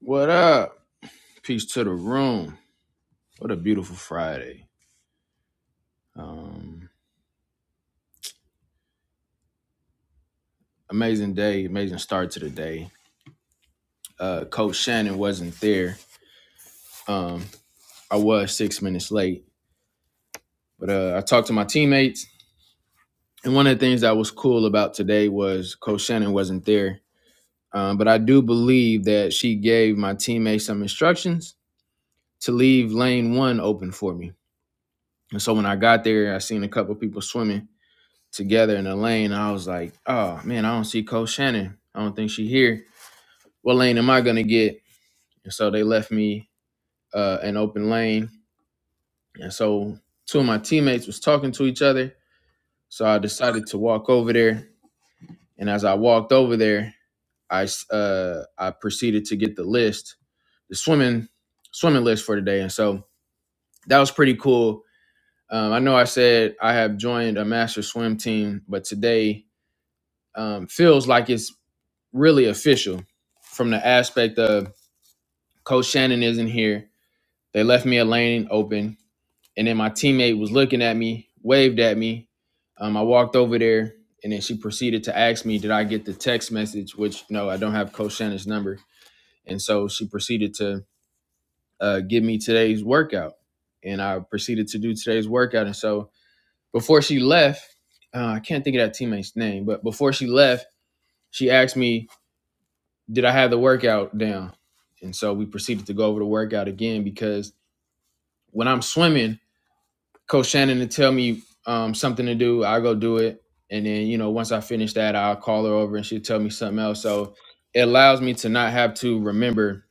What up? Peace to the room. What a beautiful Friday. Um, amazing day, amazing start to the day. Uh, Coach Shannon wasn't there. Um, I was six minutes late, but uh, I talked to my teammates. And one of the things that was cool about today was Coach Shannon wasn't there. Um, but I do believe that she gave my teammates some instructions to leave lane one open for me. And so when I got there, I seen a couple people swimming. together in the lane. I was like, oh man, I don't see Coach Shannon. I don't think she here. What lane am I gonna get? And so they left me uh, an open lane. And so two of my teammates was talking to each other. So I decided to walk over there. And as I walked over there, I uh, I proceeded to get the list, the swimming swimming list for today. And so that was pretty cool. Um, I know I said I have joined a master swim team, but today um, feels like it's really official from the aspect of Coach Shannon isn't here. They left me a lane open, and then my teammate was looking at me, waved at me. Um, I walked over there, and then she proceeded to ask me, "Did I get the text message?" Which no, I don't have Coach Shannon's number, and so she proceeded to uh, give me today's workout, and I proceeded to do today's workout. And so before she left, uh, I can't think of that teammate's name, but before she left, she asked me did I have the workout down? And so we proceeded to go over the workout again because when I'm swimming, Coach Shannon will tell me um, something to do. I'll go do it. And then, you know, once I finish that, I'll call her over and she'll tell me something else. So it allows me to not have to remember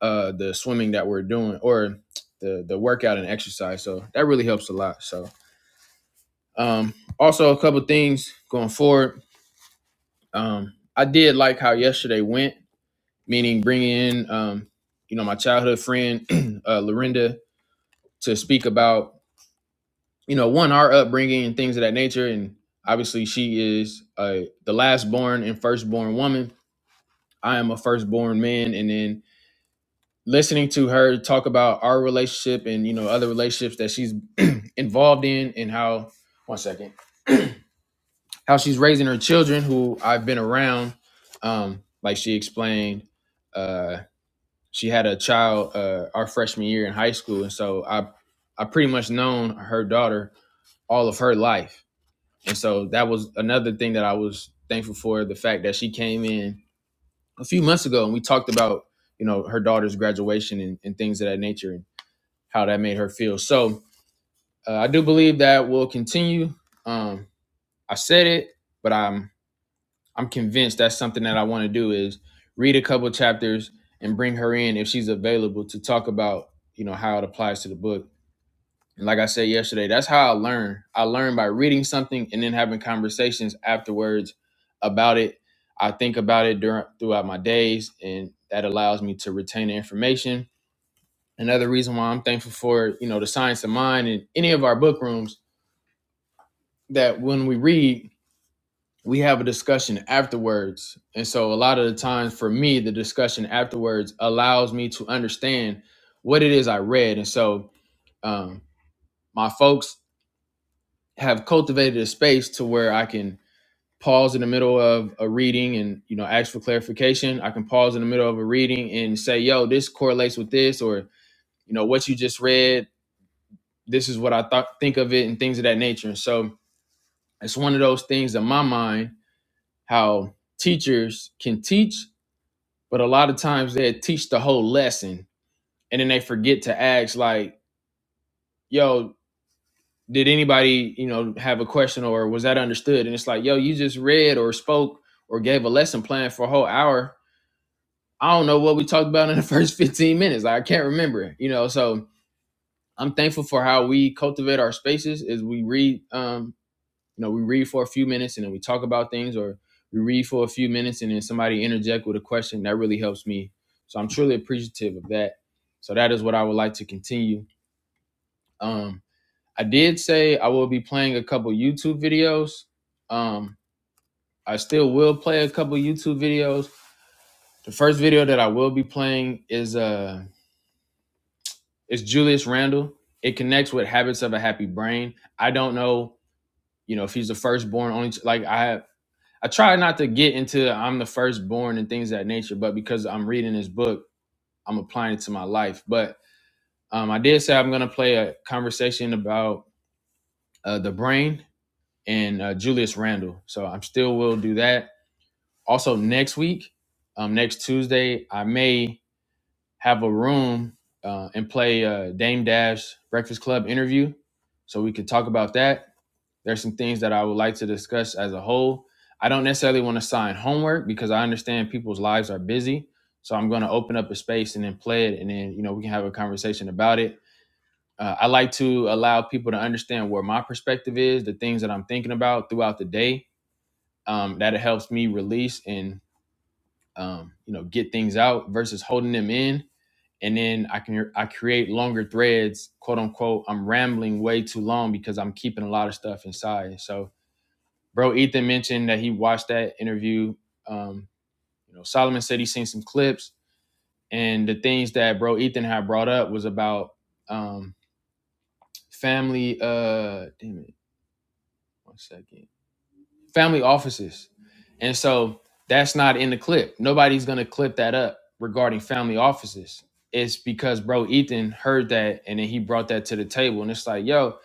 uh, the swimming that we're doing or the, the workout and exercise. So that really helps a lot. So um, also a couple things going forward. Um, I did like how yesterday went. meaning bringing in, um, you know, my childhood friend, uh, Lorinda, to speak about, you know, one, our upbringing and things of that nature. And obviously, she is uh, the last born and firstborn woman. I am a firstborn man. And then listening to her talk about our relationship and, you know, other relationships that she's involved in and how, one second, how she's raising her children who I've been around. Um, like she explained, uh, she had a child uh, our freshman year in high school, and so I I pretty much known her daughter all of her life, and so that was another thing that I was thankful for the fact that she came in a few months ago and we talked about you know her daughter's graduation and, and things of that nature and how that made her feel. So uh, I do believe that will continue. Um, I said it, but I'm I'm convinced that's something that I want to do is read a couple of chapters and bring her in if she's available to talk about, you know, how it applies to the book. And like I said yesterday, that's how I learn. I learn by reading something and then having conversations afterwards about it. I think about it during throughout my days and that allows me to retain the information. Another reason why I'm thankful for, you know, the science of mind and any of our book rooms that when we read we have a discussion afterwards. And so a lot of the times for me, the discussion afterwards allows me to understand what it is I read. And so um, my folks have cultivated a space to where I can pause in the middle of a reading and you know ask for clarification. I can pause in the middle of a reading and say, yo, this correlates with this or you know what you just read, this is what I thought think of it and things of that nature. And so it's one of those things in my mind how teachers can teach But a lot of times they teach the whole lesson and then they forget to ask like, yo, did anybody, you know, have a question or was that understood? And it's like, yo, you just read or spoke or gave a lesson plan for a whole hour. I don't know what we talked about in the first 15 minutes. Like, I can't remember, you know. So I'm thankful for how we cultivate our spaces is we read um, You know, we read for a few minutes and then we talk about things, or we read for a few minutes and then somebody interject with a question. That really helps me. So I'm truly appreciative of that. So that is what I would like to continue. Um, I did say I will be playing a couple YouTube videos. Um, I still will play a couple YouTube videos. The first video that I will be playing is uh is Julius Randle. It connects with habits of a happy brain. I don't know, you know, if he's the firstborn only like I I try not to get into I'm the firstborn and things of that nature, but because I'm reading this book, I'm applying it to my life. But um, I did say I'm going to play a conversation about uh, the brain and uh, Julius Randle. So I'm still will do that. Also, next week, um, next Tuesday, I may have a room uh, and play uh, Dame Dash Breakfast Club interview. So we could talk about that. There's some things that I would like to discuss as a whole. I don't necessarily want to sign homework because I understand people's lives are busy. So I'm going to open up a space and then play it, and then you know we can have a conversation about it. Uh, I like to allow people to understand where my perspective is, the things that I'm thinking about throughout the day. Um, that it helps me release and um, you know get things out versus holding them in and then I can I create longer threads, quote unquote. I'm rambling way too long because I'm keeping a lot of stuff inside. So Bro, Ethan mentioned that he watched that interview. Um, you know, Solomon said he's seen some clips, and the things that bro Ethan had brought up was about um, family. Uh, damn it, one second. Family offices, and so that's not in the clip. Nobody's gonna clip that up regarding family offices. It's because bro Ethan heard that, and then he brought that to the table, and it's like, yo,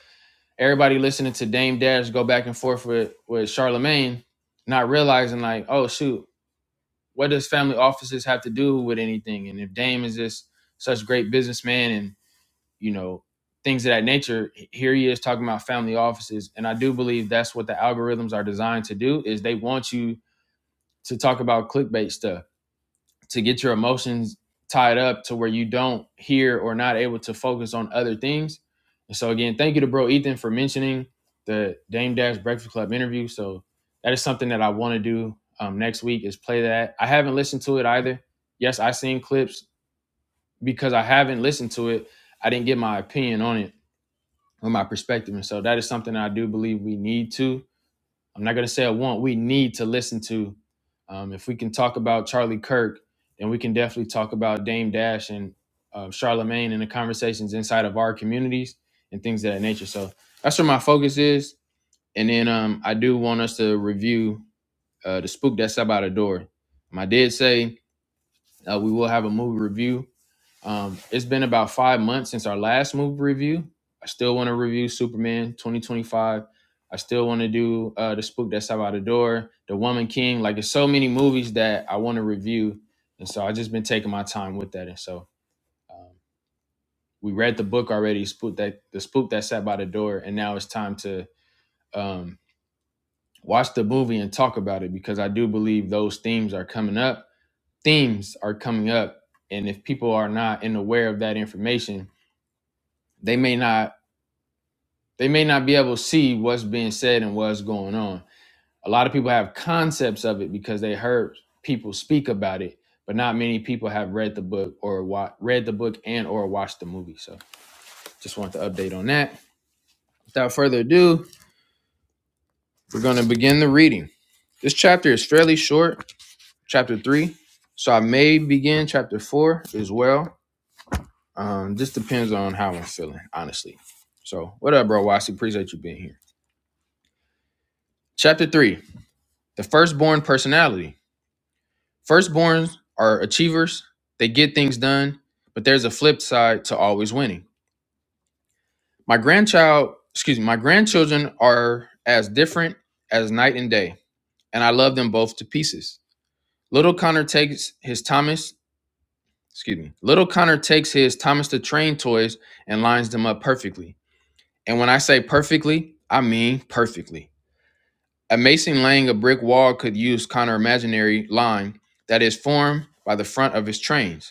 everybody listening to Dame Dash go back and forth with with Charlemagne, not realizing like, oh shoot, what does family offices have to do with anything? And if Dame is this such great businessman and you know things of that nature, here he is talking about family offices, and I do believe that's what the algorithms are designed to do is they want you to talk about clickbait stuff to get your emotions tied up to where you don't hear or not able to focus on other things. And so again, thank you to bro Ethan for mentioning the Dame Dash Breakfast Club interview. So that is something that I want to do um, next week is play that. I haven't listened to it either. Yes, I seen clips because I haven't listened to it. I didn't get my opinion on it or my perspective. And so that is something I do believe we need to. I'm not going to say I want, we need to listen to. Um, if we can talk about Charlie Kirk, then we can definitely talk about Dame Dash and uh, Charlemagne and the conversations inside of our communities and things of that nature. So that's where my focus is. And then um, I do want us to review uh, The Spook That's Up Out of Door. Um, I did say uh, we will have a movie review um, it's been about five months since our last movie review. I still want to review Superman 2025. I still want to do uh, The Spook That's Out by the Door, The Woman King. Like, there's so many movies that I want to review. And so I've just been taking my time with that. And so um, we read the book already, Spook that, The Spook That Sat by the Door. And now it's time to um, watch the movie and talk about it because I do believe those themes are coming up. Themes are coming up. And if people are not in aware of that information, they may not they may not be able to see what's being said and what's going on. A lot of people have concepts of it because they heard people speak about it, but not many people have read the book or wa- read the book and or watched the movie. So, just want to update on that. Without further ado, we're going to begin the reading. This chapter is fairly short, chapter 3. So, I may begin chapter 4 as well. Um, this depends on how I'm feeling, honestly. So, what up, bro? Wasi, appreciate you being here. Chapter 3, the firstborn personality. Firstborns are achievers, they get things done, but there's a flip side to always winning. My grandchild, excuse me, my grandchildren are as different as night and day, and I love them both to pieces. Little Connor takes his Thomas, excuse me, little Connor takes his Thomas the Train toys and lines them up perfectly. And when I say perfectly, I mean perfectly. A mason laying a brick wall could use Connor imaginary line that is formed by the front of his trains.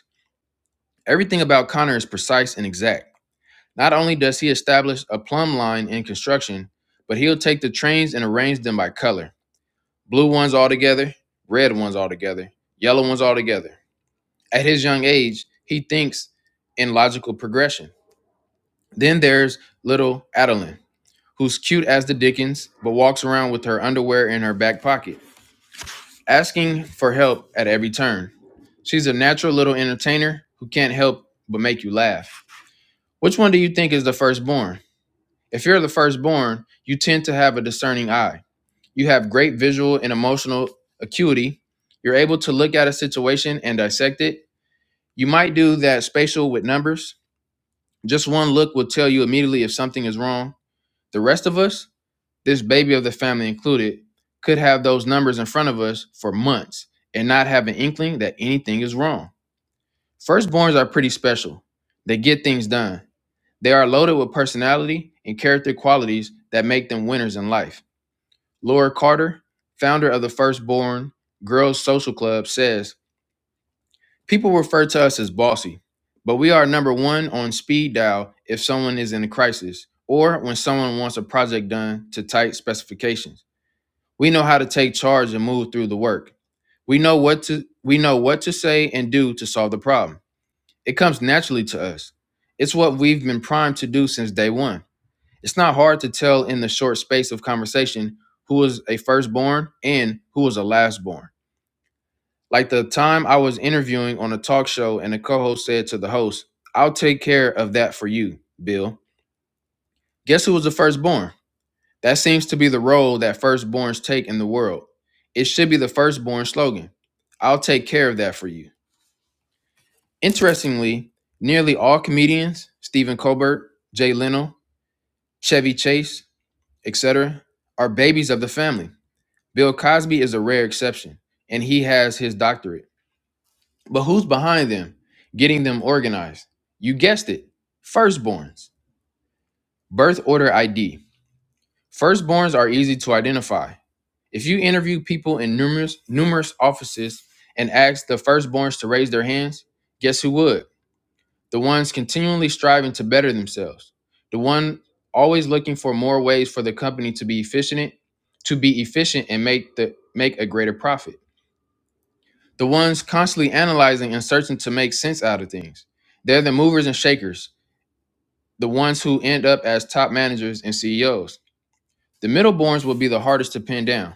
Everything about Connor is precise and exact. Not only does he establish a plumb line in construction, but he'll take the trains and arrange them by color. Blue ones all together, red ones all together, yellow ones all together. At his young age, he thinks in logical progression. Then there's little Adeline, who's cute as the dickens, but walks around with her underwear in her back pocket, asking for help at every turn. She's a natural little entertainer who can't help but make you laugh. Which one do you think is the firstborn? If you're the firstborn, you tend to have a discerning eye. You have great visual and emotional acuity. You're able to look at a situation and dissect it. You might do that spatial with numbers. Just one look will tell you immediately if something is wrong. The rest of us, this baby of the family included, could have those numbers in front of us for months and not have an inkling that anything is wrong. Firstborns are pretty special. They get things done. They are loaded with personality and character qualities that make them winners in life. Laura Carter, founder of the Firstborn Girls Social Club, says People refer to us as bossy, but we are number one on speed dial if someone is in a crisis or when someone wants a project done to tight specifications. We know how to take charge and move through the work. We know what to we know what to say and do to solve the problem. It comes naturally to us. It's what we've been primed to do since day 1. It's not hard to tell in the short space of conversation who was a firstborn and who was a lastborn. Like the time I was interviewing on a talk show and the co host said to the host, I'll take care of that for you, Bill. Guess who was the firstborn? That seems to be the role that firstborns take in the world. It should be the firstborn slogan I'll take care of that for you. Interestingly, nearly all comedians, Stephen Colbert, Jay Leno, Chevy Chase, etc., are babies of the family. Bill Cosby is a rare exception, and he has his doctorate. But who's behind them, getting them organized? You guessed it firstborns. Birth order ID. Firstborns are easy to identify. If you interview people in numerous, numerous offices and ask the firstborns to raise their hands, guess who would? The ones continually striving to better themselves, the one always looking for more ways for the company to be efficient, to be efficient and make the make a greater profit. The ones constantly analyzing and searching to make sense out of things. They're the movers and shakers, the ones who end up as top managers and CEOs. The middleborns will be the hardest to pin down,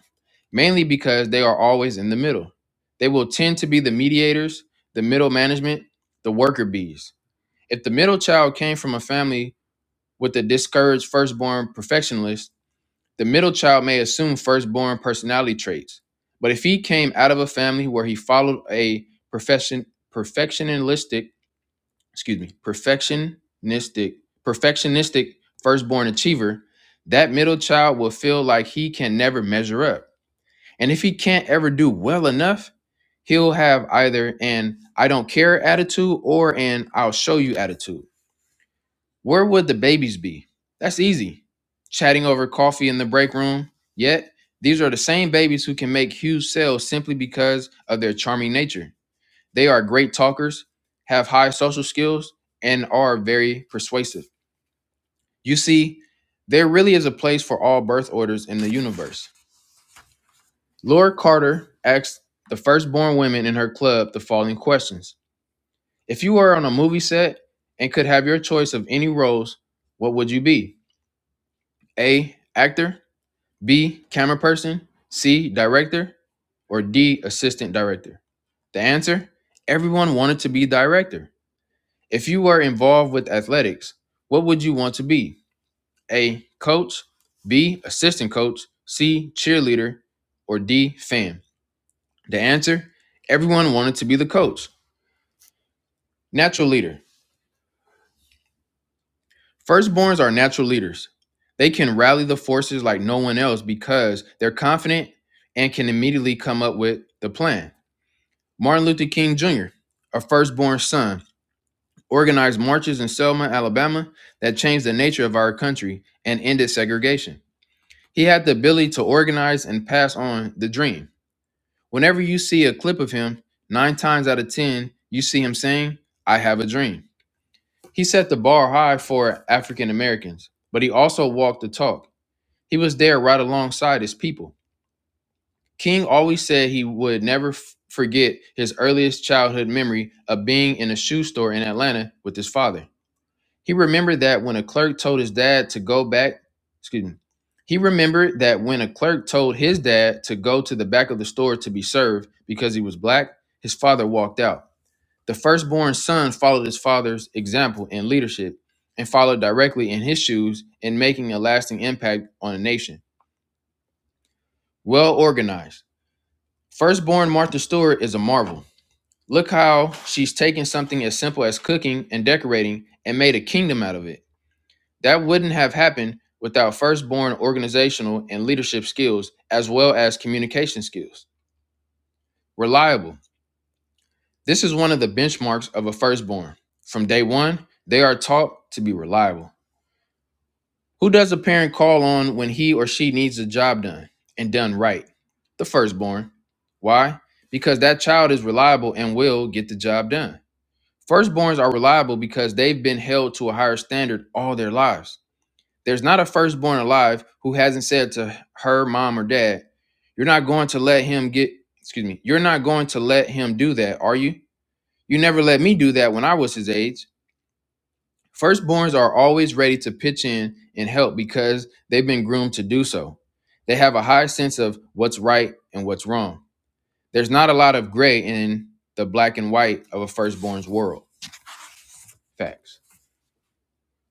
mainly because they are always in the middle. They will tend to be the mediators, the middle management, the worker bees. If the middle child came from a family with a discouraged firstborn perfectionist, the middle child may assume firstborn personality traits, but if he came out of a family where he followed a perfection perfectionistic, excuse me, perfectionistic, perfectionistic firstborn achiever, that middle child will feel like he can never measure up. And if he can't ever do well enough, he'll have either an I don't care attitude or an I'll show you attitude. Where would the babies be? That's easy. Chatting over coffee in the break room. Yet, these are the same babies who can make huge sales simply because of their charming nature. They are great talkers, have high social skills, and are very persuasive. You see, there really is a place for all birth orders in the universe. Laura Carter asked the firstborn women in her club the following questions If you were on a movie set and could have your choice of any roles, what would you be? A. Actor, B, camera person, C, director, or D, assistant director? The answer? Everyone wanted to be director. If you were involved with athletics, what would you want to be? A, coach, B, assistant coach, C, cheerleader, or D, fan? The answer? Everyone wanted to be the coach. Natural leader. Firstborns are natural leaders. They can rally the forces like no one else because they're confident and can immediately come up with the plan. Martin Luther King Jr., a firstborn son, organized marches in Selma, Alabama that changed the nature of our country and ended segregation. He had the ability to organize and pass on the dream. Whenever you see a clip of him, nine times out of 10, you see him saying, I have a dream. He set the bar high for African Americans, but he also walked the talk. He was there right alongside his people. King always said he would never f- forget his earliest childhood memory of being in a shoe store in Atlanta with his father. He remembered that when a clerk told his dad to go back, excuse me, he remembered that when a clerk told his dad to go to the back of the store to be served because he was black, his father walked out. The firstborn son followed his father's example in leadership and followed directly in his shoes in making a lasting impact on a nation. Well organized Firstborn Martha Stewart is a marvel. Look how she's taken something as simple as cooking and decorating and made a kingdom out of it. That wouldn't have happened without firstborn organizational and leadership skills, as well as communication skills. Reliable. This is one of the benchmarks of a firstborn. From day one, they are taught to be reliable. Who does a parent call on when he or she needs a job done and done right? The firstborn. Why? Because that child is reliable and will get the job done. Firstborns are reliable because they've been held to a higher standard all their lives. There's not a firstborn alive who hasn't said to her mom or dad, You're not going to let him get, excuse me, you're not going to let him do that, are you? You never let me do that when I was his age. Firstborns are always ready to pitch in and help because they've been groomed to do so. They have a high sense of what's right and what's wrong. There's not a lot of gray in the black and white of a firstborn's world. Facts.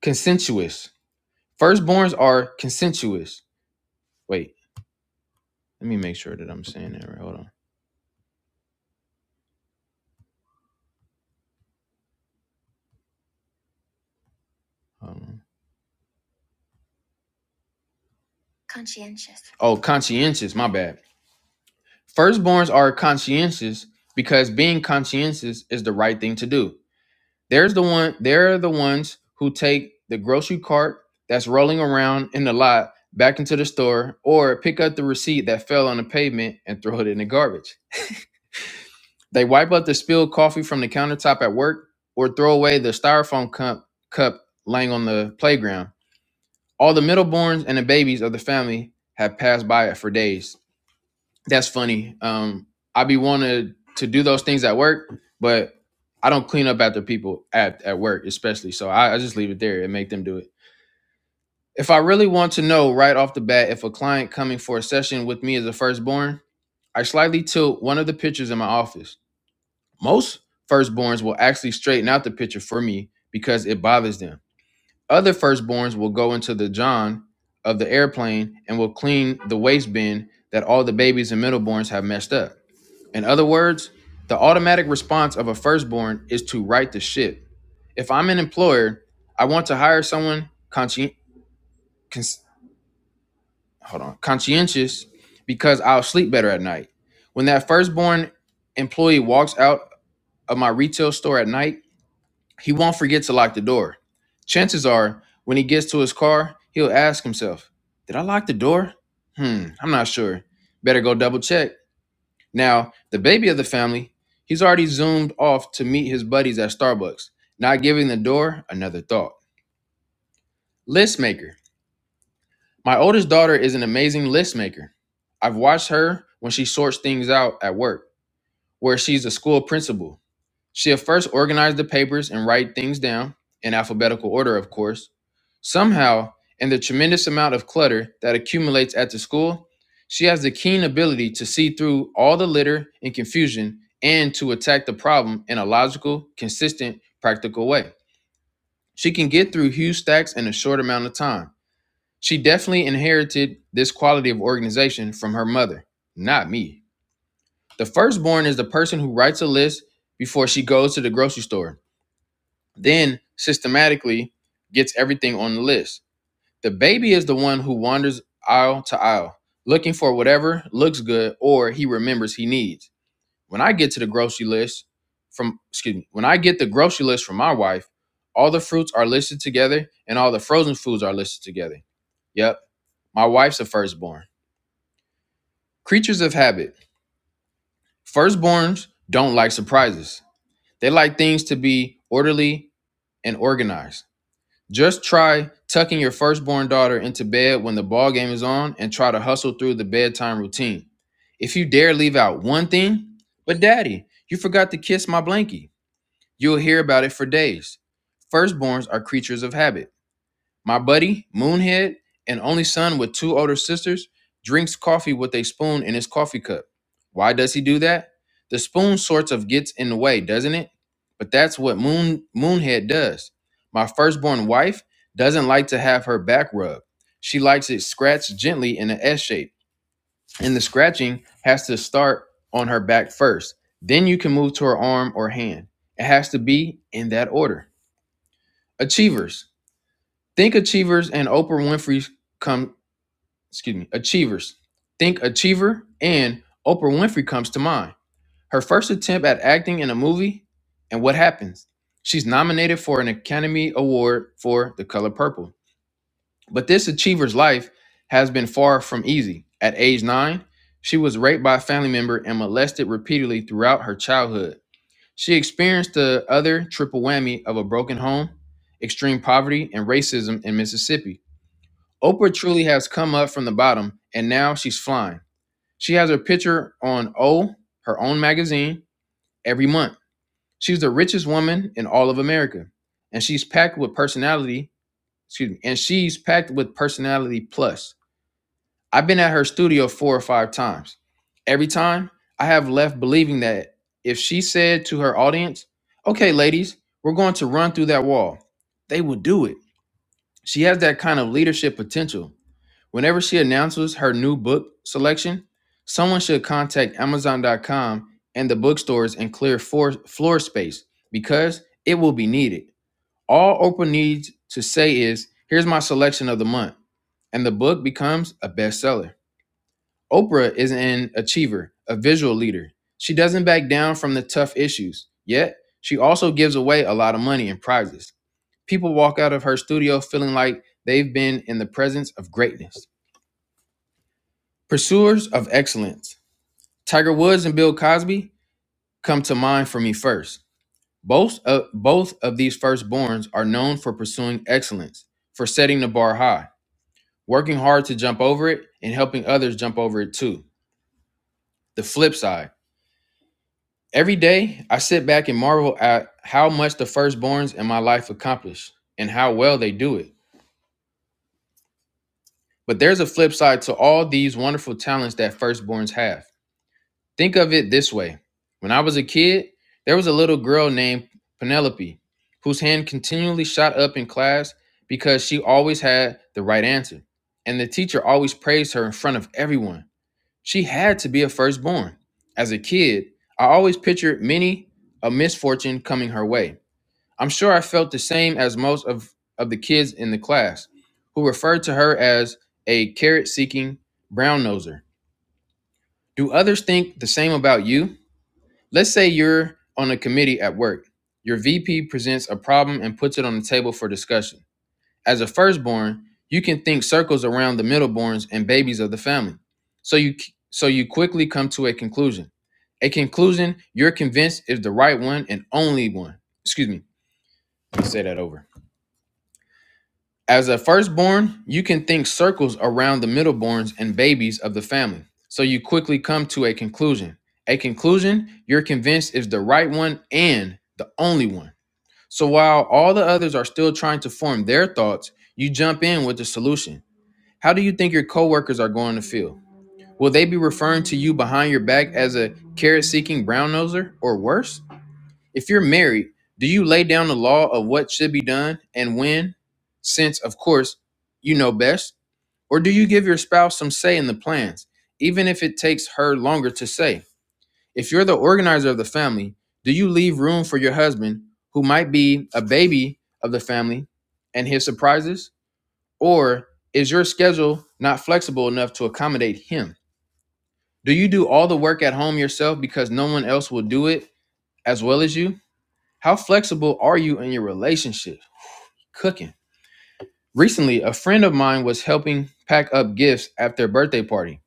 Consensuous. Firstborns are consensuous. Wait, let me make sure that I'm saying that right. Hold on. Hold on. Oh, conscientious. My bad. Firstborns are conscientious because being conscientious is the right thing to do. There's the one. They're the ones who take the grocery cart that's rolling around in the lot back into the store, or pick up the receipt that fell on the pavement and throw it in the garbage. They wipe up the spilled coffee from the countertop at work, or throw away the styrofoam cup cup laying on the playground All the middleborns and the babies of the family had passed by it for days. That's funny. Um, I be wanting to do those things at work, but I don't clean up after people at, at work, especially. So I, I just leave it there and make them do it. If I really want to know right off the bat if a client coming for a session with me is a firstborn, I slightly tilt one of the pictures in my office. Most firstborns will actually straighten out the picture for me because it bothers them. Other firstborns will go into the john of the airplane and will clean the waste bin that all the babies and middleborns have messed up. In other words, the automatic response of a firstborn is to right the ship. If I'm an employer, I want to hire someone conscien- cons- hold on, conscientious because I'll sleep better at night. When that firstborn employee walks out of my retail store at night, He won't forget to lock the door. Chances are, when he gets to his car, he'll ask himself, Did I lock the door? Hmm, I'm not sure. Better go double check. Now, the baby of the family, he's already zoomed off to meet his buddies at Starbucks, not giving the door another thought. List maker. My oldest daughter is an amazing list maker. I've watched her when she sorts things out at work, where she's a school principal. She'll first organize the papers and write things down, in alphabetical order, of course. Somehow, in the tremendous amount of clutter that accumulates at the school, she has the keen ability to see through all the litter and confusion and to attack the problem in a logical, consistent, practical way. She can get through huge stacks in a short amount of time. She definitely inherited this quality of organization from her mother, not me. The firstborn is the person who writes a list before she goes to the grocery store then systematically gets everything on the list. The baby is the one who wanders aisle to aisle, looking for whatever looks good or he remembers he needs. When I get to the grocery list from, excuse me, when I get the grocery list from my wife, all the fruits are listed together and all the frozen foods are listed together. Yep, my wife's a firstborn. Creatures of habit. Firstborns don't like surprises. They like things to be orderly and organized. Just try tucking your firstborn daughter into bed when the ball game is on and try to hustle through the bedtime routine. If you dare leave out one thing, but daddy, you forgot to kiss my blankie, you'll hear about it for days. Firstborns are creatures of habit. My buddy, Moonhead, an only son with two older sisters, drinks coffee with a spoon in his coffee cup. Why does he do that? The spoon sorts of gets in the way, doesn't it? But that's what Moon Moonhead does. My firstborn wife doesn't like to have her back rubbed. She likes it scratched gently in an S shape, and the scratching has to start on her back first. Then you can move to her arm or hand. It has to be in that order. Achievers. Think achievers and Oprah Winfrey come, excuse me, achievers. Think achiever and Oprah Winfrey comes to mind. Her first attempt at acting in a movie, and what happens? She's nominated for an Academy Award for The Color Purple. But this achiever's life has been far from easy. At age nine, she was raped by a family member and molested repeatedly throughout her childhood. She experienced the other triple whammy of a broken home, extreme poverty, and racism in Mississippi. Oprah truly has come up from the bottom and now she's flying. She has her picture on O, her own magazine, every month. She's the richest woman in all of America. And she's packed with personality, excuse me, and she's packed with personality plus. I've been at her studio four or five times. Every time I have left believing that if she said to her audience, okay, ladies, we're going to run through that wall, they would do it. She has that kind of leadership potential Whenever she announces her new book selection, someone should contact Amazon.com and the bookstores and clear floor, floor space because it will be needed. All Oprah needs to say is, Here's my selection of the month, and the book becomes a bestseller. Oprah is an achiever, a visual leader. She doesn't back down from the tough issues, yet, she also gives away a lot of money in prizes. People walk out of her studio feeling like they've been in the presence of greatness. Pursuers of excellence. Tiger Woods and Bill Cosby come to mind for me first. Both of, both of these firstborns are known for pursuing excellence, for setting the bar high, working hard to jump over it, and helping others jump over it too. The flip side. Every day, I sit back and marvel at how much the firstborns in my life accomplish and how well they do it. But there's a flip side to all these wonderful talents that firstborns have. Think of it this way. When I was a kid, there was a little girl named Penelope whose hand continually shot up in class because she always had the right answer. And the teacher always praised her in front of everyone. She had to be a firstborn. As a kid, I always pictured many a misfortune coming her way. I'm sure I felt the same as most of, of the kids in the class who referred to her as a carrot seeking brown noser. Do others think the same about you? Let's say you're on a committee at work. Your VP presents a problem and puts it on the table for discussion. As a firstborn, you can think circles around the middleborns and babies of the family. So you so you quickly come to a conclusion. A conclusion you're convinced is the right one and only one. Excuse me. Let me say that over. As a firstborn, you can think circles around the middleborns and babies of the family. So you quickly come to a conclusion. A conclusion you're convinced is the right one and the only one. So while all the others are still trying to form their thoughts, you jump in with the solution. How do you think your coworkers are going to feel? Will they be referring to you behind your back as a carrot seeking brown noser or worse? If you're married, do you lay down the law of what should be done and when, since, of course, you know best? Or do you give your spouse some say in the plans, even if it takes her longer to say? If you're the organizer of the family, do you leave room for your husband, who might be a baby of the family, and his surprises? Or is your schedule not flexible enough to accommodate him? Do you do all the work at home yourself because no one else will do it as well as you? How flexible are you in your relationship? Cooking. Recently, a friend of mine was helping pack up gifts at their birthday party.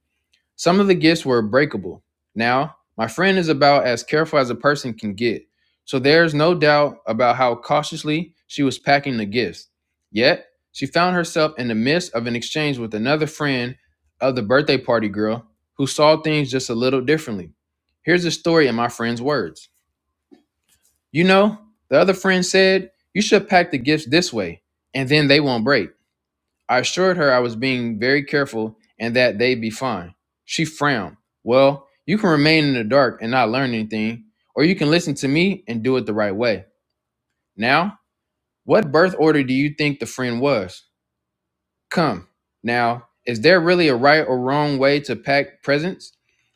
Some of the gifts were breakable. Now, my friend is about as careful as a person can get, so there's no doubt about how cautiously she was packing the gifts. Yet, she found herself in the midst of an exchange with another friend of the birthday party girl who saw things just a little differently. Here's the story in my friend's words. You know, the other friend said, You should pack the gifts this way, and then they won't break. I assured her I was being very careful and that they'd be fine. She frowned. Well, you can remain in the dark and not learn anything, or you can listen to me and do it the right way. Now, what birth order do you think the friend was? Come. Now, is there really a right or wrong way to pack presents?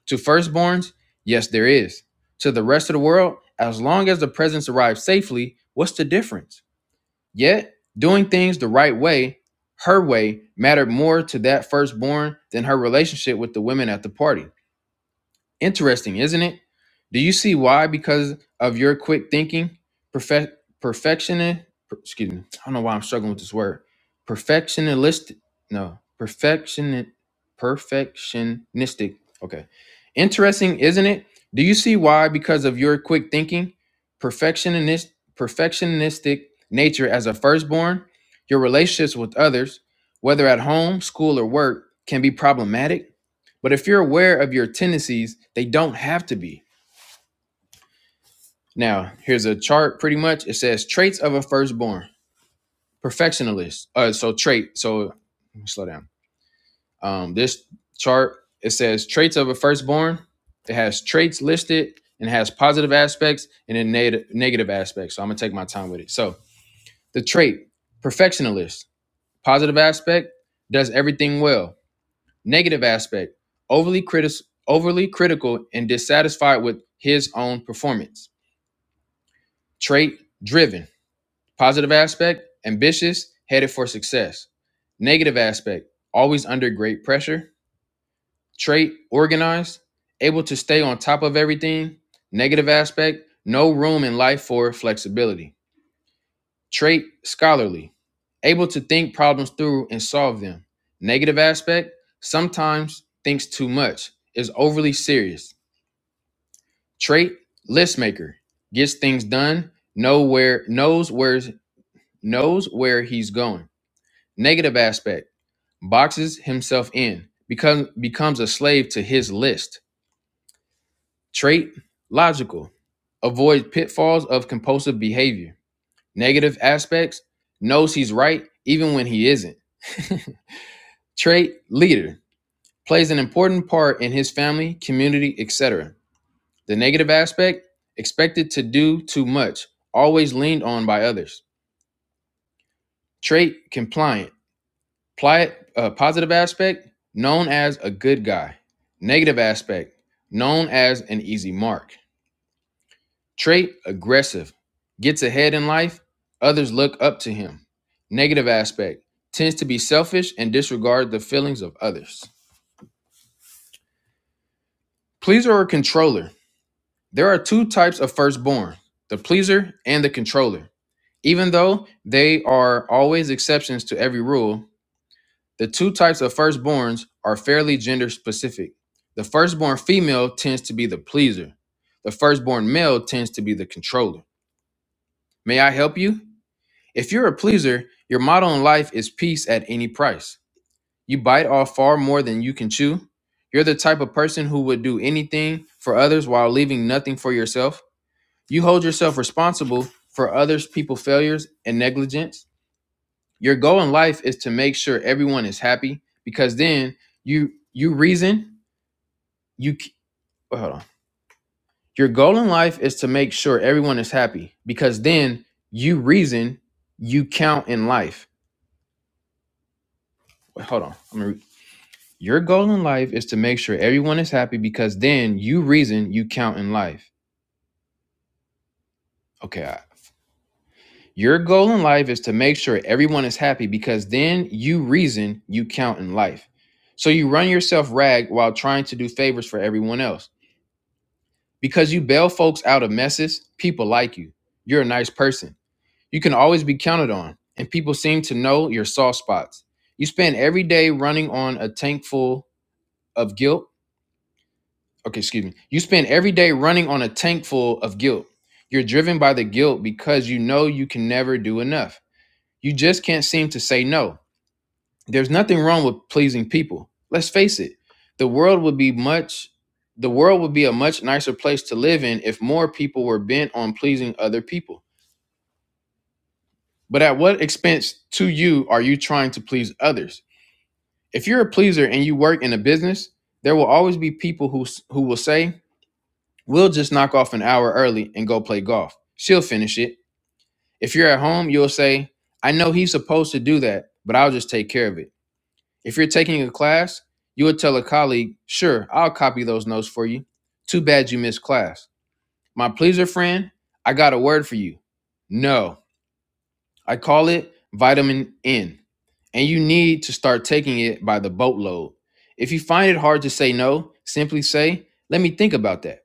To firstborns? Yes, there is. To the rest of the world? As long as the presents arrive safely, what's the difference? Yet, doing things the right way, her way, mattered more to that firstborn than her relationship with the women at the party. Interesting, isn't it? Do you see why? Because of your quick thinking, perfect perfectionist. per- Excuse me. I don't know why I'm struggling with this word. Perfectionist. No, perfection. Perfectionistic. Okay. Interesting, isn't it? Do you see why? Because of your quick thinking, perfectionist, perfectionistic nature as a firstborn, your relationships with others, whether at home, school, or work, can be problematic but if you're aware of your tendencies, they don't have to be. Now, here's a chart pretty much. It says traits of a firstborn, perfectionist. Uh, so trait. So slow down. Um, this chart, it says traits of a firstborn. It has traits listed and has positive aspects and then neg- negative aspects. So I'm gonna take my time with it. So the trait, perfectionist, positive aspect, does everything well Negative aspect overly, critis- overly critical and dissatisfied with his own performance. Trait driven. Positive aspect ambitious, headed for success. Negative aspect always under great pressure. Trait organized, able to stay on top of everything. Negative aspect no room in life for flexibility. Trait scholarly, able to think problems through and solve them. Negative aspect sometimes thinks too much, is overly serious Trait, list maker, gets things done, know where knows where knows where he's going. Negative aspect, boxes himself in, becomes becomes a slave to his list. Trait, logical, avoids pitfalls of compulsive behavior. Negative aspects, knows he's right even when he isn't. Trait, leader, plays an important part in his family, community, etc. The negative aspect, expected to do too much, always leaned on by others. Trait compliant. Pli- uh, positive aspect known as a good guy. Negative aspect known as an easy mark. Trait aggressive. Gets ahead in life. Others look up to him. Negative aspect tends to be selfish and disregard the feelings of others. Pleaser or controller. There are two types of firstborn the pleaser and the controller. Even though they are always exceptions to every rule, The two types of firstborns are fairly gender specific. The firstborn female tends to be the pleaser. The firstborn male tends to be the controller. May I help you? If you're a pleaser, your motto in life is peace at any price. You bite off far more than you can chew. You're the type of person who would do anything for others while leaving nothing for yourself. You hold yourself responsible for others' people failures and negligence. Your goal in life is to make sure everyone is happy because then you you reason you oh, hold on. Your goal in life is to make sure everyone is happy because then you reason you count in life. Wait, hold on. I'm gonna re- Your goal in life is to make sure everyone is happy because then you reason you count in life. Okay. I, your goal in life is to make sure everyone is happy because then you reason you count in life. So you run yourself rag while trying to do favors for everyone else. Because you bail folks out of messes, people like you. You're a nice person. You can always be counted on, and people seem to know your soft spots. You spend every day running on a tank full of guilt. Okay, excuse me. You spend every day running on a tank full of guilt. You're driven by the guilt because you know you can never do enough. You just can't seem to say no. There's nothing wrong with pleasing people. Let's face it. The world would be much the world would be a much nicer place to live in if more people were bent on pleasing other people. But at what expense to you are you trying to please others? If you're a pleaser and you work in a business, there will always be people who who will say, "We'll just knock off an hour early and go play golf. She'll finish it." If you're at home, you'll say, "I know he's supposed to do that, but I'll just take care of it." If you're taking a class, you would tell a colleague, Sure, I'll copy those notes for you. Too bad you missed class. My pleaser friend, I got a word for you. No, I call it vitamin N, and you need to start taking it by the boatload. If you find it hard to say no, simply say, Let me think about that.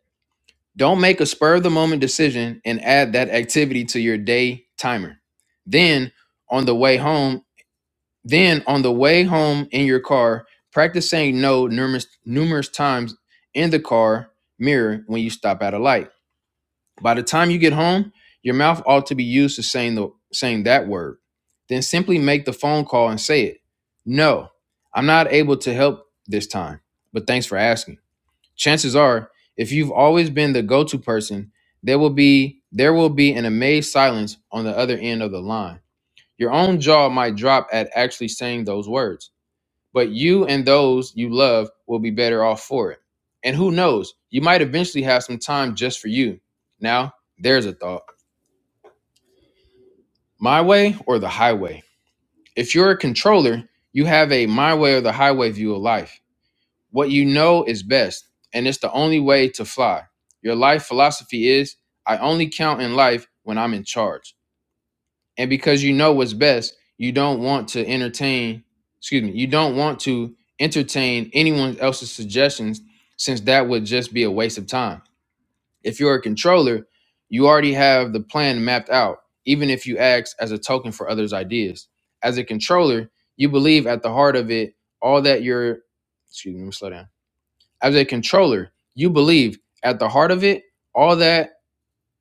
Don't make a spur of the moment decision and add that activity to your day timer. Then, on the way home, then on the way home in your car, practice saying no numerous numerous times in the car mirror when you stop at a light. By the time you get home, your mouth ought to be used to saying the saying that word. Then simply make the phone call and say it. No, I'm not able to help this time, but thanks for asking. Chances are, if you've always been the go-to person, there will be there will be an amazed silence on the other end of the line. Your own jaw might drop at actually saying those words but you and those you love will be better off for it. And who knows, you might eventually have some time just for you. Now, there's a thought my way or the highway. If you're a controller, you have a my way or the highway view of life. What you know is best, and it's the only way to fly. Your life philosophy is I only count in life when I'm in charge. and because you know what's best you don't want to entertain excuse me you don't want to entertain anyone else's suggestions since that would just be a waste of time if you're a controller you already have the plan mapped out even if you act as a token for others ideas as a controller you believe at the heart of it all that you're excuse me let me slow down as a controller you believe at the heart of it all that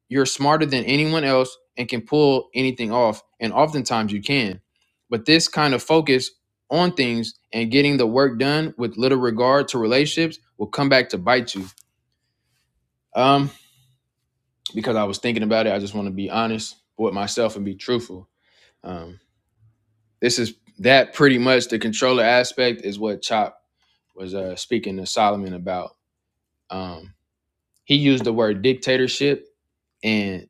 you're smarter than anyone else and can pull anything off, and oftentimes you can. But this kind of focus on things and getting the work done with little regard to relationships will come back to bite you. Um, because I was thinking about it, I just want to be honest with myself and be truthful. Um, this is that pretty much the controller aspect is what Chop was uh, speaking to Solomon about. Um, he used the word dictatorship and.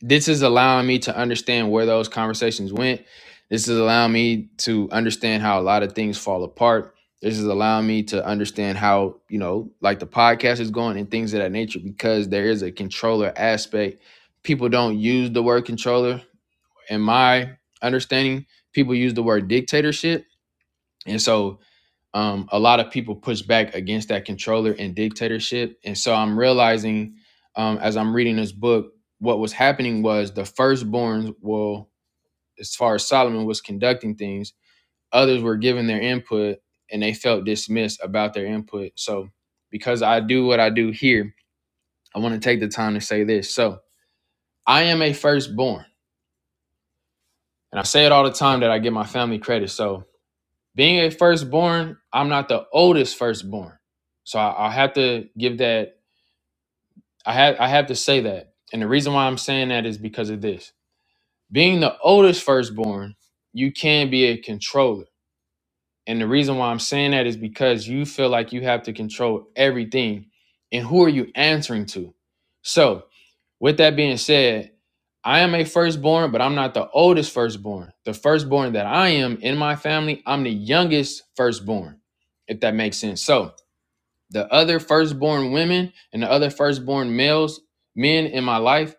this is allowing me to understand where those conversations went. This is allowing me to understand how a lot of things fall apart. This is allowing me to understand how, you know, like the podcast is going and things of that nature because there is a controller aspect. People don't use the word controller. In my understanding, people use the word dictatorship. And so um, a lot of people push back against that controller and dictatorship. And so I'm realizing um, as I'm reading this book, what was happening was the firstborns, well, as far as Solomon was conducting things, others were giving their input and they felt dismissed about their input. So because I do what I do here, I want to take the time to say this. So I am a firstborn. And I say it all the time that I give my family credit. So being a firstborn, I'm not the oldest firstborn. So I, I have to give that I have I have to say that. And the reason why I'm saying that is because of this. Being the oldest firstborn, you can be a controller. And the reason why I'm saying that is because you feel like you have to control everything. And who are you answering to? So, with that being said, I am a firstborn, but I'm not the oldest firstborn. The firstborn that I am in my family, I'm the youngest firstborn, if that makes sense. So, the other firstborn women and the other firstborn males, men in my life,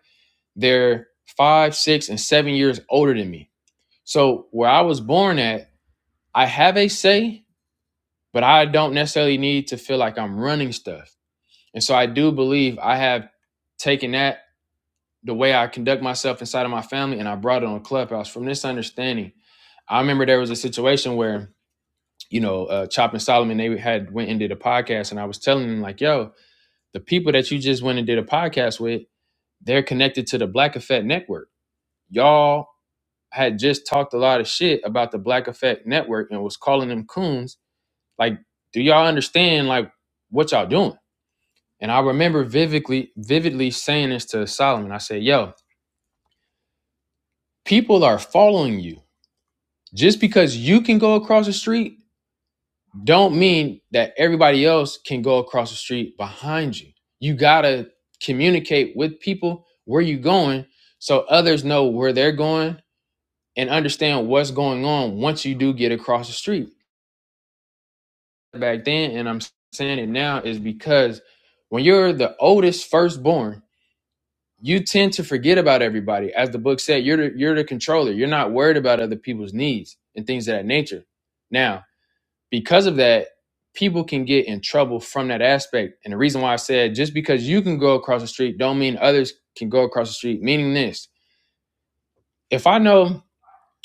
they're five, six, and seven years older than me. So where I was born at, I have a say, but I don't necessarily need to feel like I'm running stuff. And so I do believe I have taken that the way I conduct myself inside of my family and I brought it on Clubhouse from this understanding. I remember there was a situation where, you know, uh, Chop and Solomon, they had went and did a podcast and I was telling them like, yo, the people that you just went and did a podcast with, they're connected to the Black Effect Network. Y'all had just talked a lot of shit about the Black Effect Network and was calling them coons. Like, do y'all understand like what y'all doing? And I remember vividly, vividly saying this to Solomon. I said, "Yo, people are following you. Just because you can go across the street, don't mean that everybody else can go across the street behind you. You gotta communicate with people where you going, so others know where they're going and understand what's going on once you do get across the street." back then and I'm saying it now is because when you're the oldest firstborn, you tend to forget about everybody. As the book said, you're the, you're the controller. You're not worried about other people's needs and things of that nature. Now, because of that, people can get in trouble from that aspect. And the reason why I said just because you can go across the street don't mean others can go across the street, meaning this. If I know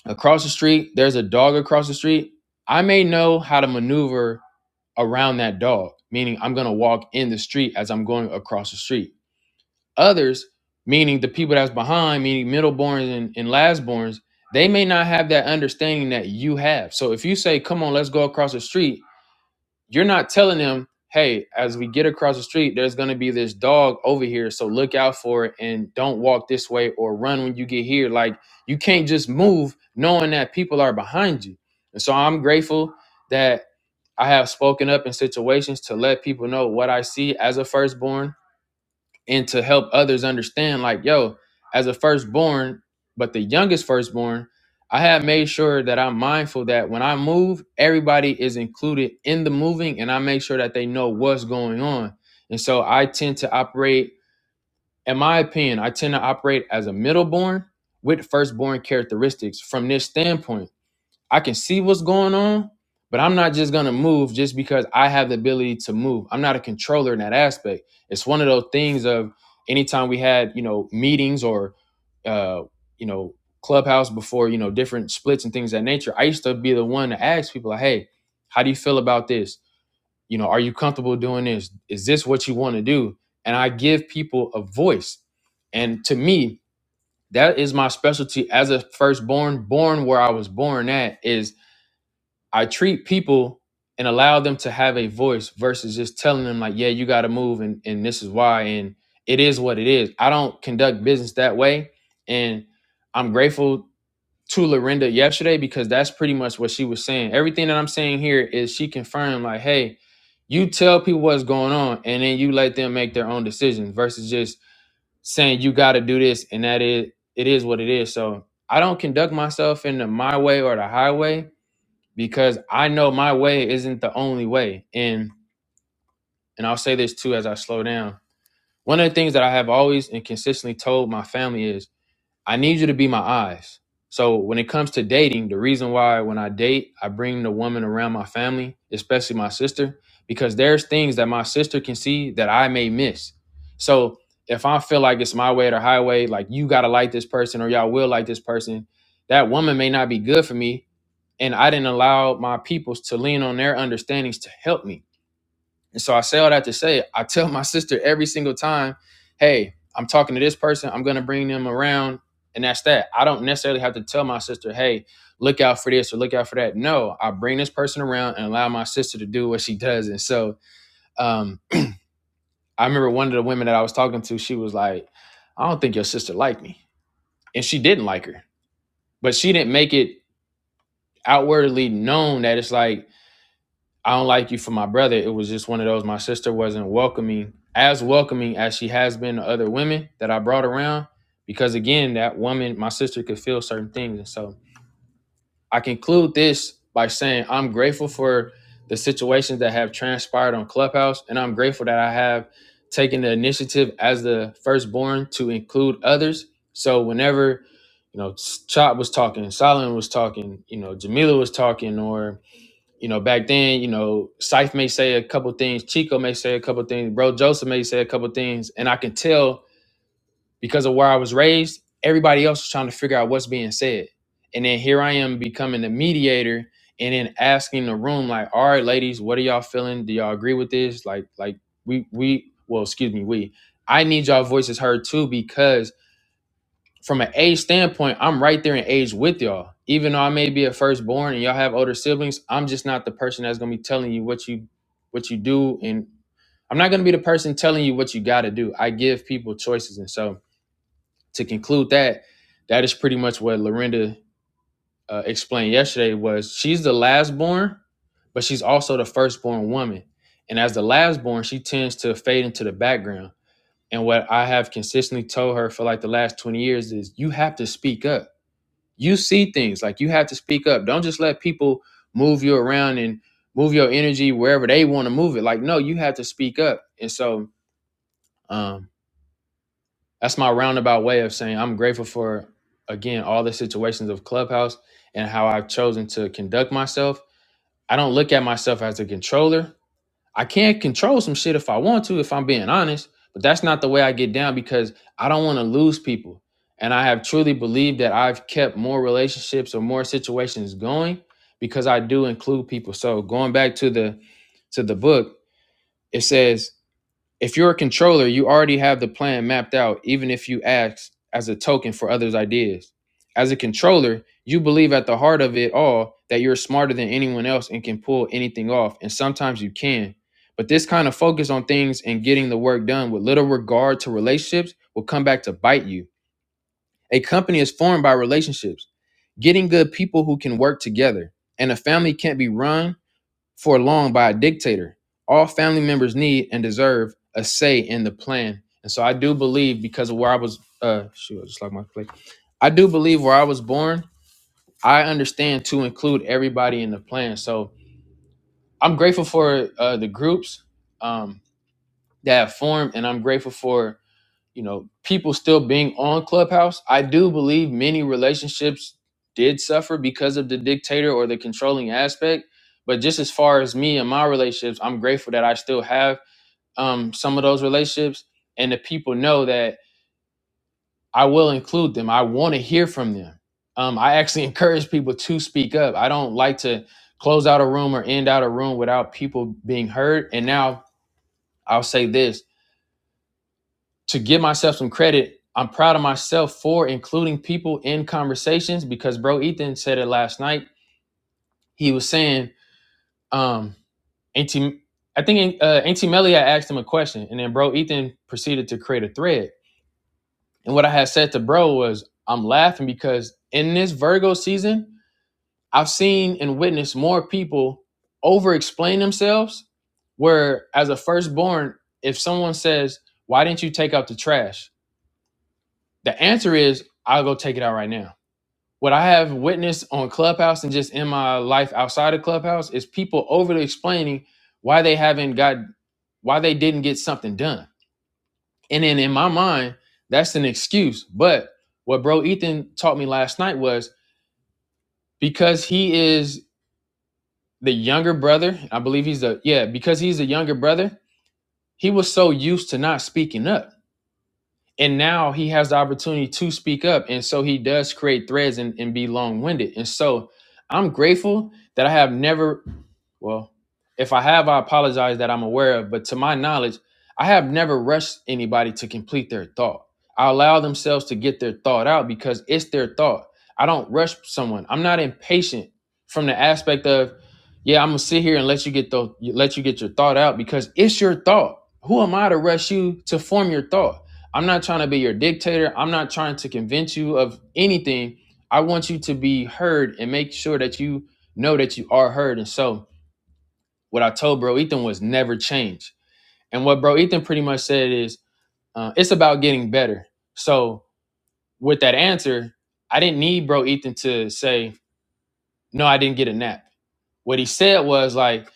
across the street there's a dog across the street, I may know how to maneuver around that dog, meaning I'm gonna walk in the street as I'm going across the street. Others, meaning the people that's behind, meaning middleborns and, and lastborns, they may not have that understanding that you have. So if you say, come on, let's go across the street, you're not telling them, hey, as we get across the street, there's gonna be this dog over here. So look out for it and don't walk this way or run when you get here. Like you can't just move knowing that people are behind you. And so I'm grateful that I have spoken up in situations to let people know what I see as a firstborn and to help others understand, like, yo, as a firstborn, but the youngest firstborn, I have made sure that I'm mindful that when I move, everybody is included in the moving and I make sure that they know what's going on. And so I tend to operate, in my opinion, I tend to operate as a middleborn with firstborn characteristics from this standpoint I can see what's going on, but I'm not just gonna move just because I have the ability to move. I'm not a controller in that aspect. It's one of those things of anytime we had you know meetings or uh, you know clubhouse before you know different splits and things of that nature. I used to be the one to ask people like, hey, how do you feel about this? You know, are you comfortable doing this? Is this what you want to do? And I give people a voice. And to me, that is my specialty as a firstborn, born where I was born at is I treat people and allow them to have a voice versus just telling them like, yeah, you got to move and and this is why and it is what it is. I don't conduct business that way, and I'm grateful to Lorinda yesterday because that's pretty much what she was saying. Everything that I'm saying here is she confirmed like, hey, you tell people what's going on and then you let them make their own decisions versus just saying you got to do this and that is it is what it is. So I don't conduct myself in the my way or the highway because I know my way isn't the only way. And and I'll say this too as I slow down. One of the things that I have always and consistently told my family is I need you to be my eyes. So when it comes to dating, the reason why when I date, I bring the woman around my family, especially my sister, because there's things that my sister can see that I may miss. So if I feel like it's my way or the highway, like you gotta like this person or y'all will like this person, that woman may not be good for me, and I didn't allow my peoples to lean on their understandings to help me. And so I say all that to say, I tell my sister every single time, hey, I'm talking to this person, I'm gonna bring them around, and that's that. I don't necessarily have to tell my sister, hey, look out for this or look out for that. No, I bring this person around and allow my sister to do what she does. And so um, I remember one of the women that I was talking to, she was like, I don't think your sister liked me. And she didn't like her, but she didn't make it outwardly known that it's like, I don't like you for my brother. It was just one of those. My sister wasn't welcoming, as welcoming as she has been to other women that I brought around. Because again, that woman, my sister could feel certain things. And so I conclude this by saying I'm grateful for the situations that have transpired on Clubhouse. And I'm grateful that I have taken the initiative as the firstborn to include others. So whenever, you know, Chop was talking, Solomon was talking, you know, Jamila was talking, or you know, back then, you know, Scythe may say a couple things, Chico may say a couple things, Bro Joseph may say a couple things, and I can tell because of where I was raised, everybody else was trying to figure out what's being said. And then here I am becoming the mediator and then asking the room, like, all right, ladies, what are y'all feeling? Do y'all agree with this? Like, like we we well, excuse me, we I need y'all voices heard too because from an age standpoint, I'm right there in age with y'all. Even though I may be a firstborn and y'all have older siblings, I'm just not the person that's gonna be telling you what you what you do, and I'm not gonna be the person telling you what you gotta do. I give people choices, and so to conclude that, that is pretty much what Lorinda uh, explained yesterday. Was she's the last born, but she's also the firstborn woman, and as the last born, she tends to fade into the background. And what I have consistently told her for like the last 20 years is you have to speak up you see things like you have to speak up don't just let people move you around and move your energy wherever they want to move it like no you have to speak up and so um that's my roundabout way of saying i'm grateful for again all the situations of clubhouse and how i've chosen to conduct myself i don't look at myself as a controller I can't control some shit if I want to, if I'm being honest, but that's not the way I get down because I don't want to lose people. And I have truly believed that I've kept more relationships or more situations going because I do include people. So going back to the to the book, it says if you're a controller, you already have the plan mapped out, even if you ask as a token for others' ideas. As a controller, you believe at the heart of it all that you're smarter than anyone else and can pull anything off, and sometimes you can. But this kind of focus on things and getting the work done with little regard to relationships will come back to bite you. A company is formed by relationships, getting good people who can work together, and a family can't be run for long by a dictator. All family members need and deserve a say in the plan. And so I do believe because of where I was, uh, shoot, I just like my plate. I do believe where I was born, I understand to include everybody in the plan. So I'm grateful for uh, the groups um, that have formed, and I'm grateful for you know, people still being on Clubhouse, I do believe many relationships did suffer because of the dictator or the controlling aspect. But just as far as me and my relationships, I'm grateful that I still have um, some of those relationships, and the people know that I will include them. I want to hear from them. Um, I actually encourage people to speak up. I don't like to close out a room or end out a room without people being heard. And now I'll say this to give myself some credit, I'm proud of myself for including people in conversations because bro Ethan said it last night. He was saying, um, Auntie, I think uh, Auntie Melly had asked him a question, and then bro Ethan proceeded to create a thread. And what I had said to bro was, I'm laughing because in this Virgo season, I've seen and witnessed more people over explain themselves. Where as a firstborn, if someone says, Why didn't you take out the trash? The answer is I'll go take it out right now. What I have witnessed on Clubhouse and just in my life outside of Clubhouse is people overly explaining why they haven't got why they didn't get something done. And then in my mind, that's an excuse. But what bro Ethan taught me last night was because he is the younger brother, I believe he's the yeah, because he's the younger brother, he was so used to not speaking up and now he has the opportunity to speak up and so he does create threads and, and be long-winded and so i'm grateful that i have never well, if I have, I apologize that I'm aware of, but to my knowledge, I have never rushed anybody to complete their thought. I allow themselves to get their thought out because it's their thought. I don't rush someone. I'm not impatient from the aspect of, yeah, I'm gonna sit here and let you get the let you get your thought out because it's your thought. Who am I to rush you to form your thought? I'm not trying to be your dictator. I'm not trying to convince you of anything. I want you to be heard and make sure that you know that you are heard. And so, what I told bro Ethan was never change. And what bro Ethan pretty much said is uh, it's about getting better. So with that answer, I didn't need bro Ethan to say no, I didn't get a nap. What he said was like,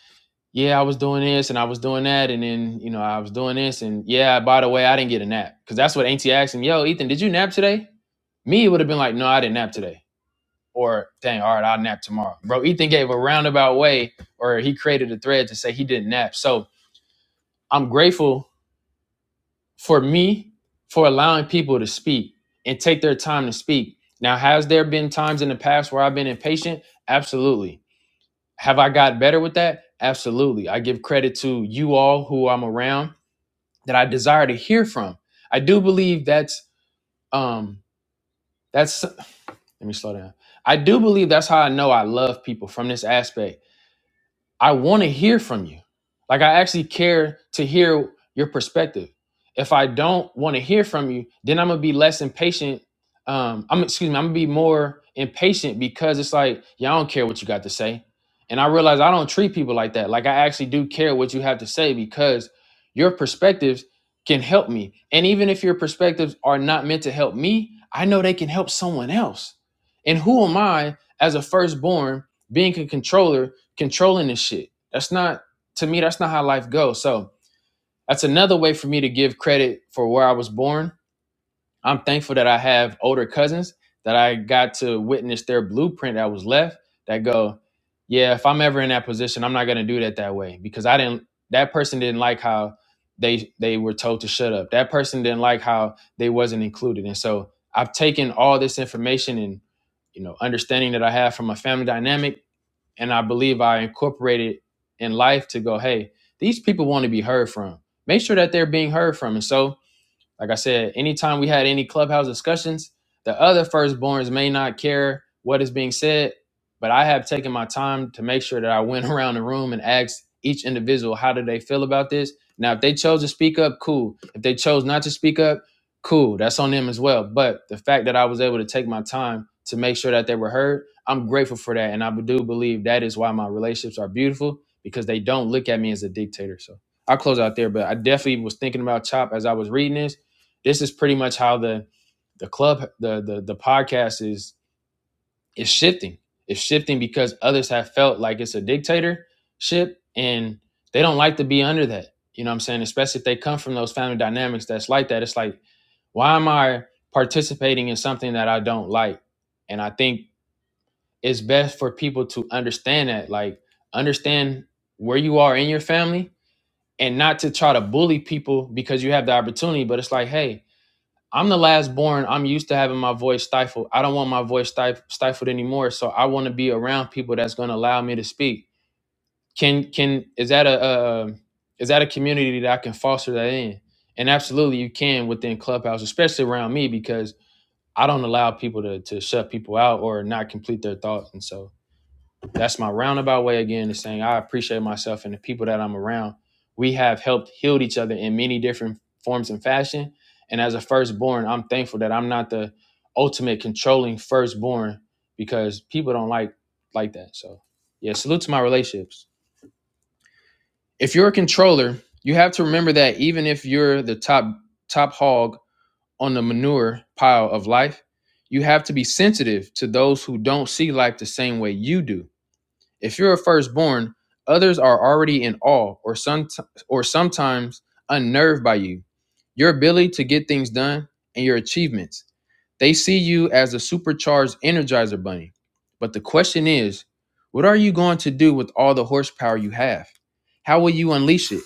yeah, I was doing this and I was doing that, and then you know I was doing this, and yeah, by the way, I didn't get a nap because that's what Auntie asked him. Yo, Ethan, did you nap today? Me it would have been like, no, I didn't nap today. Or dang, all right, I'll nap tomorrow. Bro, Ethan gave a roundabout way, or he created a thread to say he didn't nap. So I'm grateful for me for allowing people to speak and take their time to speak. Now, has there been times in the past where I've been impatient? Absolutely. Have I got better with that? Absolutely. I give credit to you all who I'm around that I desire to hear from. I do believe that's um that's let me slow down. I do believe that's how I know I love people from this aspect I want to hear from you. Like I actually care to hear your perspective. If I don't want to hear from you, then I'm gonna be less impatient. Um, I'm excuse me, I'm gonna be more impatient because it's like, yeah, I don't care what you got to say. And I realize I don't treat people like that. Like I actually do care what you have to say because your perspectives can help me. And even if your perspectives are not meant to help me, I know they can help someone else. And who am I as a firstborn being a controller controlling this shit. That's not to me. That's not how life goes. So that's another way for me to give credit for where I was born. I'm thankful that I have older cousins that I got to witness their blueprint that was left. That go, yeah. If I'm ever in that position, I'm not gonna do that that way because I didn't. That person didn't like how they they were told to shut up. That person didn't like how they wasn't included. And so I've taken all this information and you know understanding that I have from a family dynamic and I believe I incorporated in life to go, hey, these people want to be heard from. Make sure that they're being heard from. And so like I said, anytime we had any clubhouse discussions, the other firstborns may not care what is being said, but I have taken my time to make sure that I went around the room and asked each individual how do they feel about this. Now, if they chose to speak up, cool. If they chose not to speak up, cool. That's on them as well. But the fact that I was able to take my time to make sure that they were heard, I'm grateful for that. And I do believe that is why my relationships are beautiful because they don't look at me as a dictator. So I'll close out there, but I definitely was thinking about Chop as I was reading this this is pretty much how the the club the the, the podcast is is shifting it's shifting because others have felt like it's a dictatorship and they don't like to be under that you know what i'm saying especially if they come from those family dynamics that's like that it's like why am i participating in something that i don't like and i think it's best for people to understand that like understand where you are in your family and not to try to bully people because you have the opportunity but it's like hey I'm the last born. I'm used to having my voice stifled. I don't want my voice stif- stifled anymore. So I want to be around people that's going to allow me to speak. Can can is that a uh, is that a community that I can foster that in? And absolutely, you can within Clubhouse, especially around me, because I don't allow people to to shut people out or not complete their thoughts. And so that's my roundabout way again of saying I appreciate myself and the people that I'm around. We have helped healed each other in many different forms and fashion. And as a firstborn, I'm thankful that I'm not the ultimate controlling firstborn because people don't like like that. So yeah, salute to my relationships. If you're a controller, you have to remember that even if you're the top top hog on the manure pile of life, you have to be sensitive to those who don't see life the same way you do if you're a firstborn, others are already in awe or some or sometimes unnerved by you. Your ability to get things done and your achievements. They see you as a supercharged energizer bunny. But the question is, what are you going to do with all the horsepower you have? How will you unleash it?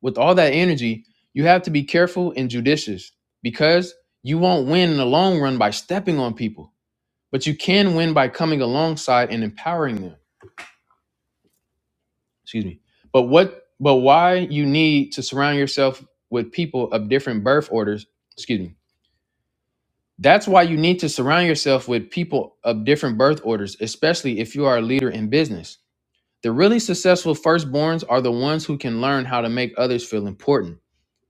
With all that energy, you have to be careful and judicious because you won't win in the long run by stepping on people, but you can win by coming alongside and empowering them. excuse me but what but why you need to surround yourself with people of different birth orders excuse me that's why you need to surround yourself with people of different birth orders especially if you are a leader in business the really successful firstborns are the ones who can learn how to make others feel important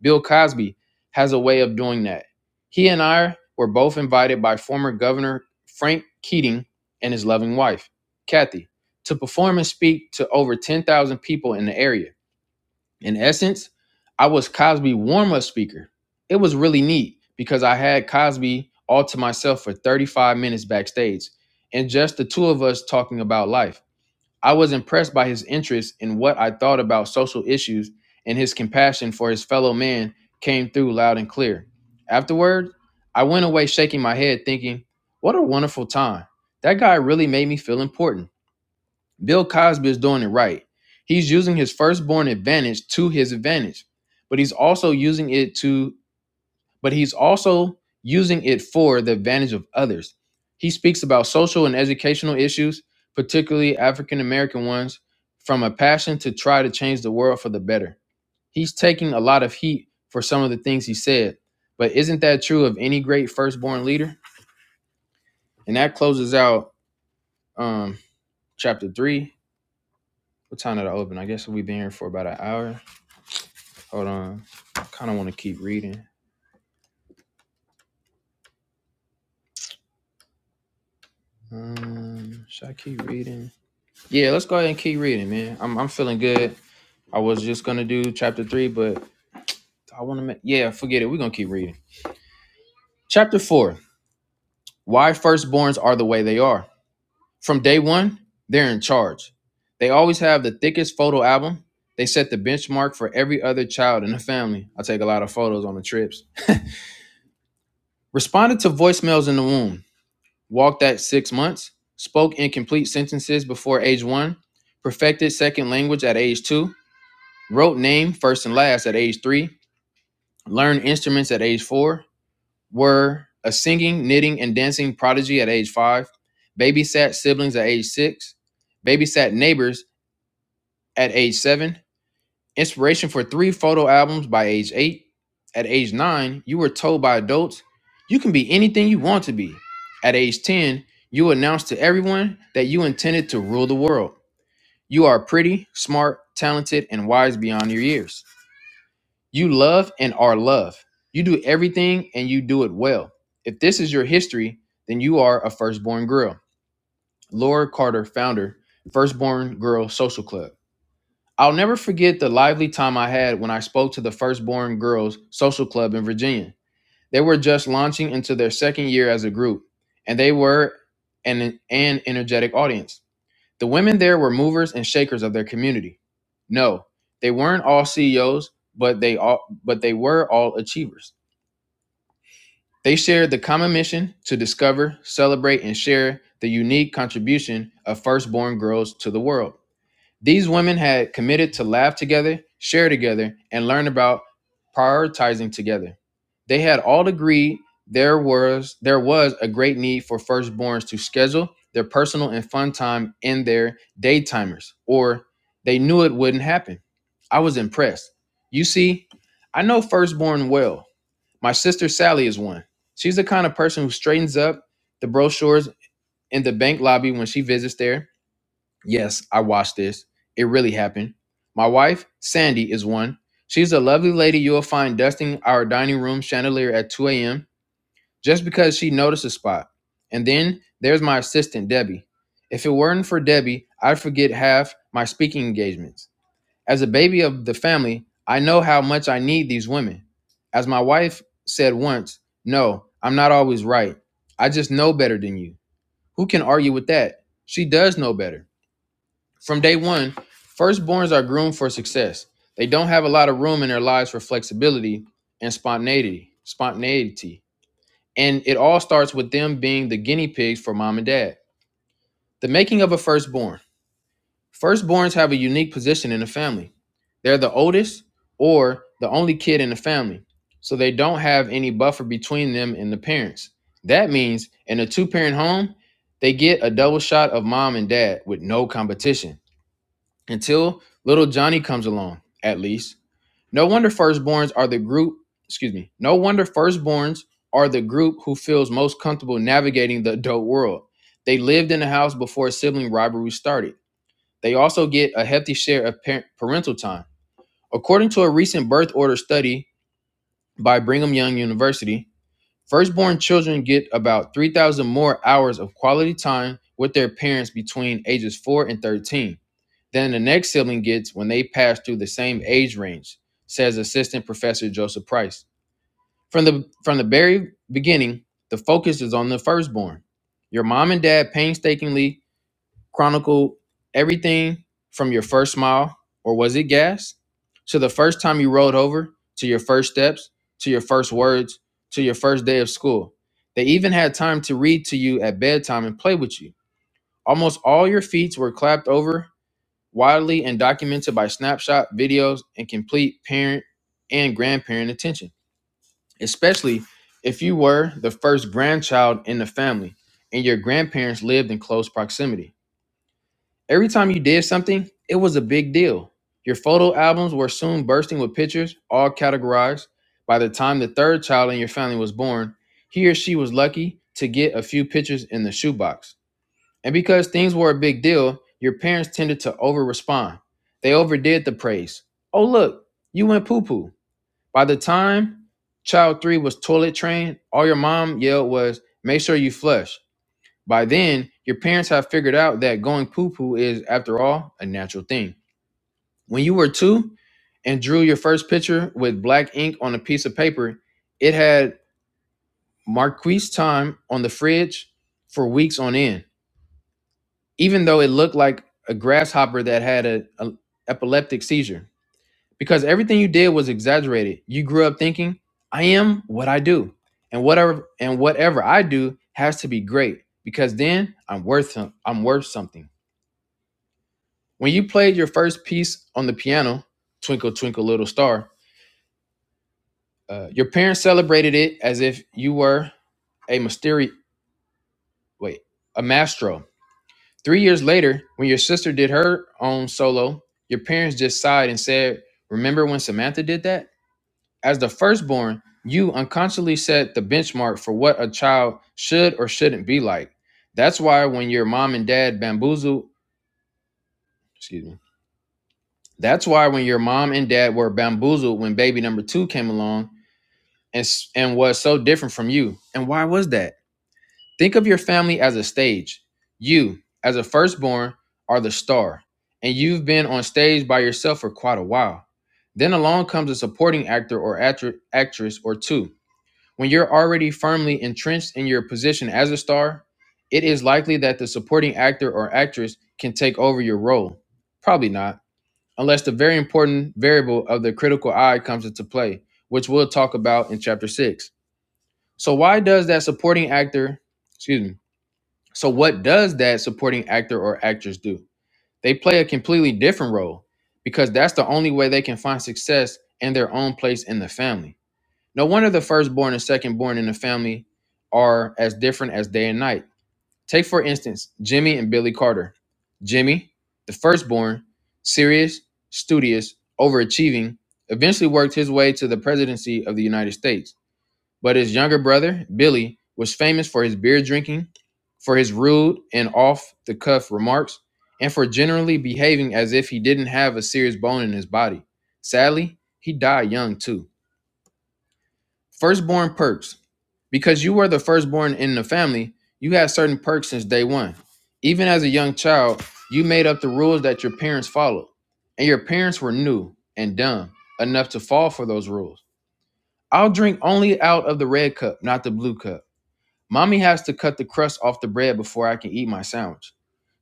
bill cosby has a way of doing that he and i were both invited by former governor frank keating and his loving wife kathy to perform and speak to over 10000 people in the area in essence, I was Cosby warm up speaker. It was really neat because I had Cosby all to myself for 35 minutes backstage and just the two of us talking about life. I was impressed by his interest in what I thought about social issues and his compassion for his fellow man came through loud and clear. Afterward, I went away shaking my head thinking, what a wonderful time. That guy really made me feel important. Bill Cosby is doing it right. He's using his firstborn advantage to his advantage, but he's also using it to, but he's also using it for the advantage of others. He speaks about social and educational issues, particularly African American ones, from a passion to try to change the world for the better. He's taking a lot of heat for some of the things he said, but isn't that true of any great firstborn leader? And that closes out um, chapter three. What time did I open? I guess we've been here for about an hour. Hold on. I kind of want to keep reading. Um, should I keep reading? Yeah, let's go ahead and keep reading, man. I'm I'm feeling good. I was just gonna do chapter three, but I want to. make Yeah, forget it. We're gonna keep reading. Chapter four: Why firstborns are the way they are. From day one, they're in charge. They always have the thickest photo album. They set the benchmark for every other child in the family. I take a lot of photos on the trips. Responded to voicemails in the womb. walked at six months, spoke incomplete sentences before age one, perfected second language at age two, wrote name first and last at age three, learned instruments at age four, were a singing, knitting, and dancing prodigy at age five, babysat siblings at age six, babysat neighbors at age seven, Inspiration for three photo albums by age eight. At age nine, you were told by adults you can be anything you want to be. At age 10, you announced to everyone that you intended to rule the world. You are pretty, smart, talented, and wise beyond your years. You love and are loved. You do everything and you do it well. If this is your history, then you are a firstborn girl. Laura Carter, founder, Firstborn Girl Social Club. I'll never forget the lively time I had when I spoke to the Firstborn Girls Social Club in Virginia. They were just launching into their second year as a group, and they were an, an energetic audience. The women there were movers and shakers of their community. No, they weren't all CEOs, but they all but they were all achievers. They shared the common mission to discover, celebrate, and share the unique contribution of firstborn girls to the world. These women had committed to laugh together, share together, and learn about prioritizing together. They had all agreed there was there was a great need for firstborns to schedule their personal and fun time in their daytimers, or they knew it wouldn't happen. I was impressed. You see, I know firstborn well. My sister Sally is one. She's the kind of person who straightens up the brochures in the bank lobby when she visits there Yes, I watched this. It really happened. My wife, Sandy, is one. She's a lovely lady you'll find dusting our dining room chandelier at 2 a.m. just because she noticed a spot. And then there's my assistant, Debbie. If it weren't for Debbie, I'd forget half my speaking engagements. As a baby of the family, I know how much I need these women. As my wife said once, no, I'm not always right. I just know better than you. Who can argue with that? She does know better. From day one, firstborns are groomed for success. They don't have a lot of room in their lives for flexibility and spontaneity. Spontaneity, and it all starts with them being the guinea pigs for mom and dad. The making of a firstborn. Firstborns have a unique position in the family. They're the oldest or the only kid in the family, so they don't have any buffer between them and the parents. That means in a two-parent home, they get a double shot of mom and dad with no competition until little Johnny comes along, at least. No wonder firstborns are the group, excuse me, no wonder firstborns are the group who feels most comfortable navigating the adult world. They lived in the house before sibling rivalry started. They also get a hefty share of parent, parental time. According to a recent birth order study by Brigham Young University, firstborn children get about 3,000 more hours of quality time with their parents between ages 4 and 13 then the next sibling gets when they pass through the same age range, says Assistant Professor Joseph Price. From the from the very beginning, the focus is on the firstborn. Your mom and dad painstakingly chronicle everything from your first smile, or was it gas? To the first time you rolled over, to your first steps, to your first words, to your first day of school. They even had time to read to you at bedtime and play with you. Almost all your feats were clapped over widely and documented by snapshot videos and complete parent and grandparent attention, especially if you were the first grandchild in the family and your grandparents lived in close proximity. Every time you did something, it was a big deal. Your photo albums were soon bursting with pictures, all categorized. By the time the third child in your family was born, he or she was lucky to get a few pictures in the shoebox. And because things were a big deal, your parents tended to over respond. They overdid the praise. Oh, look, you went poo poo. By the time child three was toilet trained, all your mom yelled was, make sure you flush. By then, your parents have figured out that going poo poo is, after all, a natural thing. When you were two and drew your first picture with black ink on a piece of paper, it had Marquise time on the fridge for weeks on end. even though it looked like a grasshopper that had a, a epileptic seizure because everything you did was exaggerated you grew up thinking i am what i do and whatever and whatever i do has to be great because then i'm worth some- i'm worth something when you played your first piece on the piano twinkle twinkle little star uh, your parents celebrated it as if you were a mysterious wait a maestro Three years later, when your sister did her own solo, your parents just sighed and said, Remember when Samantha did that? As the firstborn, you unconsciously set the benchmark for what a child should or shouldn't be like. That's why when your mom and dad bamboozled, excuse me, that's why when your mom and dad were bamboozled when baby number two came along and, s- and was so different from you. And why was that? Think of your family as a stage. You, as a firstborn, are the star, and you've been on stage by yourself for quite a while. Then along comes a supporting actor or actri- actress or two. When you're already firmly entrenched in your position as a star, it is likely that the supporting actor or actress can take over your role. Probably not, unless the very important variable of the critical eye comes into play, which we'll talk about in chapter six. So, why does that supporting actor, excuse me, so, what does that supporting actor or actress do? They play a completely different role because that's the only way they can find success and their own place in the family. No wonder the firstborn and secondborn in the family are as different as day and night. Take, for instance, Jimmy and Billy Carter. Jimmy, the firstborn, serious, studious, overachieving, eventually worked his way to the presidency of the United States. But his younger brother, Billy, was famous for his beer drinking, for his rude and off the cuff remarks, and for generally behaving as if he didn't have a serious bone in his body. Sadly, he died young too. Firstborn perks. Because you were the firstborn in the family, you had certain perks since day one. Even as a young child, you made up the rules that your parents followed, and your parents were new and dumb enough to fall for those rules. I'll drink only out of the red cup, not the blue cup. Mommy has to cut the crust off the bread before I can eat my sandwich.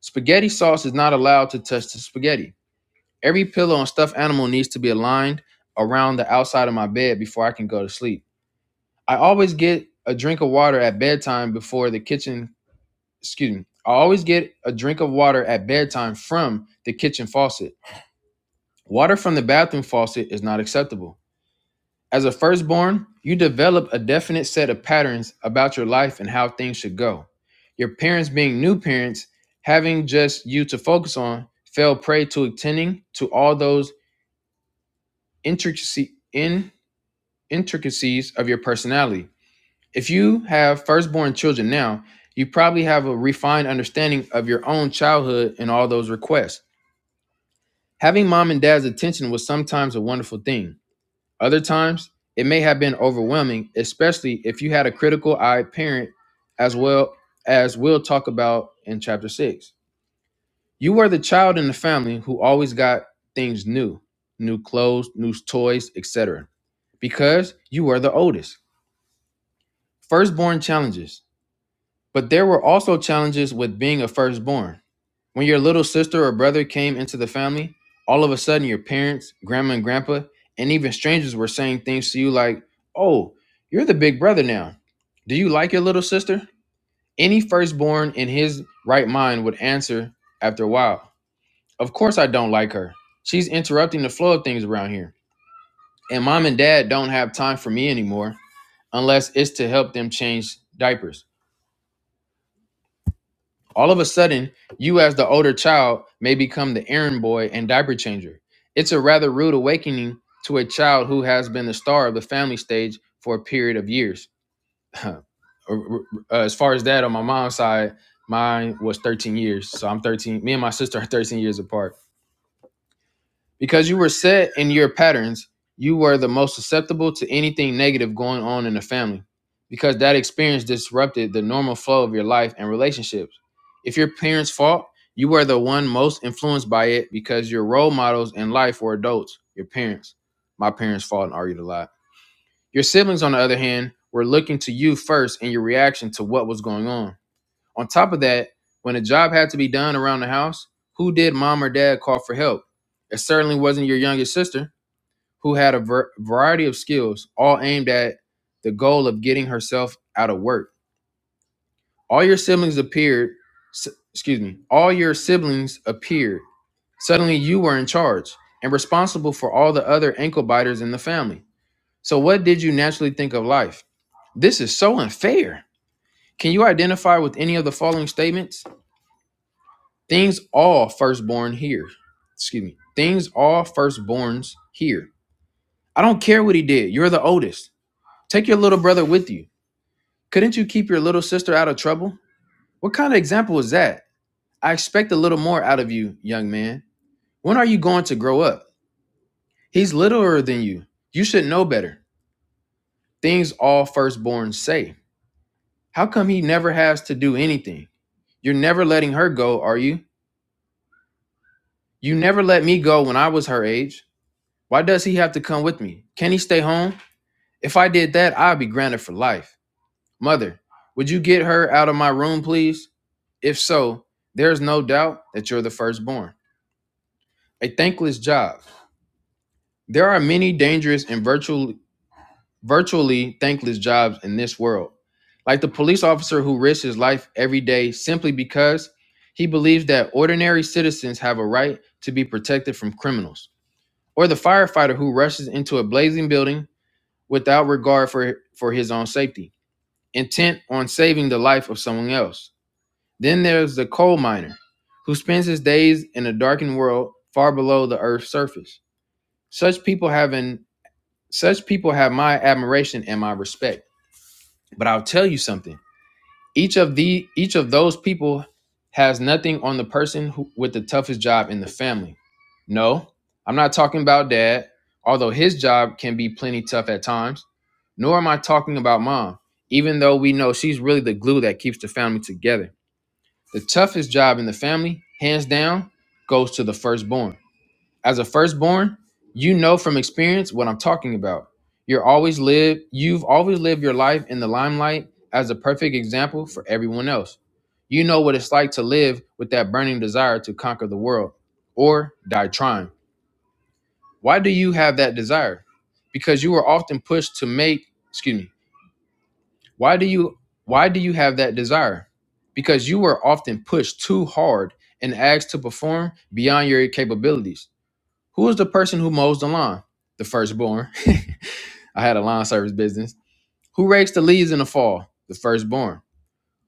Spaghetti sauce is not allowed to touch the spaghetti. Every pillow and stuffed animal needs to be aligned around the outside of my bed before I can go to sleep. I always get a drink of water at bedtime before the kitchen, excuse me, I always get a drink of water at bedtime from the kitchen faucet. Water from the bathroom faucet is not acceptable. As a firstborn, you develop a definite set of patterns about your life and how things should go. Your parents, being new parents, having just you to focus on, fell prey to attending to all those intricacy, in, intricacies of your personality. If you have firstborn children now, you probably have a refined understanding of your own childhood and all those requests. Having mom and dad's attention was sometimes a wonderful thing. Other times, it may have been overwhelming, especially if you had a critical eyed parent, as well as we'll talk about in chapter six. You were the child in the family who always got things new new clothes, new toys, etc., because you were the oldest. Firstborn challenges. But there were also challenges with being a firstborn. When your little sister or brother came into the family, all of a sudden your parents, grandma and grandpa, and even strangers were saying things to you like, Oh, you're the big brother now. Do you like your little sister? Any firstborn in his right mind would answer after a while, Of course I don't like her. She's interrupting the flow of things around here. And mom and dad don't have time for me anymore unless it's to help them change diapers. All of a sudden, you as the older child may become the errand boy and diaper changer. It's a rather rude awakening to a child who has been the star of the family stage for a period of years. Uh, as far as that, on my mom's side, mine was 13 years. So I'm 13. Me and my sister are 13 years apart. Because you were set in your patterns, you were the most susceptible to anything negative going on in the family because that experience disrupted the normal flow of your life and relationships. If your parents fought, you were the one most influenced by it because your role models in life were adults, your parents. My parents fought and argued a lot. Your siblings, on the other hand, were looking to you first in your reaction to what was going on. On top of that, when a job had to be done around the house, who did mom or dad call for help? It certainly wasn't your youngest sister, who had a ver- variety of skills, all aimed at the goal of getting herself out of work. All your siblings appeared, s- excuse me, all your siblings appeared. Suddenly you were in charge and responsible for all the other ankle biters in the family. So, what did you naturally think of life? This is so unfair. Can you identify with any of the following statements? Things all firstborn here. Excuse me. Things all firstborns here. I don't care what he did. You're the oldest. Take your little brother with you. Couldn't you keep your little sister out of trouble? What kind of example is that? I expect a little more out of you, young man. When are you going to grow up? He's littler than you. You should know better. Things all firstborns say. How come he never has to do anything? You're never letting her go, are you? You never let me go when I was her age. Why does he have to come with me? Can he stay home? If I did that, I'd be grounded for life. Mother, would you get her out of my room, please? If so, there is no doubt that you're the firstborn. A thankless job. There are many dangerous and virtually, virtually thankless jobs in this world, like the police officer who risks his life every day simply because he believes that ordinary citizens have a right to be protected from criminals, or the firefighter who rushes into a blazing building without regard for, for his own safety, intent on saving the life of someone else. Then there's the coal miner, who spends his days in a darkened world far below the earth's surface. Such people have an, such people have my admiration and my respect. But I'll tell you something. Each of the each of those people has nothing on the person who, with the toughest job in the family. No, I'm not talking about dad, although his job can be plenty tough at times. Nor am I talking about mom, even though we know she's really the glue that keeps the family together. The toughest job in the family, hands down, goes to the firstborn. As a firstborn, you know from experience what I'm talking about. You're always lived, you've always lived your life in the limelight as a perfect example for everyone else. You know what it's like to live with that burning desire to conquer the world or die trying. Why do you have that desire? Because you were often pushed to make, excuse me. Why do you why do you have that desire? Because you were often pushed too hard and asked to perform beyond your capabilities. Who is the person who mows the lawn? The firstborn. I had a lawn service business. Who rakes the leaves in the fall? The firstborn.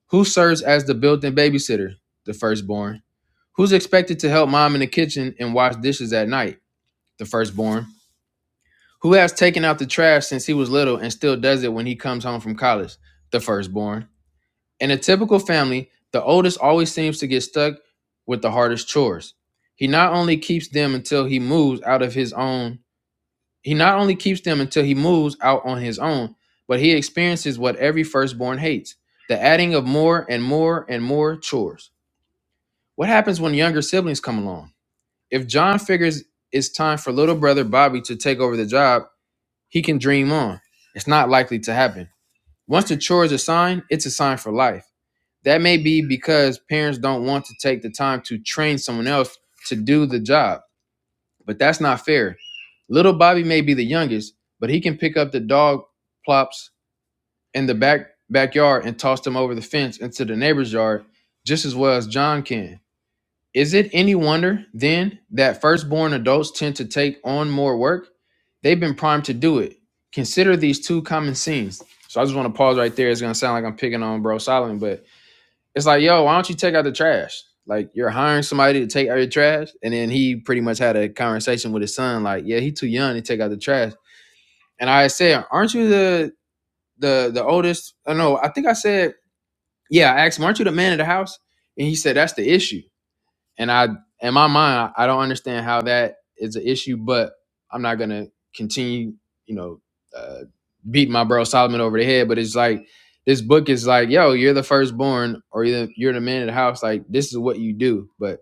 Who serves as the built in babysitter? The firstborn. Who's expected to help mom in the kitchen and wash dishes at night? The firstborn. Who has taken out the trash since he was little and still does it when he comes home from college? The firstborn. In a typical family, the oldest always seems to get stuck with the hardest chores. He not only keeps them until he moves out of his own He not only keeps them until he moves out on his own, but he experiences what every firstborn hates the adding of more and more and more chores. What happens when younger siblings come along? If John figures it's time for little brother Bobby to take over the job, he can dream on. It's not likely to happen. Once the chore is assigned, it's assigned for life. That may be because parents don't want to take the time to train someone else to do the job but that's not fair. Little Bobby may be the youngest, but he can pick up the dog plops in the back backyard and toss them over the fence into the neighbor's yard just as well as John can. Is it any wonder then that firstborn adults tend to take on more work? They've been primed to do it. Consider these two common scenes. So I just want to pause right there. It's gonna sound like I'm picking on Bro Solomon, but it's like, yo, why don't you take out the trash? Like you're hiring somebody to take out your trash, and then he pretty much had a conversation with his son, like, yeah, he too young to take out the trash. And I said, aren't you the the the oldest? I don't know. I think I said, yeah. I asked him, aren't you the man of the house? And he said, that's the issue. And I, in my mind, I don't understand how that is an issue, but I'm not gonna continue, you know, uh, beat my bro Solomon over the head. But it's like this book is like, yo, you're the firstborn, or you're the, you're the man of the house. Like this is what you do. But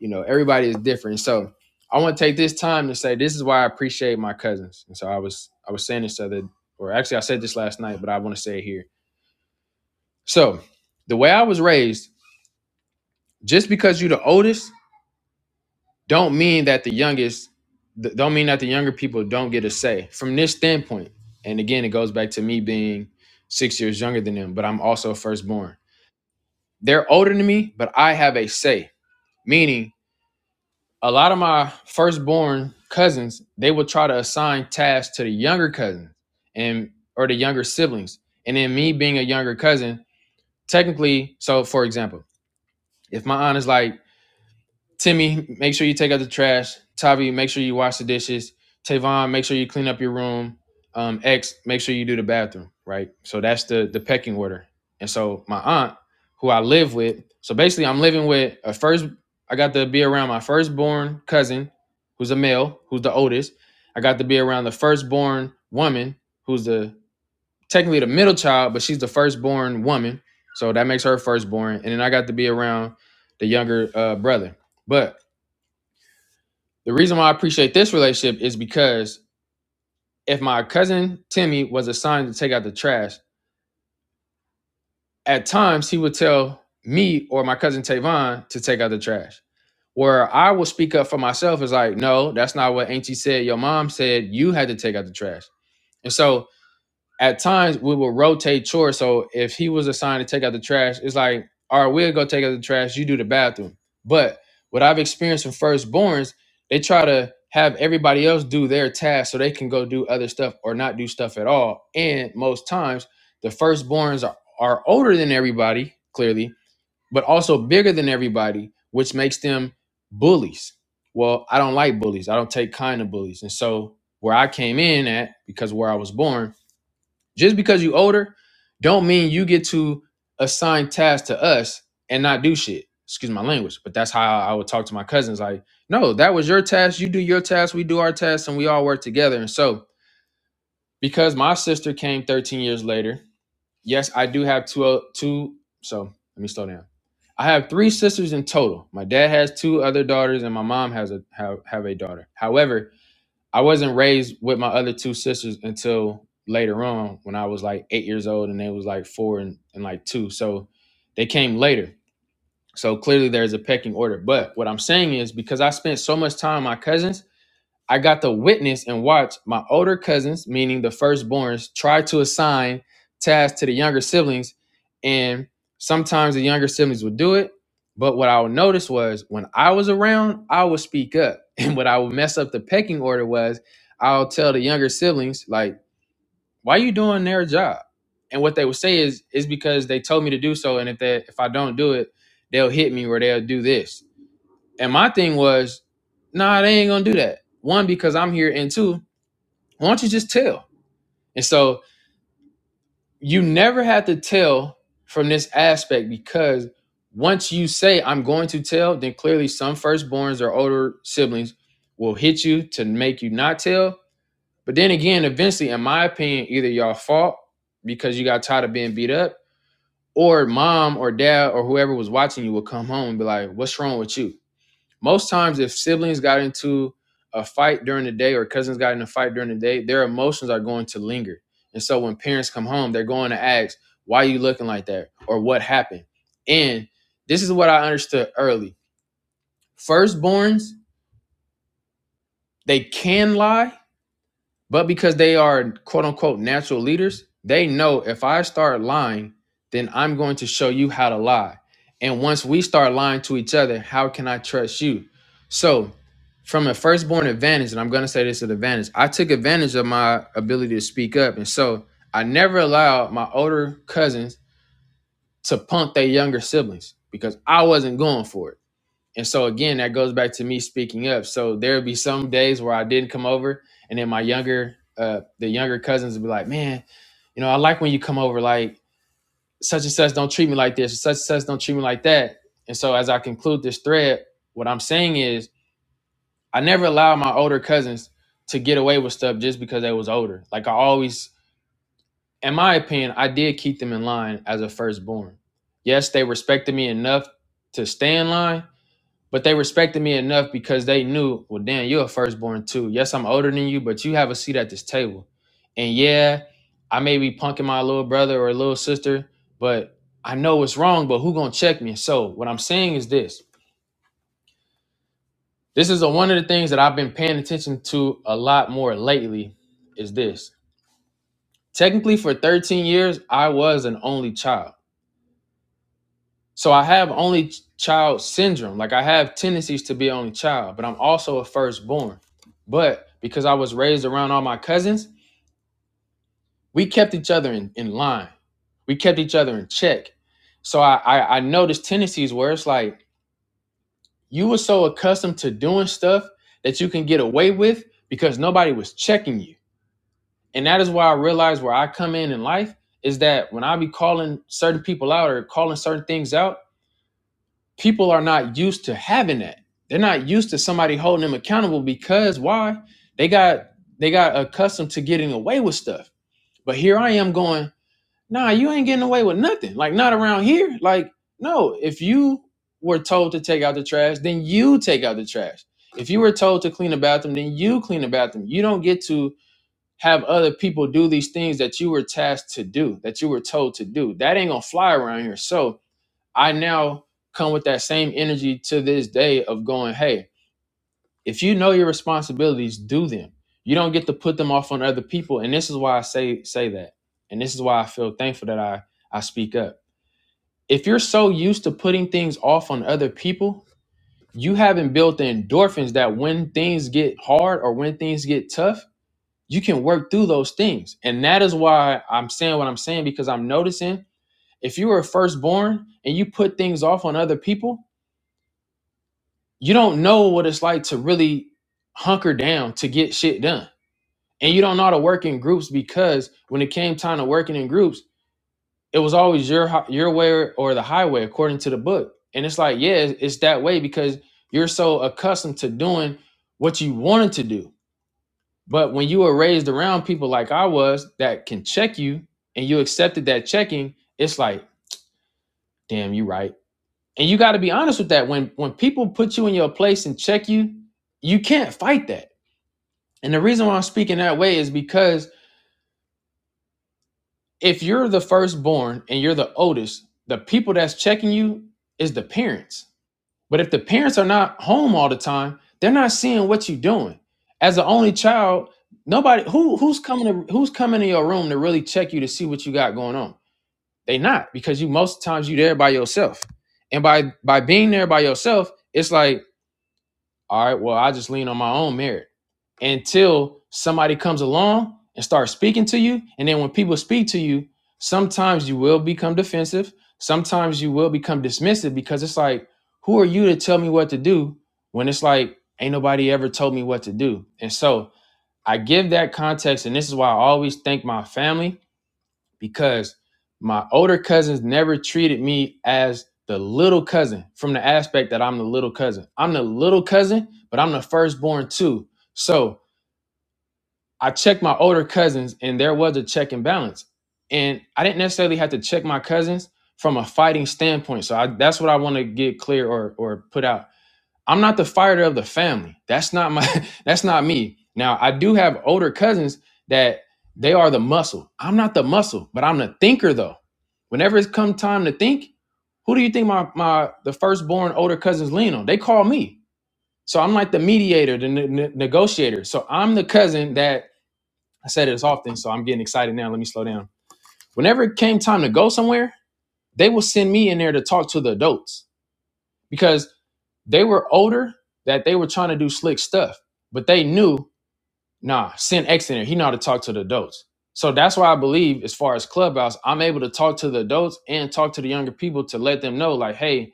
you know, everybody is different. So I want to take this time to say this is why I appreciate my cousins. And so I was, I was saying this other, or actually I said this last night, but I want to say it here. So the way I was raised, just because you're the oldest don't mean that the youngest th- don't mean that the younger people don't get a say from this standpoint and again it goes back to me being six years younger than them but i'm also firstborn they're older than me but i have a say meaning a lot of my firstborn cousins they will try to assign tasks to the younger cousins and or the younger siblings and then me being a younger cousin technically so for example if my aunt is like Timmy, make sure you take out the trash. Tavi, make sure you wash the dishes. Tavon, make sure you clean up your room. Um, X, make sure you do the bathroom, right? So that's the the pecking order. And so my aunt, who I live with, so basically I'm living with a first I got to be around my firstborn cousin, who's a male, who's the oldest. I got to be around the firstborn woman, who's the technically the middle child, but she's the firstborn woman. So that makes her firstborn. And then I got to be around the younger uh, brother. But the reason why I appreciate this relationship is because if my cousin Timmy was assigned to take out the trash, at times he would tell me or my cousin Tavon to take out the trash. Where I will speak up for myself is like, no, that's not what Auntie said. Your mom said you had to take out the trash. And so at times we would rotate chores. So if he was assigned to take out the trash, it's like, all right, we'll go take out the trash. You do the bathroom. But what I've experienced with firstborns, they try to have everybody else do their task so they can go do other stuff or not do stuff at all. And most times, the firstborns are, are older than everybody, clearly, but also bigger than everybody, which makes them bullies. Well, I don't like bullies. I don't take kind of bullies. And so where I came in at, because where I was born, just because you older, don't mean you get to assign tasks to us and not do shit. Excuse my language, but that's how I would talk to my cousins. Like, no, that was your task. You do your task, we do our tasks, and we all work together. And so, because my sister came 13 years later, yes, I do have two. o- Two. So let me slow down. I have three sisters in total. My dad has two other daughters, and my mom has a have, have a daughter. However, I wasn't raised with my other two sisters until later on when I was like eight years old and they was like four and, and like two. So they came later. So clearly there's a pecking order. But what I'm saying is because I spent so much time with my cousins, I got to witness and watch my older cousins, meaning the firstborns, try to assign tasks to the younger siblings. And sometimes the younger siblings would do it. But what I would notice was when I was around, I would speak up. And what I would mess up the pecking order was I'll tell the younger siblings, like, why you doing their job? And what they would say is, is because they told me to do so. And if they if I don't do it, they'll hit me or they'll do this. And my thing was, nah, they ain't gonna do that. One, because I'm here, and two, why don't you just tell? And so you never have to tell from this aspect because once you say I'm going to tell, then clearly some firstborns or older siblings will hit you to make you not tell. But then again, eventually, in my opinion, either y'all fault because you got tired of being beat up, or mom or dad or whoever was watching you will come home and be like, What's wrong with you? Most times, if siblings got into a fight during the day or cousins got in a fight during the day, their emotions are going to linger. And so when parents come home, they're going to ask, why are you looking like that? Or what happened? And this is what I understood early. Firstborns, they can lie But because they are quote unquote natural leaders, they know if I start lying, then I'm going to show you how to lie. And once we start lying to each other, how can I trust you? So, from a firstborn advantage, and I'm going to say this is an advantage, I took advantage of my ability to speak up. And so I never allowed my older cousins to punk their younger siblings because I wasn't going for it. And so again, that goes back to me speaking up. So there would be some days where I didn't come over, and then my younger, uh, the younger cousins would be like, "Man, you know, I like when you come over. Like such and such don't treat me like this. Such and such don't treat me like that." And so as I conclude this thread, what I'm saying is, I never allowed my older cousins to get away with stuff just because they was older. Like I always, in my opinion, I did keep them in line as a firstborn. Yes, they respected me enough to stay in line, but they respected me enough because they knew, well, damn, you're a firstborn too. Yes, I'm older than you, but you have a seat at this table. And yeah, I may be punking my little brother or little sister, but I know it's wrong, but who gonna check me? So what I'm saying is this. This is a, one of the things that I've been paying attention to a lot more lately is this. Technically, for 13 years, I was an only child. So I have only child syndrome. Like I have tendencies to be only child, but I'm also a firstborn. But because I was raised around all my cousins, we kept each other in, in line. We kept each other in check. So I, I I noticed tendencies where it's like you were so accustomed to doing stuff that you can get away with because nobody was checking you. And that is why I realized where I come in in life is that when I be calling certain people out or calling certain things out, people are not used to having that. They're not used to somebody holding them accountable because why? They got they got accustomed to getting away with stuff. But here I am going, nah, you ain't getting away with nothing. Like not around here. Like no, if you were told to take out the trash, then you take out the trash. If you were told to clean the bathroom, then you clean the bathroom. You don't get to have other people do these things that you were tasked to do, that you were told to do. That ain't gonna fly around here. So I now come with that same energy to this day of going, hey, if you know your responsibilities, do them. You don't get to put them off on other people. And this is why I say say that. And this is why I feel thankful that I I speak up. If you're so used to putting things off on other people, you haven't built the endorphins that when things get hard or when things get tough, you can work through those things. And that is why I'm saying what I'm saying because I'm noticing if you were firstborn and you put things off on other people, you don't know what it's like to really hunker down to get shit done. And you don't know how to work in groups because when it came time to working in groups, it was always your hi- your way or or the highway according to the book. And it's like, yeah, it's it's that way because you're so accustomed to doing what you wanted to do. But when you were raised around people like I was that can check you and you accepted that checking, it's like, damn, you right. And you got to be honest with that. When when people put you in your place and check you, you can't fight that And the reason why I'm speaking that way is because if you're the firstborn and you're the oldest, the people that's checking you is the parents. But if the parents are not home all the time, they're not seeing what you're doing. As the only child, nobody who who's coming to who's coming to your room to really check you to see what you got going on. They not because you most times you there by yourself, and by by being there by yourself, it's like All right, well, I just lean on my own merit until somebody comes along and starts speaking to you. And then when people speak to you, sometimes you will become defensive. Sometimes you will become dismissive because it's like, who are you to tell me what to do when it's like, ain't nobody ever told me what to do? And so I give that context. And this is why I always thank my family because my older cousins never treated me as the little cousin from the aspect that I'm the little cousin. I'm the little cousin, but I'm the firstborn too. So I checked my older cousins, and there was a check and balance. And I didn't necessarily have to check my cousins from a fighting standpoint. So I, that's what I want to get clear or or put out I'm not the fighter of the family. That's not my that's not me. Now, I do have older cousins that they are the muscle. I'm not the muscle, but I'm the thinker though. Whenever it's come time to think, who do you think my my the firstborn older cousins lean on? They call me. So I'm like the mediator, the ne- ne- negotiator. So I'm the cousin that I said it as often, so I'm getting excited now. Let me slow down. Whenever it came time to go somewhere, they will send me in there to talk to the adults because they were older that they were trying to do slick stuff, but they knew, nah, send X in there. He know how to talk to the adults. So that's why I believe, as far as Clubhouse, I'm able to talk to the adults and talk to the younger people to let them know, like, hey,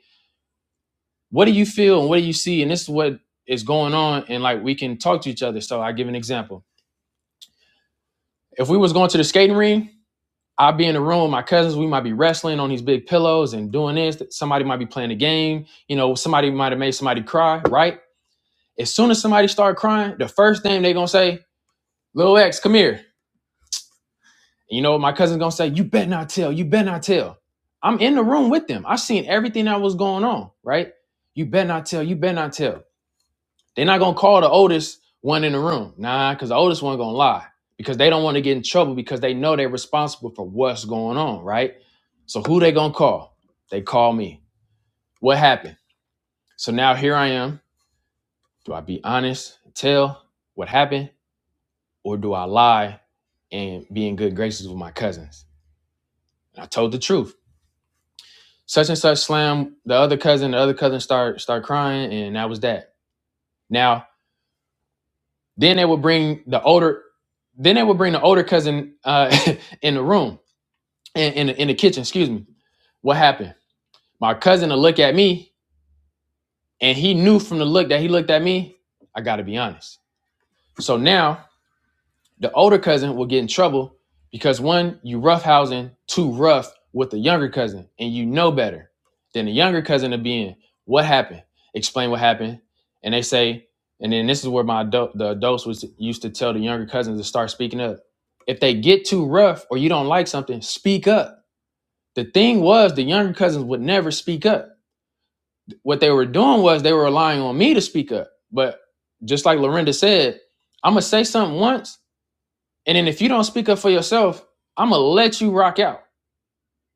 what do you feel and what do you see? And this is what is going on. And like we can talk to each other. So I give an example. If we was going to the skating ring, I'd be in the room with my cousins. We might be wrestling on these big pillows and doing this. Somebody might be playing a game. You know, somebody might have made somebody cry, right? As soon as somebody start crying, the first thing they gonna say, "Little X, come here." You know what my cousin's gonna say? You better not tell. You better not tell. I'm in the room with them. I seen everything that was going on. Right? You better not tell. You better not tell. They're not gonna call the oldest one in the room, nah, because the oldest one gonna lie because they don't want to get in trouble because they know they're responsible for what's going on. Right? So who they gonna call? They call me. What happened? So now here I am. Do I be honest? Tell what happened? or do I lie and be in good graces with my cousins? And I told the truth. Such and such slam the other cousin. The other cousin start start crying, and that was that. Now then they would bring the older, then they would bring the older cousin uh, in the room in, in the, in the kitchen. Excuse me. What happened? My cousin to look at me, and he knew from the look that he looked at me. I got to be honest. So now The older cousin will get in trouble because one, you roughhousing too rough with the younger cousin, and you know better than the younger cousin to be in. What happened? Explain what happened. And they say, and then this is where my adult, the adults was used to tell the younger cousins to start speaking up. If they get too rough or you don't like something, speak up. The thing was, the younger cousins would never speak up. What they were doing was they were relying on me to speak up. But just like Lorinda said, I'm gonna say something once and then if you don't speak up for yourself, I'm gonna let you rock out.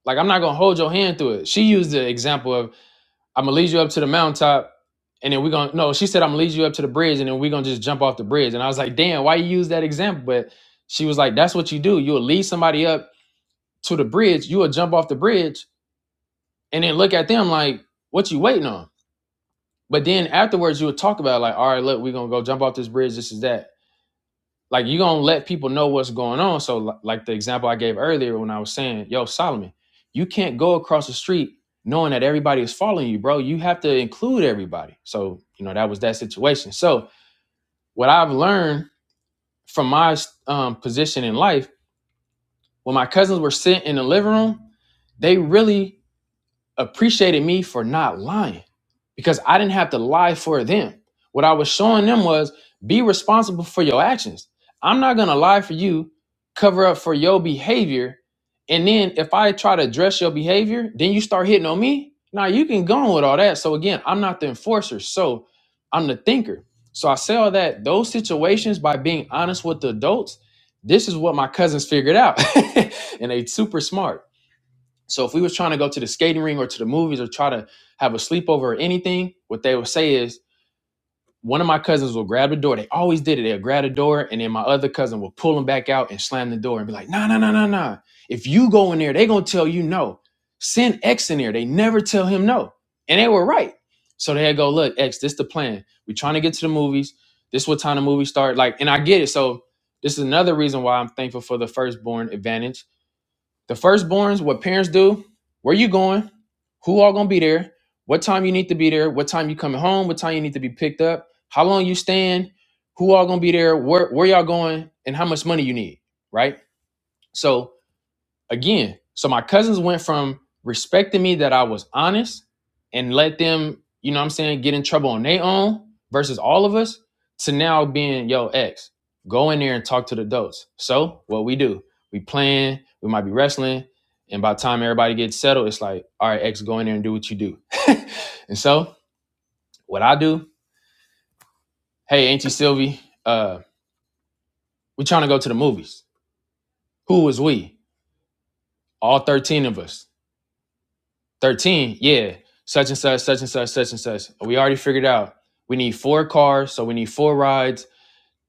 Like I'm not gonna hold your hand through it. She used the example of I'm gonna lead you up to the mountaintop, and then we're gonna no. She said I'm gonna lead you up to the bridge, and then we're gonna just jump off the bridge. And I was like, damn, why you use that example? But she was like, that's what you do. You'll lead somebody up to the bridge. You'll jump off the bridge, and then look at them like, what you waiting on? But then afterwards, you would talk about it, like, all right, look, we're gonna go jump off this bridge. This is that. like you gonna let people know what's going on. So like the example I gave earlier when I was saying, yo, Solomon, you can't go across the street knowing that everybody is following you, bro. You have to include everybody. So, you know, that was that situation. So what I've learned from my um, position in life, when my cousins were sitting in the living room, they really appreciated me for not lying because I didn't have to lie for them. What I was showing them was be responsible for your actions. I'm not going to lie for you, cover up for your behavior. And then if I try to address your behavior, then you start hitting on me. Now you can go on with all that. So again, I'm not the enforcer. So I'm the thinker. So I say all that, those situations by being honest with the adults, this is what my cousins figured out. and they super smart so if we was trying to go to the skating ring or to the movies or try to have a sleepover or anything, what they would say is one of my cousins will grab the door. They always did it. They'll grab the door, and then my other cousin will pull them back out and slam the door and be like, "No, no, no, no, no! If you go in there, they gonna tell you no. Send X in there. They never tell him no, and they were right. So they go, look, X, this the plan. We trying to get to the movies. This what time the movie start. Like, and I get it. So this is another reason why I'm thankful for the firstborn advantage the firstborns, what parents do, where you going, who all gonna be there, what time you need to be there, what time you coming home, what time you need to be picked up, how long you staying, who all gonna be there, where where y'all going, and how much money you need, right? So again so my cousins went from respecting me that i was honest and let them you know what i'm saying get in trouble on their own versus all of us to now being yo ex go in there and talk to the adults so what we do we playing we might be wrestling and by the time everybody gets settled it's like all right ex go in there and do what you do and so what i do hey auntie sylvie uh we trying to go to the movies who was we all 13 of us 13, yeah, such and such, such and such, such and such. We already figured out. We need four cars, so we need four rides.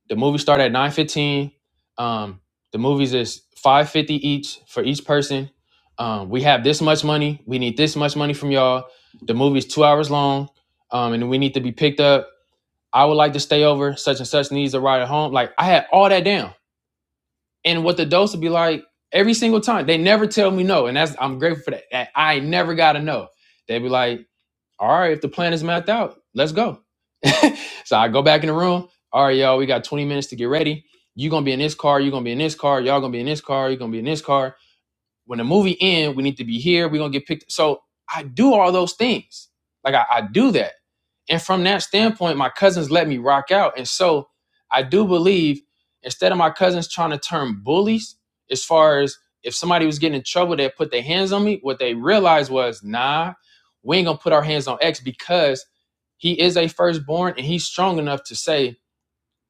The movie start at 9.15. Um, the movies is 5.50 each for each person. Um, we have this much money. We need this much money from y'all. The movie's two hours long, um, and we need to be picked up. I would like to stay over. Such and such needs a ride at home. Like I had all that down. And what the dose would be like every single time. They never tell me no. And that's I'm grateful for that. that I never gotta know. They be like, all right, if the plan is mapped out, let's go. so I go back in the room. All right, y'all, we got 20 minutes to get ready. You're gonna be in this car, you're gonna be in this car, y'all gonna be in this car, you're gonna be in this car when the movie end, we need to be here. We're gonna get picked. So I do all those things. Like I, I do that. And from that standpoint, my cousins let me rock out. And so I do believe instead of my cousins trying to turn bullies, as far as if somebody was getting in trouble, they put their hands on me. What they realized was, nah, we ain't gonna put our hands on X because he is a firstborn and he's strong enough to say,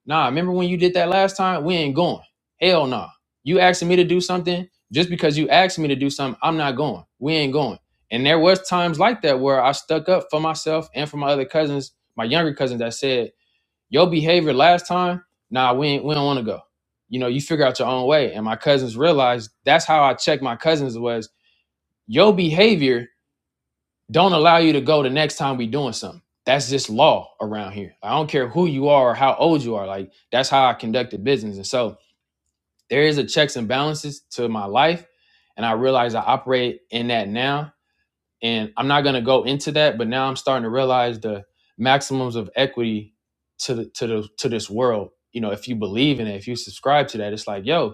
Nah, remember when you did that last time? We ain't going. Hell nah. You asking me to do something just because you asked me to do something, I'm not going. We ain't going. And there was times like that where I stuck up for myself and for my other cousins, my younger cousins that said, "Your behavior last time, nah, we ain't, we don't want to go." You know, you figure out your own way. And my cousins realized that's how I checked my cousins was your behavior don't allow you to go the next time we doing something. That's just law around here. I don't care who you are or how old you are. Like that's how I conducted business. And so there is a checks and balances to my life. And I realize I operate in that now. And I'm not gonna go into that, but now I'm starting to realize the maximums of equity to the to the to this world. You know, if you believe in it, if you subscribe to that, it's like, yo,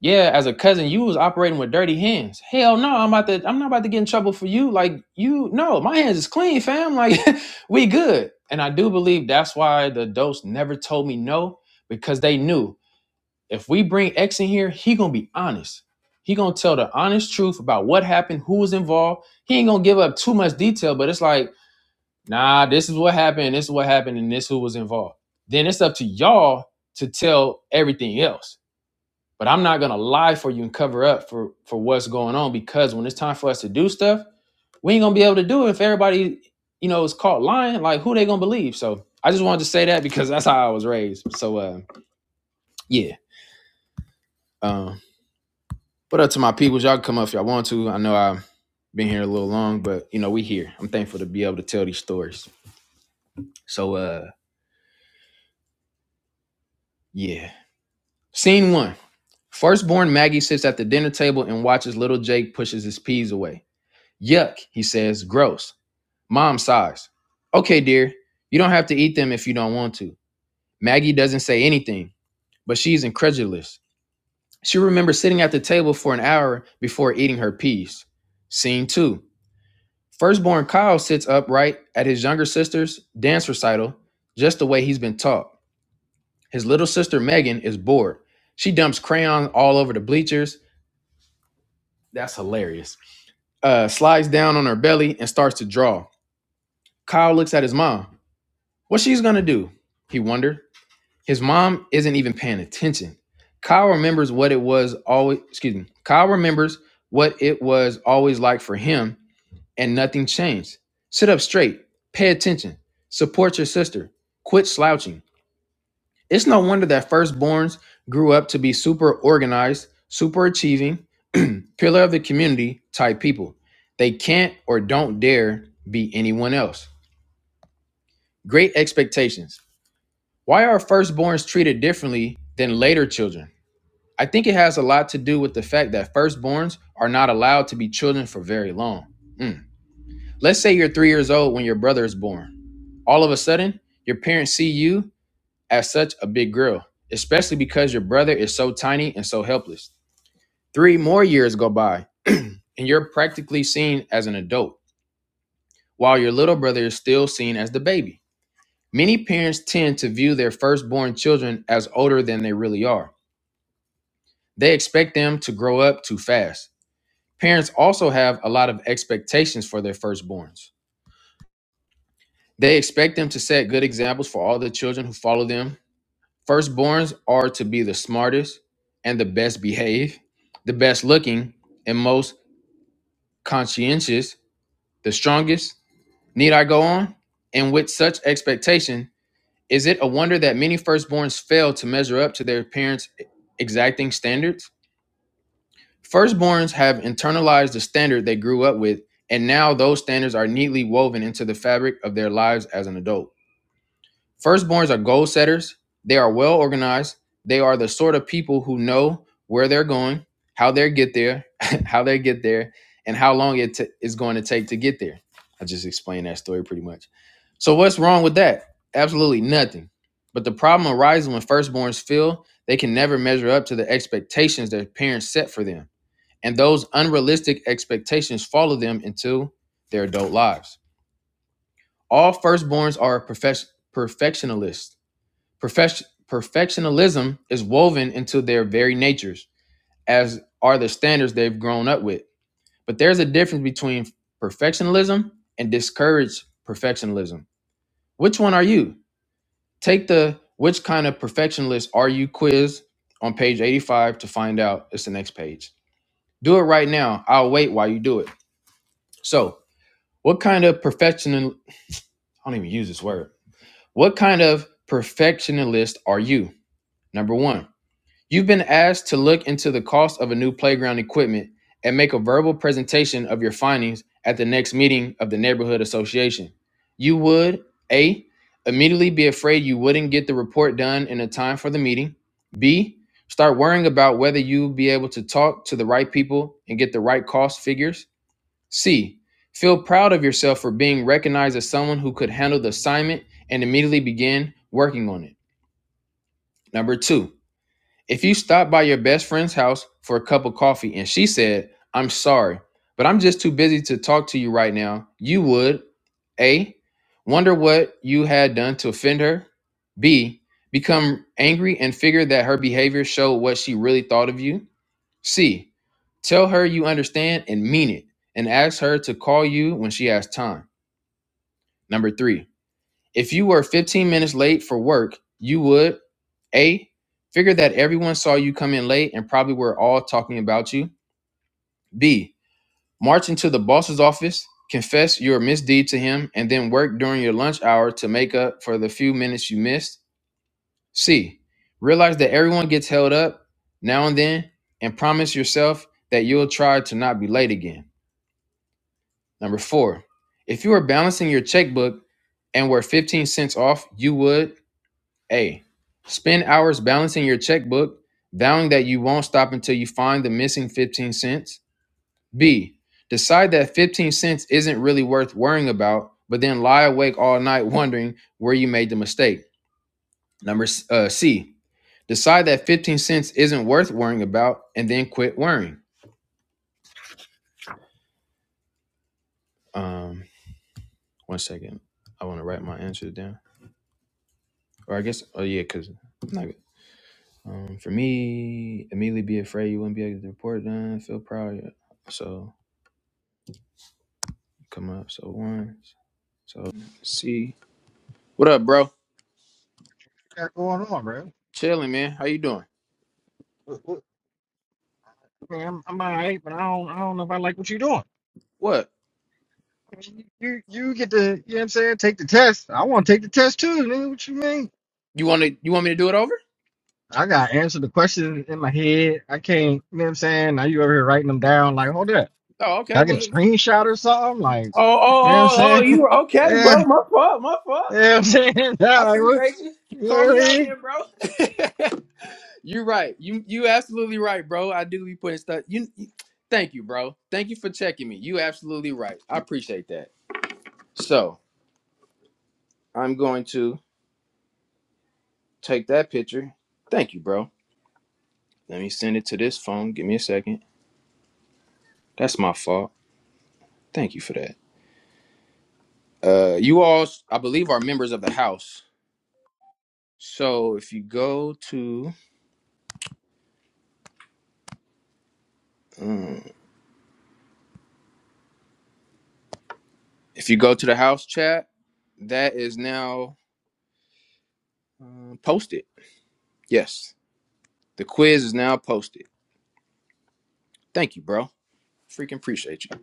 yeah, as a cousin, you was operating with dirty hands. Hell no, I'm about to I'm not about to get in trouble for you. Like you no, my hands is clean, fam. Like we good. And I do believe that's why the adults never told me no, because they knew if we bring X in here, he gonna be honest. He gonna tell the honest truth about what happened, who was involved. He ain't gonna give up too much detail, but it's like, nah, this is what happened, this is what happened, and this who was involved. Then it's up to y'all to tell everything else but I'm not gonna lie for you and cover up for for what's going on because when it's time for us to do stuff, we ain't gonna be able to do it if everybody, you know, is caught lying. Like who they gonna believe? So I just wanted to say that because that's how I was raised. So uh, yeah. Um, what up to my peoples? Y'all come up if y'all want to. I know I've been here a little long, but you know we here. I'm thankful to be able to tell these stories. So uh, yeah. Scene one. Firstborn Maggie sits at the dinner table and watches little Jake pushes his peas away. Yuck, he says, gross. Mom sighs. Okay, dear, you don't have to eat them if you don't want to. Maggie doesn't say anything, but she's incredulous. She remembers sitting at the table for an hour before eating her peas. Scene two. Firstborn Kyle sits upright at his younger sister's dance recital, just the way he's been taught. His little sister Megan is bored. She dumps crayons all over the bleachers. That's hilarious. Uh, slides down on her belly and starts to draw. Kyle looks at his mom. What she's gonna do? He wondered. His mom isn't even paying attention. Kyle remembers what it was always, excuse me, Kyle remembers what it was always like for him, and nothing changed. Sit up straight, pay attention, support your sister, quit slouching. It's no wonder that firstborns grew up to be super organized, super achieving, pillar of the community type people. They can't or don't dare be anyone else. Great expectations. Why are firstborns treated differently than later children? I think it has a lot to do with the fact that firstborns are not allowed to be children for very long. Mm. Let's say you're three years old when your brother is born. All of a sudden, your parents see you as such a big girl, especially because your brother is so tiny and so helpless. Three more years go by, and you're practically seen as an adult, while your little brother is still seen as the baby. Many parents tend to view their firstborn children as older than they really are. They expect them to grow up too fast. Parents also have a lot of expectations for their firstborns. They expect them to set good examples for all the children who follow them. Firstborns are to be the smartest and the best behaved, the best looking and most conscientious, the strongest. Need I go on? And with such expectation, is it a wonder that many firstborns fail to measure up to their parents' exacting standards? Firstborns have internalized the standard they grew up with, and now those standards are neatly woven into the fabric of their lives as an adult. Firstborns are goal setters, they are well organized, they are the sort of people who know where they're going, how they get there, how they get there, and how long it t- is going to take to get there. I just explained that story pretty much. So what's wrong with that? Absolutely nothing. But the problem arises when firstborns feel they can never measure up to the expectations their parents set for them and those unrealistic expectations follow them into their adult lives. All firstborns are perfec- perfectionists. Perfec- perfectionism is woven into their very natures, as are the standards they've grown up with. But there's a difference between perfectionism and discouraged perfectionism. Which one are you? Take the which kind of perfectionist are you quiz on page 85 to find out. It's the next page. Do it right now. I'll wait while you do it. So, What kind of perfectional I don't even use this word. What kind of perfectionist are you? Number 1. You've been asked to look into the cost of a new playground equipment and make a verbal presentation of your findings at the next meeting of the neighborhood association. You would A immediately be afraid you wouldn't get the report done in a time for the meeting. B start worrying about whether you'll be able to talk to the right people and get the right cost figures. C. Feel proud of yourself for being recognized as someone who could handle the assignment and immediately begin working on it. Number two, if you stopped by your best friend's house for a cup of coffee and she said, I'm sorry, but I'm just too busy to talk to you right now, you would A. Wonder what you had done to offend her. B. Become angry and figure that her behavior showed what she really thought of you. C. Tell her you understand and mean it, and ask her to call you when she has time. Number three, if you were 15 minutes late for work, you would A. Figure that everyone saw you come in late and probably were all talking about you. B. March into the boss's office, confess your misdeed to him, and then work during your lunch hour to make up for the few minutes you missed. C. Realize that everyone gets held up now and then, and promise yourself that you'll try to not be late again. Number four, if you were balancing your checkbook and were 15 cents off, you would A. Spend hours balancing your checkbook, vowing that you won't stop until you find the missing 15 cents. B. Decide that 15 cents isn't really worth worrying about, but then lie awake all night wondering where you made the mistake. Number uh, C. Decide that 15 cents isn't worth worrying about and then quit worrying. Um, one second. I want to write my answer down. Or I guess, oh yeah, because I'm not going to. Um, for me, immediately be afraid you wouldn't be able to report done. Feel proud. yeah. So come up. So once. So see. What up, bro? got going on, bro? Chilling, man. How you doing? What- what- I mean, I'm, I'm all right, but I don't, I don't know if I like what you're doing. What I mean, you, you get to, you know what I'm saying? Take the test. I want to take the test too, nigga. What you mean? you want to? You want me to do it over? I got to answer the questions in my head. I can't, you know what I'm saying? Now you over here writing them down. Like, hold up. Oh, Can okay. I Well, get it- a screenshot or something? Like, oh, oh, oh, you know what I'm oh. oh, saying? You were okay, yeah, bro? you My fault. My fault. know what I'm saying? I Nah, like, what, appreciate you. you Call know me what out I mean? there, bro. You're right. You you absolutely right, bro. I do be putting stuff. You, you. Thank you, bro. Thank you for checking me. You absolutely right. I appreciate that. So I'm going to. Take that picture. Thank you, bro. Let me send it to this phone. Give me a second. That's my fault. Thank you for that. Uh, you all, I believe, are members of the house. So if you go to, um, if you go to the house chat, that is now uh, posted. Yes, the quiz is now posted. Thank you, bro. Freaking appreciate you.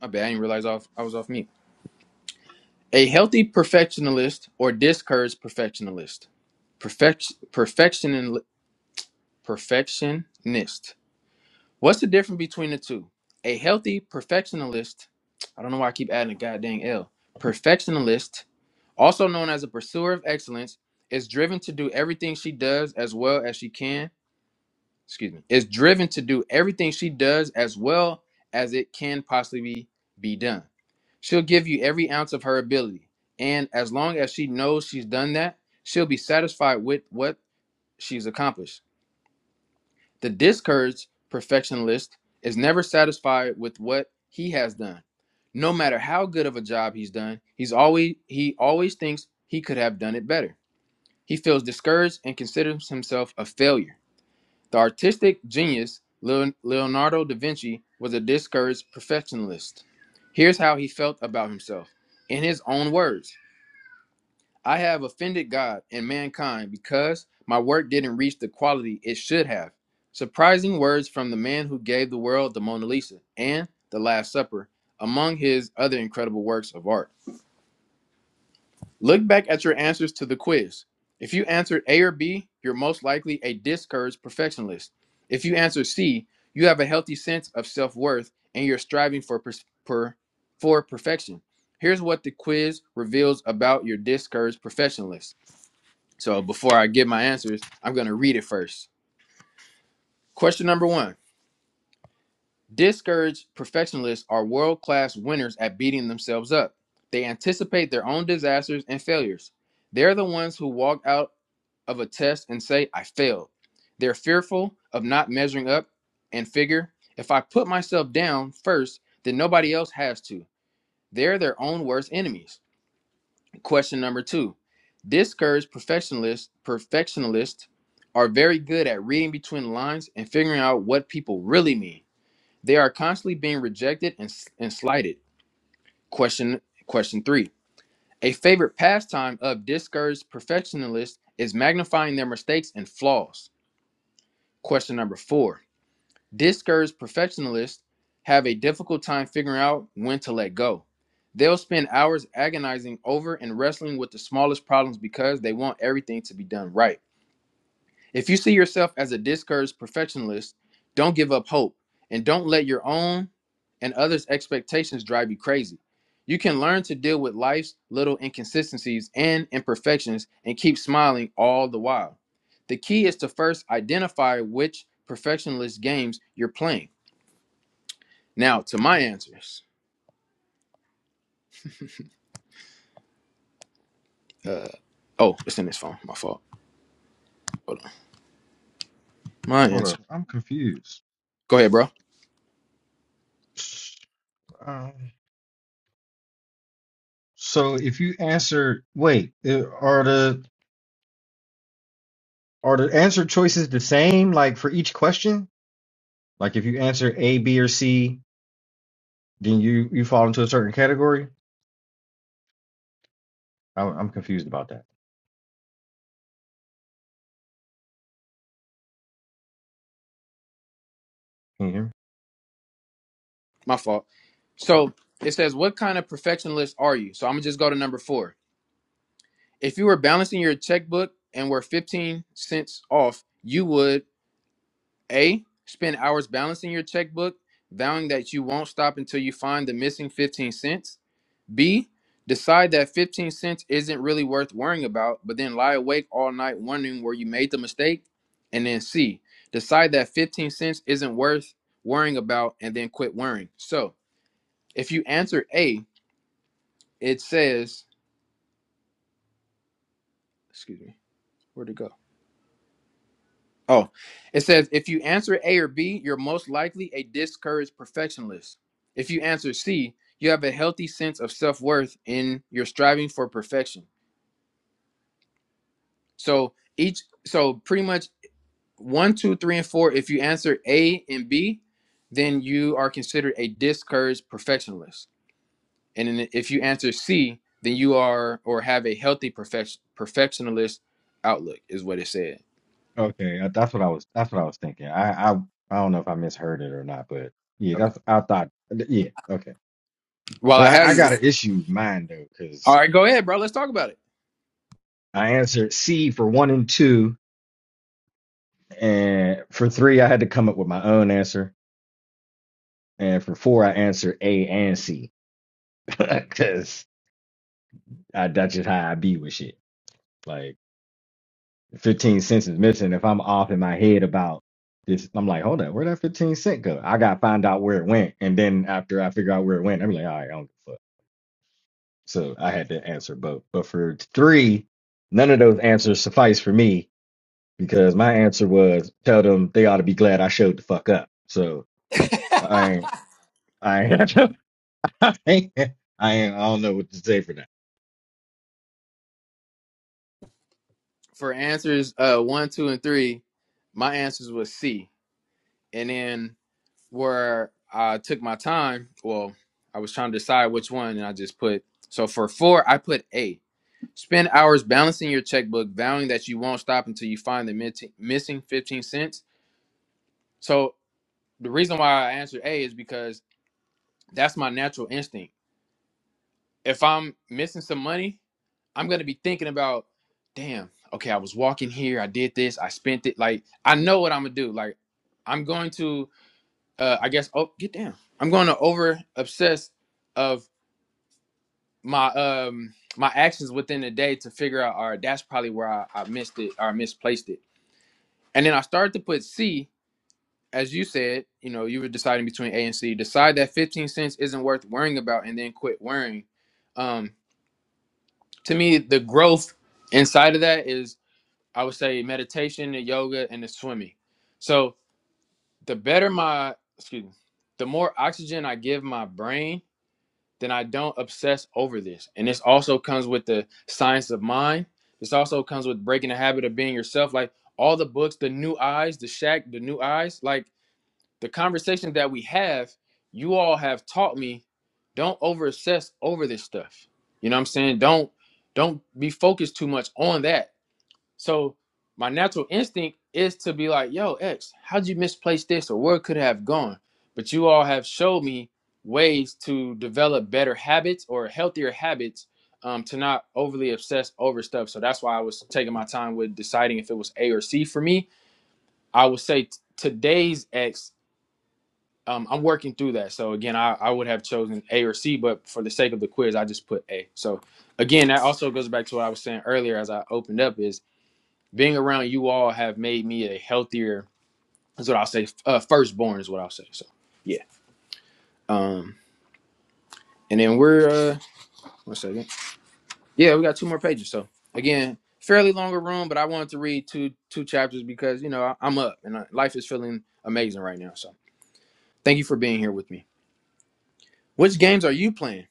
My bad. I didn't realize off, I was off mute. A healthy perfectionist or discouraged perfectionist. Perfect, perfection, perfectionist What's the difference between the two? A healthy perfectionist, I don't know why I keep adding a goddamn L. Perfectionist, also known as a pursuer of excellence, is driven to do everything she does as well as she can. Excuse me. Is driven to do everything she does as well as it can possibly be done. She'll give you every ounce of her ability, and as long as she knows she's done that, she'll be satisfied with what she's accomplished. The discouraged perfectionist is never satisfied with what he has done. No matter how good of a job he's done, he's always he always thinks he could have done it better. He feels discouraged and considers himself a failure. The artistic genius Leonardo da Vinci was a discouraged perfectionist. Here's how he felt about himself in his own words. I have offended God and mankind because my work didn't reach the quality it should have. Surprising words from the man who gave the world the Mona Lisa and The Last Supper, among his other incredible works of art. Look back at your answers to the quiz. If you answered A or B, you're most likely a discouraged perfectionist. If you answer C, you have a healthy sense of self worth and you're striving for, pers- per- for perfection. Here's what the quiz reveals about your discouraged perfectionist. So before I give my answers, I'm going to read it first. Question number one Discouraged perfectionists are world class winners at beating themselves up. They anticipate their own disasters and failures. They're the ones who walk out of a test and say, I failed. They're fearful of not measuring up and figure, if I put myself down first, then nobody else has to. They're their own worst enemies. Question number two. Discouraged perfectionists perfectionists are very good at reading between the lines and figuring out what people really mean. They are constantly being rejected and, and slighted. Question question three. A favorite pastime of discouraged perfectionists is magnifying their mistakes and flaws. Question number four. Discouraged perfectionists have a difficult time figuring out when to let go. They'll spend hours agonizing over and wrestling with the smallest problems because they want everything to be done right. If you see yourself as a discouraged perfectionist, don't give up hope and don't let your own and others' expectations drive you crazy. You can learn to deal with life's little inconsistencies and imperfections and keep smiling all the while. The key is to first identify which perfectionist games you're playing now to my answers. Uh, oh, it's in this phone. My fault. Hold on. My Hold answer. up. I'm confused. Go ahead, bro. Um, so if you answer, wait, uh, are the Are the answer choices the same, like for each question? Like if you answer A, B, or C, then you you fall into a certain category. I, I'm confused about that. Can you hear me? My fault. So it says, what kind of perfectionist are you? So I'm gonna just go to number four. If you were balancing your checkbook and were 15 cents off, you would a spend hours balancing your checkbook, vowing that you won't stop until you find the missing 15 cents. B, decide that 15 cents isn't really worth worrying about, but then lie awake all night wondering where you made the mistake. And then C, decide that 15 cents isn't worth worrying about and then quit worrying. So if you answer A, it says, excuse me, where'd it go? Oh, it says if you answer A or B, you're most likely a discouraged perfectionist. If you answer C, you have a healthy sense of self worth in your striving for perfection. So each, so pretty much one, two, three, and four, if you answer A and B, then you are considered a discouraged perfectionist. And then if you answer C, then you are or have a healthy perfection perfectionist outlook, is what it said. Okay, uh, that's what I was. That's what I was thinking. I I I don't know if I misheard it or not, but yeah, Okay. that's I thought. Yeah, okay. While So I have I, I you, got an issue with mine though, all because right, go ahead, bro. Let's talk about it. I answered C for one and two, and for three I had to come up with my own answer, and for four I answered A and C, because I that's just how I be with shit. Like. 15 cents is missing. If I'm off in my head about this, I'm like, hold on, where that 15 cent go? I gotta find out where it went. And then after I figure out where it went, I'm like, all right, I don't give a fuck. So I had to answer both. But for three, none of those answers suffice for me because my answer was tell them they ought to be glad I showed the fuck up. So I ain't I ain't I ain't I ain't I don't know what to say for that. For answers uh one, two, and three, my answers was C. And then where I took my time, well, I was trying to decide which one, and I just put so for four, I put A Spend hours balancing your checkbook, vowing that you won't stop until you find the mit- missing 15 cents. So, the reason why I answered A is because that's my natural instinct. If I'm missing some money, I'm going to be thinking about, damn, okay, I was walking here, I did this, I spent it. Like, I know what I'm going to do. Like, I'm going to, uh, I guess, oh, get down. I'm going to over obsess of my, um, my actions within the day to figure out, all right, that's probably where I, I missed it or misplaced it And then I started to put C, as you said, you know, you were deciding between A and C. Decide that 15 cents isn't worth worrying about and then quit worrying. Um, to me, the growth inside of that is, I would say, meditation, the yoga, and the swimming. So the better my, excuse me, the more oxygen I give my brain, then I don't obsess over this. And this also comes with the science of mind. This also comes with breaking the habit of being yourself. Like all the books, the new eyes, the shack, the new eyes, like, the conversation that we have, you all have taught me don't over obsess over this stuff. You know what I'm saying? Don't don't be focused too much on that. So my natural instinct is to be like, yo, X, how'd you misplace this or where could it have gone? But you all have showed me ways to develop better habits or healthier habits um, to not overly obsess over stuff. So that's why I was taking my time with deciding if it was A or C for me. I would say t- today's X um, I'm working through that. So again, I, I would have chosen A or C, but for the sake of the quiz, I just put A. So again, that also goes back to what I was saying earlier as I opened up is being around you all have made me a healthier. Is what I'll say. Uh, firstborn is what I'll say. So yeah. Um, and then we're uh, one second. Yeah, we got two more pages. So again, fairly longer room, but I wanted to read two two chapters because you know I, I'm up and uh life is feeling amazing right now. So thank you for being here with me. Which games are you playing?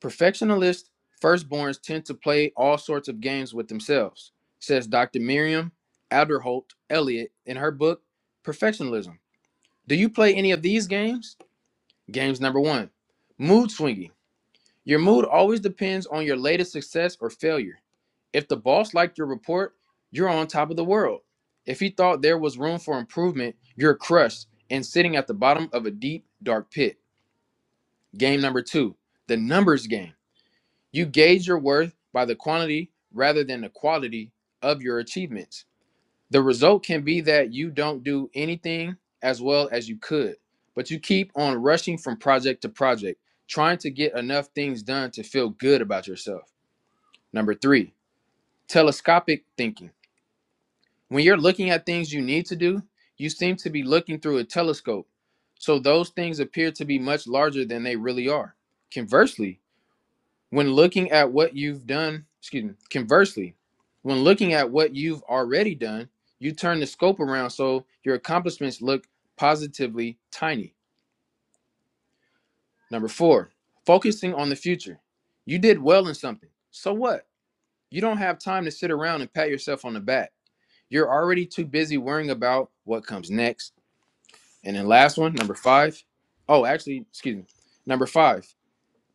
Perfectionist firstborns tend to play all sorts of games with themselves, says Dr. Miriam Alderholt Elliott in her book, Perfectionism. Do you play any of these games? Games number one Mood swinging. Your mood always depends on your latest success or failure. If the boss liked your report, you're on top of the world. If he thought there was room for improvement, you're crushed and sitting at the bottom of a deep, dark pit. Game number two The numbers game. You gauge your worth by the quantity rather than the quality of your achievements. The result can be that you don't do anything as well as you could, but you keep on rushing from project to project, trying to get enough things done to feel good about yourself. Number three, telescopic thinking. When you're looking at things you need to do, you seem to be looking through a telescope. So those things appear to be much larger than they really are. Conversely, When looking at what you've done, excuse me, conversely, when looking at what you've already done, you turn the scope around so your accomplishments look positively tiny. Number four, focusing on the future. You did well in something. So what? You don't have time to sit around and pat yourself on the back. You're already too busy worrying about what comes next. And then last one, number five. Oh, actually, excuse me. Number five,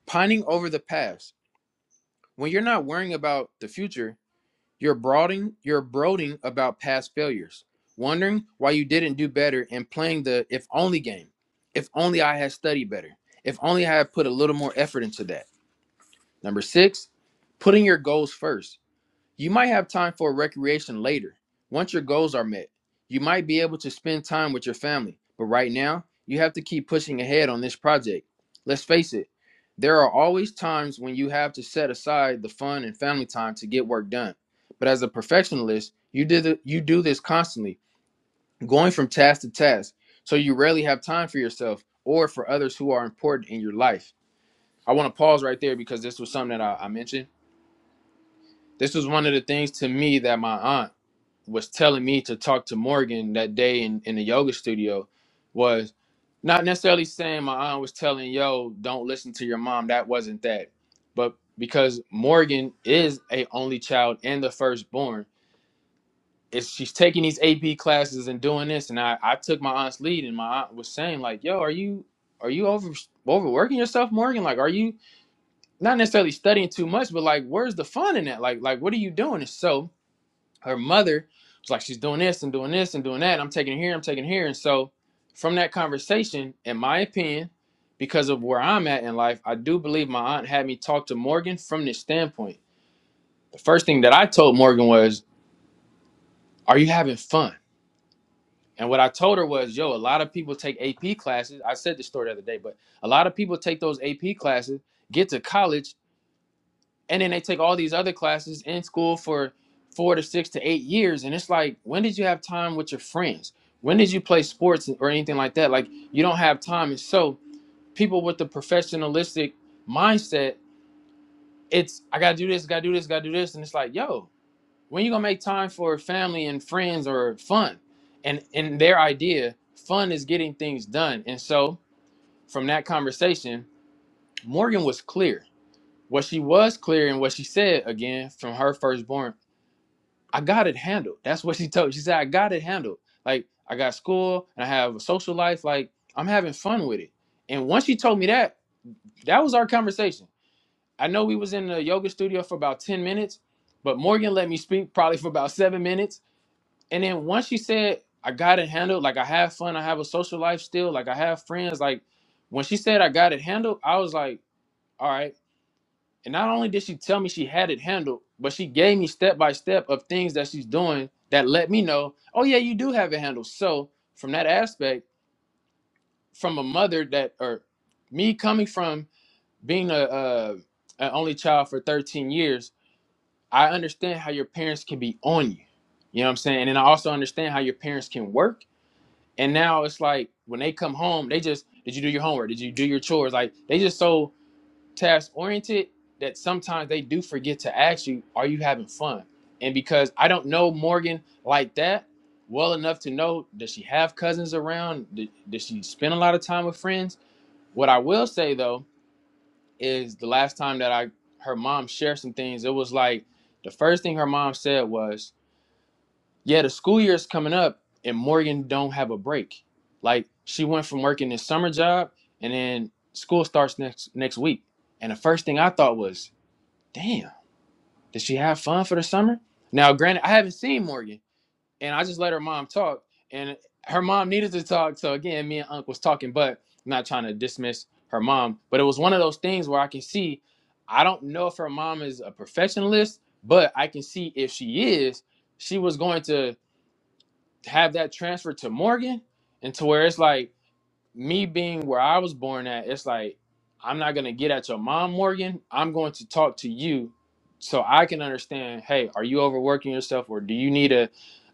pining over the past. When you're not worrying about the future, You're brooding, you're brooding about past failures, wondering why you didn't do better and playing the if only game. If only I had studied better. If only I had put a little more effort into that. Number 6, putting your goals first. You might have time for recreation later, once your goals are met. You might be able to spend time with your family, but right now, you have to keep pushing ahead on this project. Let's face it, there are always times when you have to set aside the fun and family time to get work done. But as a perfectionist, you did the, you do this constantly, going from task to task, so you rarely have time for yourself or for others who are important in your life. I want to pause right there because this was something that I, I mentioned. This was one of the things to me that my aunt was telling me to talk to Morgan that day in, in the yoga studio was not necessarily saying my aunt was telling yo don't listen to your mom that wasn't that but because Morgan is a only child and the firstborn is she's taking these AP classes and doing this and I, I took my aunt's lead and my aunt was saying like yo are you are you over overworking yourself Morgan like are you not necessarily studying too much but like where's the fun in that like like what are you doing and so her mother was like, she's doing this and doing this and doing that. I'm taking it here, I'm taking it here. And so, from that conversation, in my opinion, because of where I'm at in life, I do believe my aunt had me talk to Morgan from this standpoint. The first thing that I told Morgan was, Are you having fun? And what I told her was, Yo, a lot of people take AP classes. I said this story the other day, but a lot of people take those AP classes, get to college. and then they take all these other classes in school for four to six to eight years and it's like when did you have time with your friends when did you play sports or anything like that like you don't have time and so people with the professionalistic mindset it's i gotta do this gotta do this gotta do this and it's like yo when you gonna make time for family and friends or fun and in their idea fun is getting things done and so from that conversation morgan was clear what she was clear and what she said again from her firstborn I got it handled. That's what she told. She said, I got it handled. Like I got school and I have a social life. Like I'm having fun with it. And once she told me that, that was our conversation. I know we was in the yoga studio for about 10 minutes, but Morgan let me speak probably for about seven minutes. And then once she said, I got it handled, like I have fun, I have a social life still, like I have friends. Like when she said I got it handled, I was like, all right. And not only did she tell me she had it handled, but she gave me step by step of things that she's doing that let me know, oh yeah, you do have it handled. So from that aspect, from a mother that or me coming from being a, a an only child for 13 years, I understand how your parents can be on you. You know what I'm saying? And I also understand how your parents can work. And now it's like when they come home, they just did you do your homework? Did you do your chores? Like they just so task oriented that sometimes they do forget to ask you, are you having fun? And because I don't know Morgan like that well enough to know, does she have cousins around? D- Does she spend a lot of time with friends? What I will say though is the last time that I her mom shared some things, it was like the first thing her mom said was, "Yeah, the school year is coming up, and Morgan don't have a break. Like she went from working this summer job, and then school starts next next week. And the first thing I thought was, Damn. Did she have fun for the summer? Now, granted, I haven't seen Morgan, and I just let her mom talk, and her mom needed to talk. So again, me and Unc was talking, but I'm not trying to dismiss her mom. But it was one of those things where I can see. I don't know if her mom is a perfectionist, but I can see if she is, she was going to have that transfer to Morgan, and to where it's like me being where I was born at, it's like I'm not gonna get at your mom, Morgan. I'm going to talk to you so I can understand. Hey, are you overworking yourself, or do you need a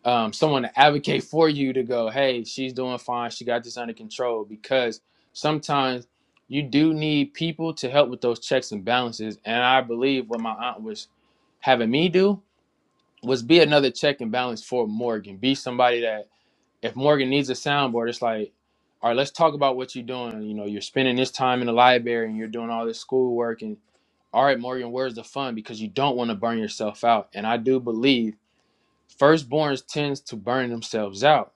um, someone to advocate for you to go? Hey, she's doing fine. She got this under control because sometimes you do need people to help with those checks and balances. And I believe what my aunt was having me do was be another check and balance for Morgan. Be somebody that if Morgan needs a soundboard, it's like, all right, let's talk about what you're doing. You know, you're spending this time in the library and you're doing all this schoolwork. And all right, Morgan, where's the fun? Because you don't want to burn yourself out. And I do believe firstborns tends to burn themselves out.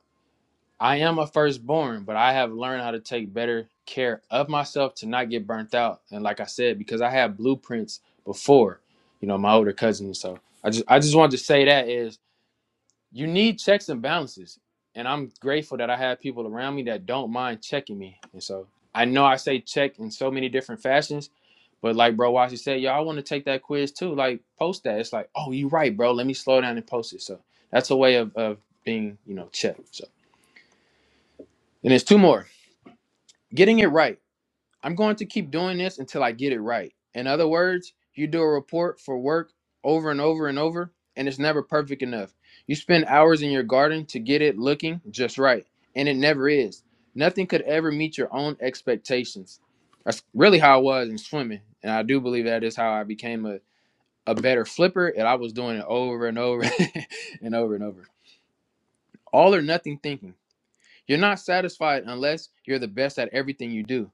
I am a firstborn, but I have learned how to take better care of myself to not get burnt out. And like I said, because I had blueprints before, you know, my older cousins. So I just I just wanted to say that is you need checks and balances. And I'm grateful that I have people around me that don't mind checking me. And so I know I say check in so many different fashions, but like bro Watson said, y'all want to take that quiz too. Like post that. It's like, oh, you right, bro. Let me slow down and post it. So that's a way of, of being, you know, checked. So and there's two more. Getting it right. I'm going to keep doing this until I get it right. In other words, you do a report for work over and over and over, and it's never perfect enough. You spend hours in your garden to get it looking just right, and it never is. Nothing could ever meet your own expectations. That's really how I was in swimming, and I do believe that is how I became a, a better flipper, and I was doing it over and over and over and over. All or nothing thinking. You're not satisfied unless you're the best at everything you do.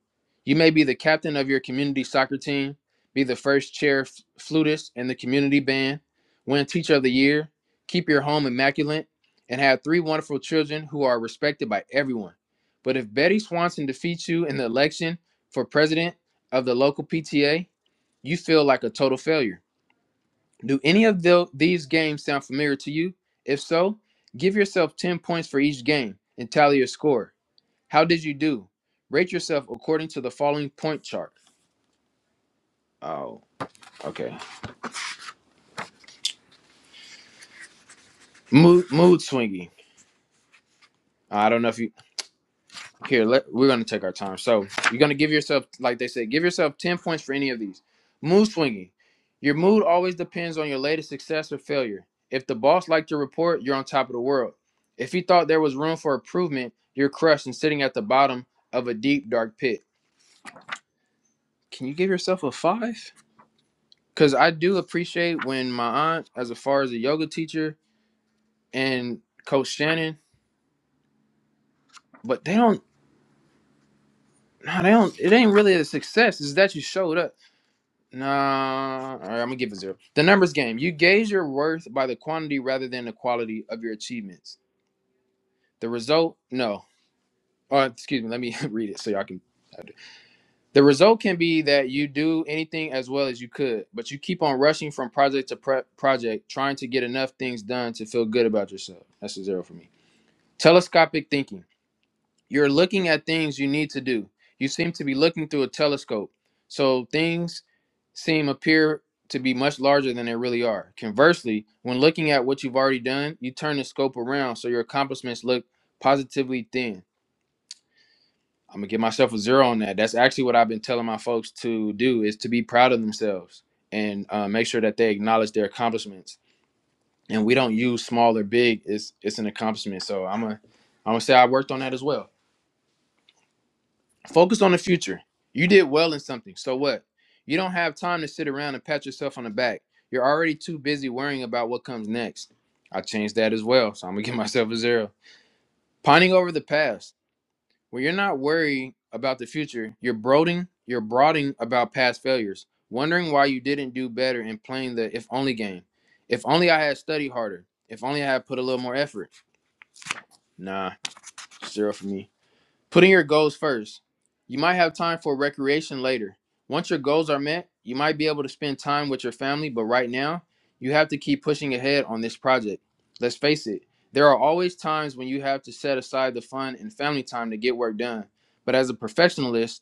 You may be the captain of your community soccer team, be the first chair f- flutist in the community band, win teacher of the year, keep your home immaculate, and have three wonderful children who are respected by everyone. But if Betty Swanson defeats you in the election for president of the local PTA, you feel like a total failure. Do any of tho- these games sound familiar to you? If so, give yourself 10 points for each game and tally your score. How did you do? Rate yourself according to the following point chart. Oh, okay. Mood mood swingy. I don't know if you here. Let, we're gonna take our time. So you're gonna give yourself, like they say, give yourself ten points for any of these. Mood swingy. Your mood always depends on your latest success or failure. If the boss liked your report, you're on top of the world. If he thought there was room for improvement, you're crushed and sitting at the bottom of a deep dark pit. Can you give yourself a five? Because I do appreciate when my aunt, as far as a yoga teacher, and Coach Shannon, but they don't. No, they don't. It ain't really a success. It's that you showed up. Nah, all right, I'm gonna give it zero. The numbers game. You gauge your worth by the quantity rather than the quality of your achievements. The result, no. Oh, excuse me. Let me read it so y'all can. The result can be that you do anything as well as you could, but you keep on rushing from project to pre- project, trying to get enough things done to feel good about yourself. That's a zero for me. Telescopic thinking. You're looking at things you need to do. You seem to be looking through a telescope. So things seem appear to be much larger than they really are. Conversely, when looking at what you've already done, you turn the scope around so your accomplishments look positively thin. I'm gonna give myself a zero on that. That's actually what I've been telling my folks to do is to be proud of themselves and uh, make sure that they acknowledge their accomplishments. And we don't use small or big. It's it's an accomplishment. So I'm a I'm gonna say I worked on that as well. Focus on the future. You did well in something. So what? You don't have time to sit around and pat yourself on the back. You're already too busy worrying about what comes next. I changed that as well. So I'm going to give myself a zero. Pining over the past. When you're not worried about the future, you're brooding, you're brooding about past failures, wondering why you didn't do better and playing the if only game. If only I had studied harder. If only I had put a little more effort. Nah, zero for me. Putting your goals first. You might have time for recreation later. Once your goals are met, you might be able to spend time with your family, but right now, you have to keep pushing ahead on this project. Let's face it, there are always times when you have to set aside the fun and family time to get work done. But as a professionalist,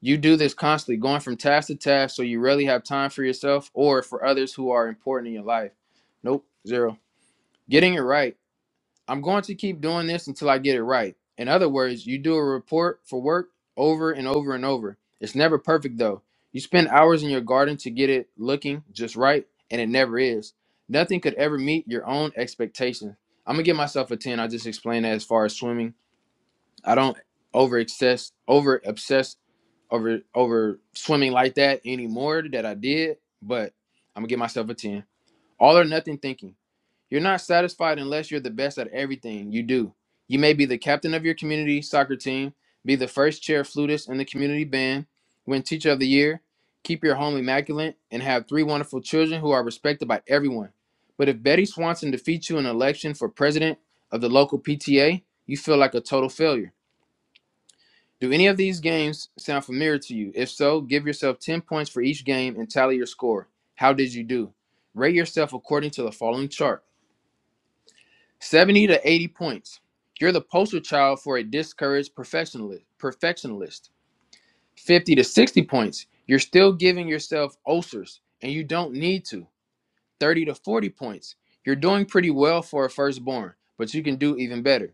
you do this constantly, going from task to task, so you rarely have time for yourself or for others who are important in your life. Nope, zero. Getting it right. I'm going to keep doing this until I get it right. In other words, you do a report for work over and over and over. It's never perfect though. You spend hours in your garden to get it looking just right, and it never is. Nothing could ever meet your own expectations. I'm gonna give myself a 10. I just explained that as far as swimming. I don't over excess over obsess over over swimming like that anymore that I did, but I'm gonna give myself a 10. All or nothing thinking. You're not satisfied unless you're the best at everything you do. You may be the captain of your community soccer team, be the first chair flutist in the community band, win teacher of the year, keep your home immaculate, and have three wonderful children who are respected by everyone. But if Betty Swanson defeats you in an election for president of the local PTA, you feel like a total failure. Do any of these games sound familiar to you? If so, give yourself 10 points for each game and tally your score. How did you do? Rate yourself according to the following chart 70 to 80 points. You're the poster child for a discouraged perfectionist. 50 to 60 points. You're still giving yourself ulcers, and you don't need to. 30 to 40 points. You're doing pretty well for a firstborn, but you can do even better.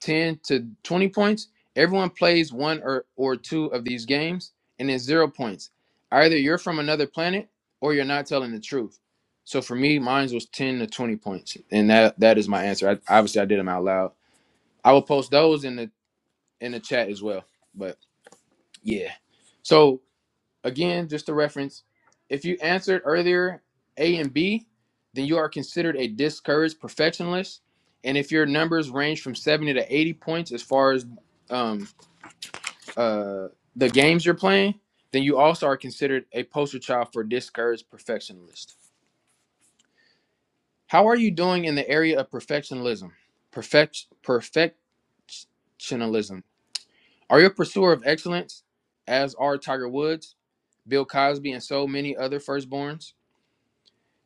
10 to 20 points. Everyone plays one or, or two of these games, and it's zero points. Either you're from another planet or you're not telling the truth. So for me, mine was 10 to 20 points. And that that is my answer. I, obviously I did them out loud. I will post those in the in the chat as well. But yeah. so. Again, just a reference. If you answered earlier A and B, then you are considered a discouraged perfectionist. And if your numbers range from 70 to 80 points as far as um, uh, the games you're playing, then you also are considered a poster child for discouraged perfectionist. How are you doing in the area of perfectionism? Perfect, perfectionism. Are you a pursuer of excellence, as are Tiger Woods, Bill Cosby, and so many other firstborns?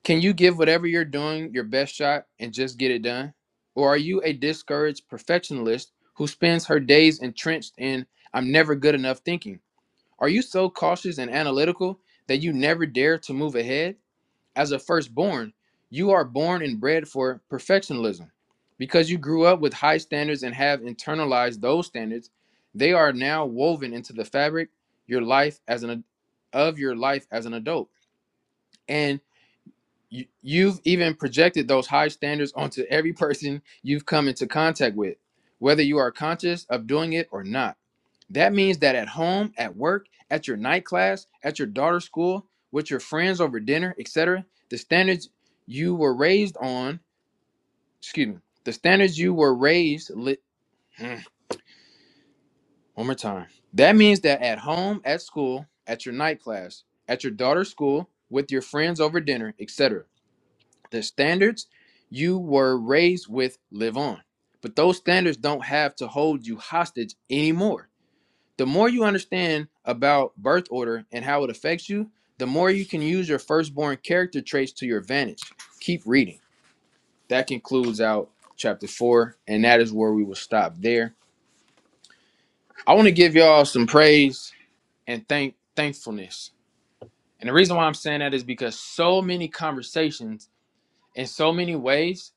Can you give whatever you're doing your best shot and just get it done? Or are you a discouraged perfectionist who spends her days entrenched in I'm never good enough thinking? Are you so cautious and analytical that you never dare to move ahead? As a firstborn, you are born and bred for perfectionism. Because you grew up with high standards and have internalized those standards, they are now woven into the fabric your life as an of your life as an adult. And you, you've even projected those high standards onto every person you've come into contact with, whether you are conscious of doing it or not. That means that at home, at work, at your night class, at your daughter's school, with your friends over dinner, etc., the standards you were raised on, excuse me, the standards you were raised lit. One more time. That means that at home, at school, at your night class, at your daughter's school, with your friends over dinner, etc. the standards you were raised with live on. But those standards don't have to hold you hostage anymore. The more you understand about birth order and how it affects you, the more you can use your firstborn character traits to your advantage. Keep reading. That concludes out chapter four, and that is where we will stop there. I want to give y'all some praise and thank thankfulness. And the reason why I'm saying that is because so many conversations in so many ways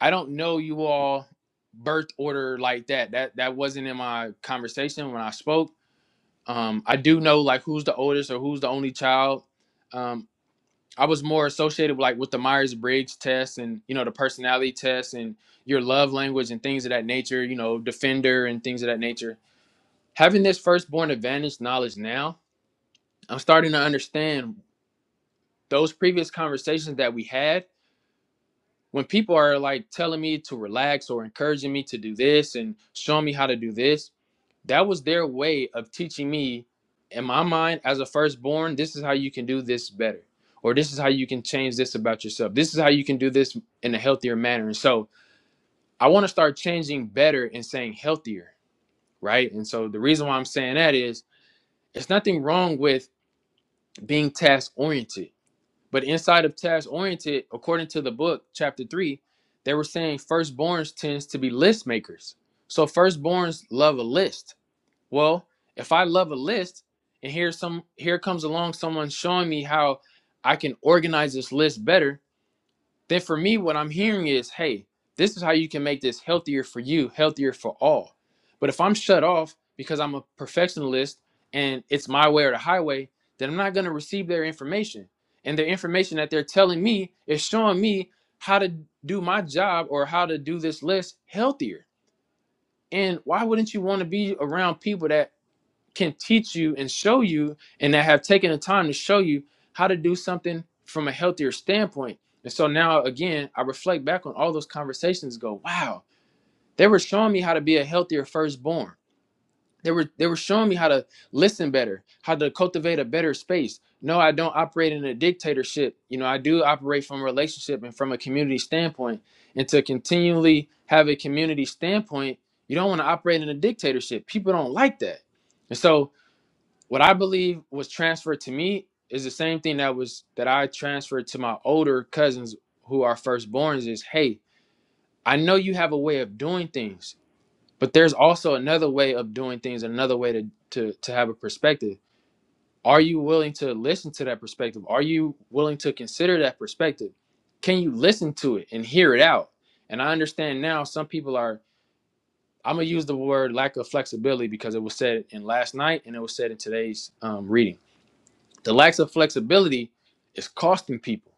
I don't know you all birth order like that. That that wasn't in my conversation when I spoke. Um, I do know like who's the oldest or who's the only child. Um, I was more associated with, like with the Myers Briggs test and you know the personality test and your love language and things of that nature. You know, defender and things of that nature. Having this firstborn advantage knowledge now, I'm starting to understand those previous conversations that we had when people are like telling me to relax or encouraging me to do this and showing me how to do this, that was their way of teaching me, in my mind, as a firstborn, this is how you can do this better, or this is how you can change this about yourself. This is how you can do this in a healthier manner. And so I want to start changing better and saying healthier, right? And so the reason why I'm saying that is it's nothing wrong with being task oriented but inside of task oriented, according to the book, chapter three, they were saying firstborns tends to be list makers. So firstborns love a list. Well, if I love a list, and here some here comes along someone showing me how I can organize this list better, then for me, what I'm hearing is, hey, this is how you can make this healthier for you, healthier for all. But if I'm shut off because I'm a perfectionist and it's my way or the highway, then I'm not going to receive their information. And their information that they're telling me is showing me how to do my job or how to do this list healthier. And why wouldn't you want to be around people that can teach you and show you and that have taken the time to show you how to do something from a healthier standpoint. And so now again, I reflect back on all those conversations go, wow, they were showing me how to be a healthier firstborn. They were they were showing me how to listen better, how to cultivate a better space. No, I don't operate in a dictatorship. You know, I do operate from a relationship and from a community standpoint. And to continually have a community standpoint, you don't want to operate in a dictatorship. People don't like that. And so what I believe was transferred to me is the same thing that was that I transferred to my older cousins who are firstborns is hey, I know you have a way of doing things, but there's also another way of doing things, another way to to to have a perspective. Are you willing to listen to that perspective? Are you willing to consider that perspective? Can you listen to it and hear it out? And I understand now some people are I'm gonna use the word lack of flexibility because it was said in last night and it was said in today's um, reading The lack of flexibility is costing people.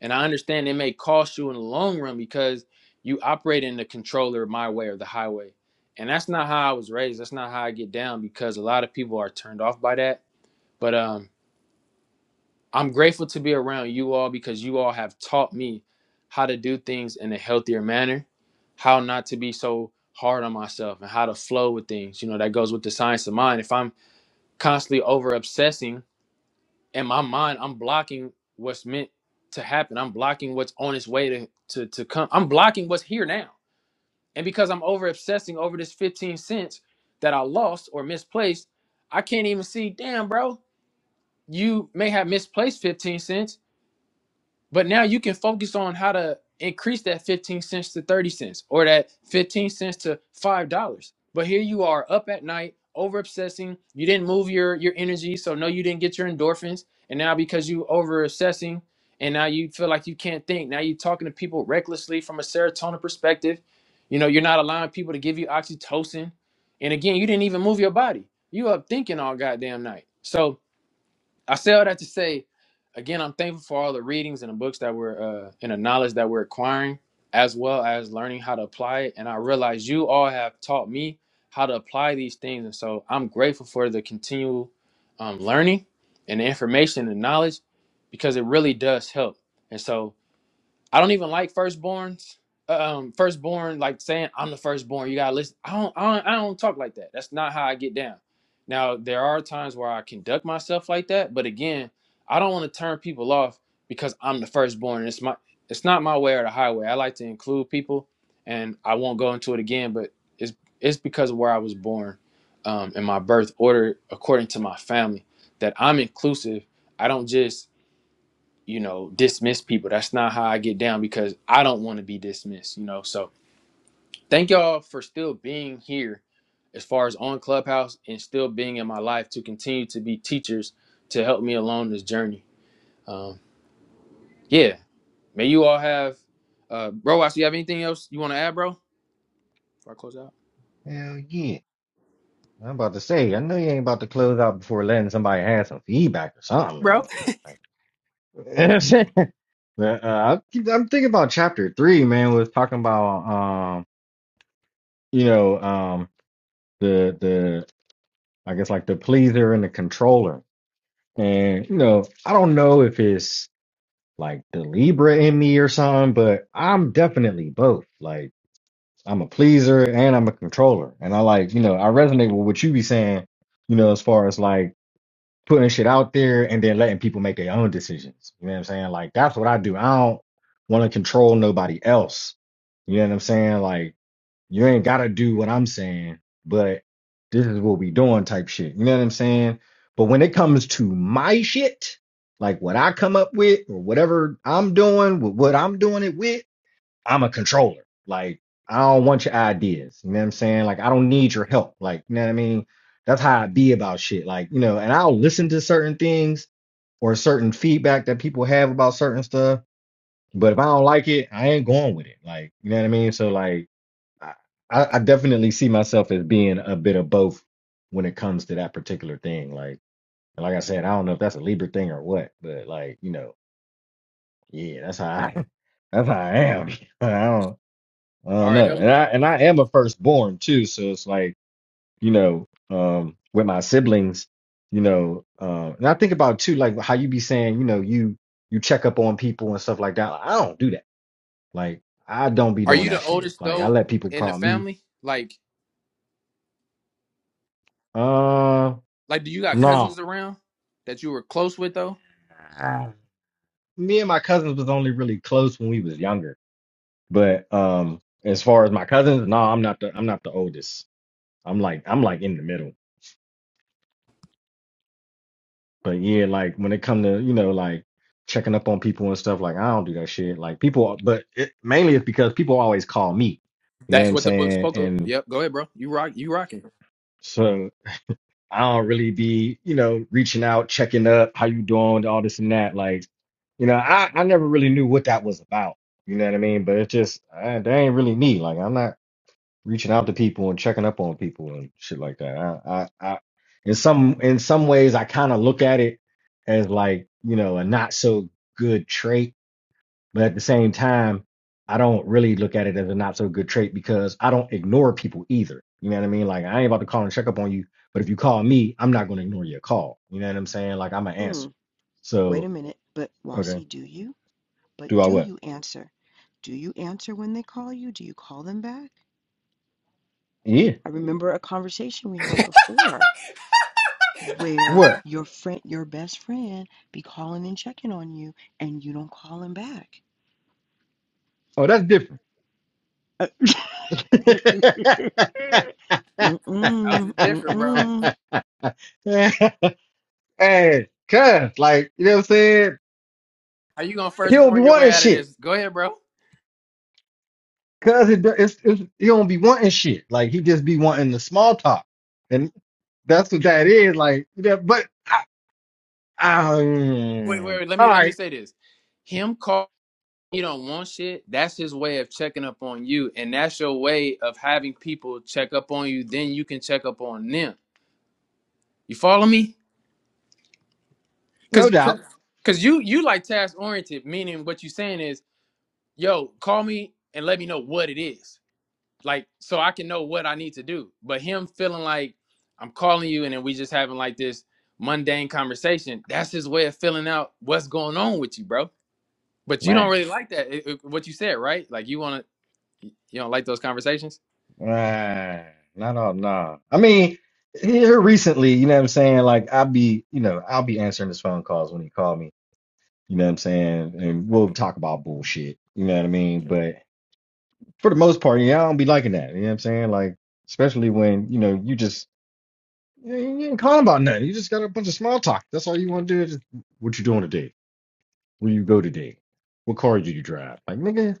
And I understand it may cost you in the long run because you operate in the controller my way or the highway. And that's not how I was raised. That's not how I get down because a lot of people are turned off by that. But um, I'm grateful to be around you all because you all have taught me how to do things in a healthier manner, how not to be so hard on myself and how to flow with things. You know, that goes with the science of mind. If I'm constantly over obsessing, in my mind, I'm blocking what's meant to happen. I'm blocking what's on its way to to, to come. I'm blocking what's here now. And because I'm over obsessing over this 15 cents that I lost or misplaced, I can't even see, damn, bro, you may have misplaced 15 cents, but now you can focus on how to increase that 15 cents to 30 cents or that 15 cents to $5. But here you are up at night, over obsessing. You didn't move your, your energy. So, no, you didn't get your endorphins. And now, because you over obsessing and now you feel like you can't think, now you're talking to people recklessly from a serotonin perspective. You know, you're not allowing people to give you oxytocin. And again, you didn't even move your body. You up thinking all goddamn night. So, I say all that to say, again, I'm thankful for all the readings and the books that we're uh, and the knowledge that we're acquiring, as well as learning how to apply it. And I realize you all have taught me how to apply these things, and so I'm grateful for the continual um, learning and the information and knowledge because it really does help. And so I don't even like firstborns. Um, firstborn, like saying I'm the firstborn, you gotta listen. I don't, I don't, I don't talk like that. That's not how I get down. Now there are times where I conduct myself like that, but again, I don't want to turn people off because I'm the firstborn. It's my, it's not my way or the highway. I like to include people, and I won't go into it again. But it's it's because of where I was born, um, and my birth order according to my family that I'm inclusive. I don't just you know, dismiss people. That's not how I get down because I don't want to be dismissed, you know. So thank y'all for still being here as far as on Clubhouse and still being in my life to continue to be teachers to help me along this journey. Um, yeah. May you all have uh bro, I you have anything else you want to add, bro? Before I close out. Hell yeah. I'm about to say, I know you ain't about to close out before letting somebody have some feedback or bro. something. uh, I keep- I'm thinking about chapter three, man. Was talking about um, you know, um, the the I guess like the pleaser and the controller, and you know, I don't know if it's like the Libra in me or something, but I'm definitely both. Like I'm a pleaser and I'm a controller, and I like you know I resonate with what you be saying, you know, as far as like putting shit out there and then letting people make their own decisions. You know what I'm saying? Like that's what I do. I don't want to control nobody else. You know what I'm saying? Like you ain't gotta do what I'm saying, but this is what we doing type shit. You know what I'm saying? But when it comes to my shit, like what I come up with or whatever I'm doing, with what I'm doing it with. I'm a controller. Like, I don't want your ideas. You know what I'm saying? Like, I don't need your help. Like, you know what I mean? That's how I be about shit. Like, you know, and I'll listen to certain things or certain feedback that people have about certain stuff. But if I don't like it, I ain't going with it. Like, you know what I mean? So, like, I, I I definitely see myself as being a bit of both when it comes to that particular thing. Like, and like I said, I don't know if that's a Libra thing or what, but like, you know, yeah, that's how I, that's how I am. I don't. I All don't right, know. help. And I and I am a firstborn too, so it's like, you know, um with my siblings, you know, um and I think about too like how you be saying, you know, you you check up on people and stuff like that. I don't do that. Like I don't be Are doing you the that shit. oldest Like I though let people in the call me. family? Like Uh Like, do you got no. cousins around that you were close with though? Me and my cousins was only really close when we was younger. But um as far as my cousins, no, I'm not the I'm not the oldest. I'm like I'm like in the middle. But yeah, like when it come to, you know, like checking up on people and stuff, like I don't do that shit. Like people, but it, mainly it's because people always call me. You know what That's I'm what the book saying? spoke of. And Yep. Go ahead, bro. You rock. You rocking. so I don't really be, you know, reaching out, checking up, how you doing, all this and that. Like, you know, I, I never really knew what that was about. You know what I mean? But it just, I, that ain't really me. Like I'm not reaching out to people and checking up on people and shit like that. I, I, I in some in some ways, I kind of look at it as like you know a not so good trait, but at the same time, I don't really look at it as a not so good trait because I don't ignore people either. You know what I mean? Like I ain't about to call and check up on you, but if you call me, I'm not going to ignore your call. You know what I'm saying? Like I'm an Hmm, answer. wait So a minute. But okay, Wasi, do you? But do I do what? you answer? Do you answer when they call you? Do you call them back? Yeah, I remember a conversation we had before where what? your friend, your best friend, be calling and checking on you, and you don't call him back. Oh, that's different. Uh, How's mm-mm, it different, bro? mm-mm. hey, cuz, like, you know what I'm saying? How you gonna He first don't be born your way wanting out of shit. this? Go ahead, bro. Cuz it, it's, it's, he don't be wanting shit. Like, he just be wanting the small talk. And that's what that is. Like, you know, but, I, I, Wait, mm, wait. wait. Let all me let me right, say this. Him calling you don't want shit. That's his way of checking up on you, and that's your way of having people check up on you. Then you can check up on them. You follow me? no Cause, cause, doubt. 'cause you you like task oriented, meaning what you saying is, yo, call me and let me know what it is, like so I can know what I need to do. But him feeling like I'm calling you and then we just having like this mundane conversation. That's his way of filling out what's going on with you, bro. But you don't Man, really like that. it- it- what you said, right? Like you want to, you don't like those conversations. man, not all, nah. I mean, here recently, you know what I'm saying? Like, I'll be, you know, I'll be answering his phone calls when he call me. You know what I'm saying? And we'll talk about bullshit. You know what I mean? for the most part, yeah, I don't be liking that. You know what I'm saying? Like, especially when, you know, you just you ain't calling about nothing. You just got a bunch of small talk. That's all you want to do. Is just, what you doing today? Where you go today? What car did you drive? Like, nigga,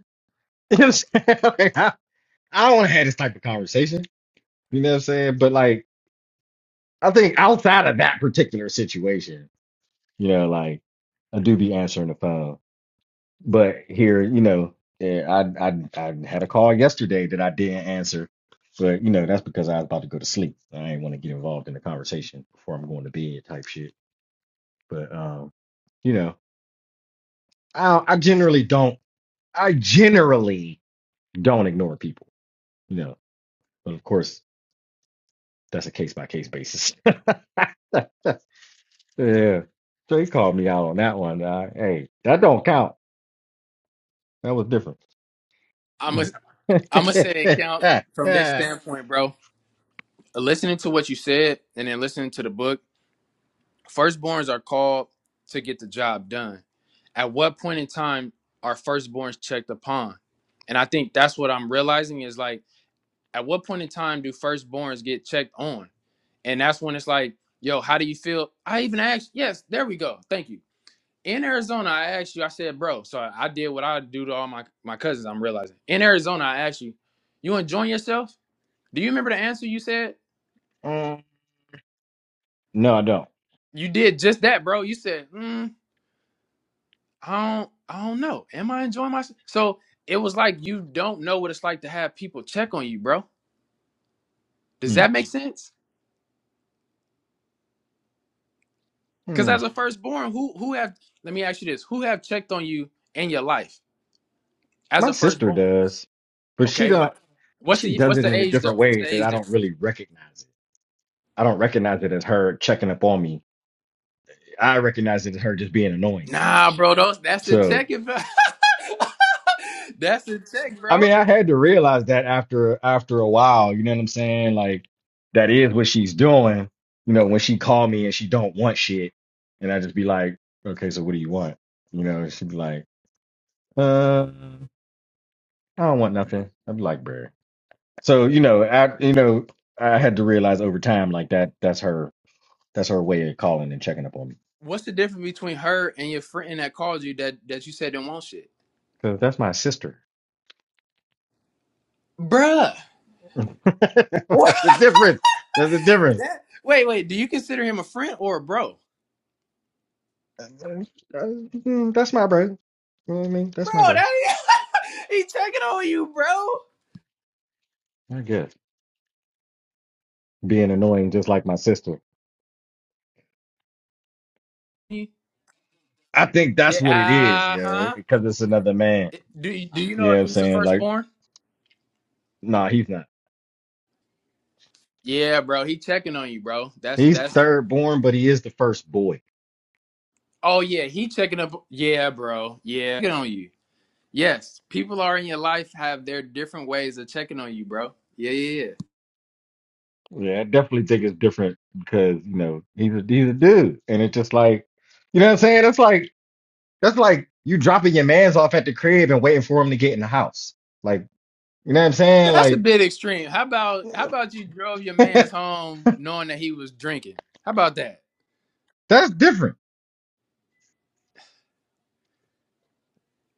you know what I'm saying? Like, I, I don't want to have this type of conversation. You know what I'm saying? But like, I think outside of that particular situation, you know, like I do be answering the phone. But here, you know, eh, I I I had a call yesterday that I didn't answer, but you know that's because I was about to go to sleep. I didn't want to get involved in the conversation before I'm going to bed type shit. But um, you know, I I generally don't I generally don't ignore people, you know. But of course, that's a case by case basis. yeah, so he called me out on that one. Uh, hey, that don't count. That was different. I'm a, I'm gonna say it counts from this standpoint, bro. Listening to what you said and then listening to the book Firstborns are called to get the job done. At what point in time are firstborns checked upon? And I think that's what I'm realizing is like, at what point in time do firstborns get checked on? And that's when it's like, yo, how do you feel? I even asked, yes, there we go. Thank you. In Arizona, I asked you, I said, bro, so I did what I do to all my, my cousins, I'm realizing. In Arizona, I asked you, you enjoying yourself? Do you remember the answer you said? No, I don't. You did just that, bro. You said, mm. I don't I don't know. Am I enjoying myself? So it was like you don't know what it's like to have people check on you, bro. Does Hmm. that make sense? Because Hmm. as a firstborn, who who have let me ask you this: who have checked on you in your life as My a sister firstborn? does, but she Okay, don't. but what's She the does what's it the in a age different though? What's way the that age I don't difference? really recognize it. I don't recognize it as her checking up on me. I recognize it as her just being annoying. Nah, bro, those that's the So, check if that's the check, I bro. mean, I had to realize that after after a while. You know what I'm saying? Like that is what she's doing. You know, when she call me and she don't want shit, and I just be like, okay, so what do you want? You know, she'd be like, uh, I don't want nothing. I'd be like, bruh. So you know, I you know, I had to realize over time, like that that's her that's her way of calling and checking up on me. What's the difference between her and your friend that called you that that you said didn't want shit, Because that's my sister. bruh? that's the difference. That's the difference. wait, wait. Do you consider him a friend or a bro? Uh, Mm, That's my bro. You know what I mean? That's my bro. bro. That he checking on you, bro. I guess. Being annoying just like my sister. I think that's what it is, Yeah, uh yeah. huh. Because it's another man. Do you, do you You know know if what I'm he's the saying? Like, firstborn? nah, he's not. Yeah, bro. He checking on you, bro. That's He's that's. third born, but he is the first boy. Oh yeah, he checking up. Yeah, bro. Yeah, checking on you. Yes, people are in your life have their different ways of checking on you, bro. Yeah, yeah, yeah. Yeah, I definitely think it's different because you know he's a he's a dude, and it's just like you know what I'm saying. That's like that's like you dropping your man's off at the crib and waiting for him to get in the house. Like you know what I'm saying. That's a Like bit extreme. How about how about you drove your man's home knowing that he was drinking? How about that? that's different.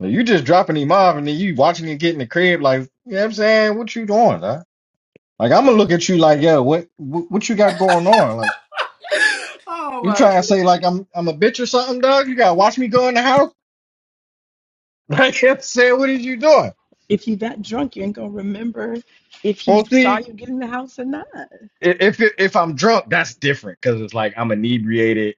Like, you just dropping him off and then you watching him get in the crib. Like you know what I'm saying. What you doing? Huh? Like I'm gonna look at you like yo, what what, what you got going on? Like Oh you my! God. trying to say like I'm I'm a bitch or something, dog? You gotta watch me go in the house. Like you know what I'm saying, what is you doing? If you that drunk, you ain't gonna remember if Well, he saw see. you get in the house or not. I- If it, if I'm drunk, that's different because it's like I'm inebriated.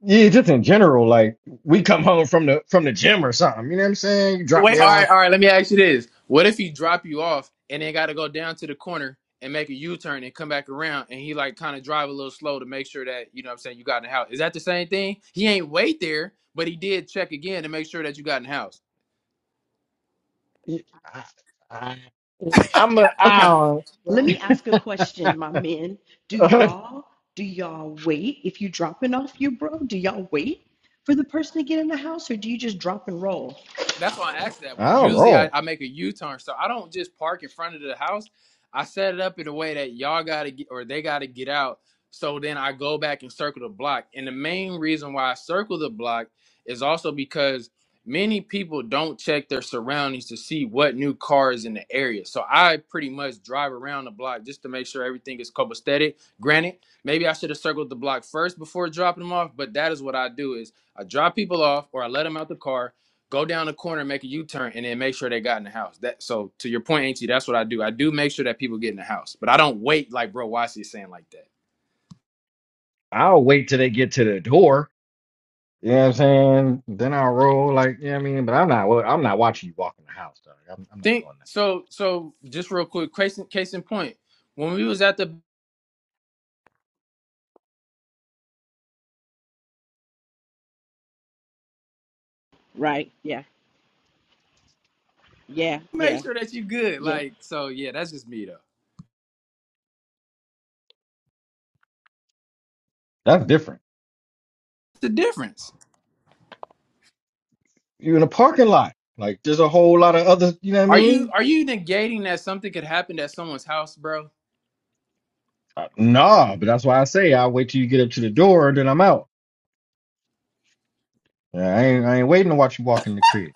Yeah, just in general, like we come home from the from the gym or something. You know what I'm saying? You drop Wait, me all off. right, all right. Let me ask you this: What if he drop you off and then got to go down to the corner and make a U turn and come back around, and he like kind of drive a little slow to make sure that you know what I'm saying you got in the house? Is that the same thing? He ain't wait there, but he did check again to make sure that you got in the house. You- I, I, I'm a Okay, I'll, let me ask a question, my men. Do y'all do y'all wait if you dropping off your bro? Do y'all wait for the person to get in the house, or do you just drop and roll? That's why I asked that way. I'll Usually I, roll. I make a U turn, so I don't just park in front of the house. I set it up in a way that y'all gotta get or they gotta get out. So then I go back and circle the block. And the main reason why I circle the block is also because many people don't check their surroundings to see what new car is in the area. So I pretty much drive around the block just to make sure everything is copacetic. Granted, maybe I should have circled the block first before dropping them off, but that is what I do is I drop people off or I let them out the car go down the corner, make a U turn, and then make sure they got in the house. That so to your point, Auntie, that's what I do. I do make sure that people get in the house, but I don't wait like bro Wasi is saying like that. I'll wait till they get to the door. You know what I'm saying? Then I'll roll. Like you know what I mean? But I'm not. I'm not watching you walk in the house, dog. I'm, I'm not Think doing that. so. So just real quick, case in, case in point, when we was at the Right? Yeah, yeah, yeah, make sure that you good. yeah, Like so, yeah, that's just me though. That's different. The difference. You in a parking lot. Like there's a whole lot of other. You know what I Are you mean? are you negating that something could happen at someone's house, bro? Uh, Nah, but that's why I say I wait till you get up to the door, and then I'm out. Yeah, I ain't, I ain't waiting to watch you walk in the crib.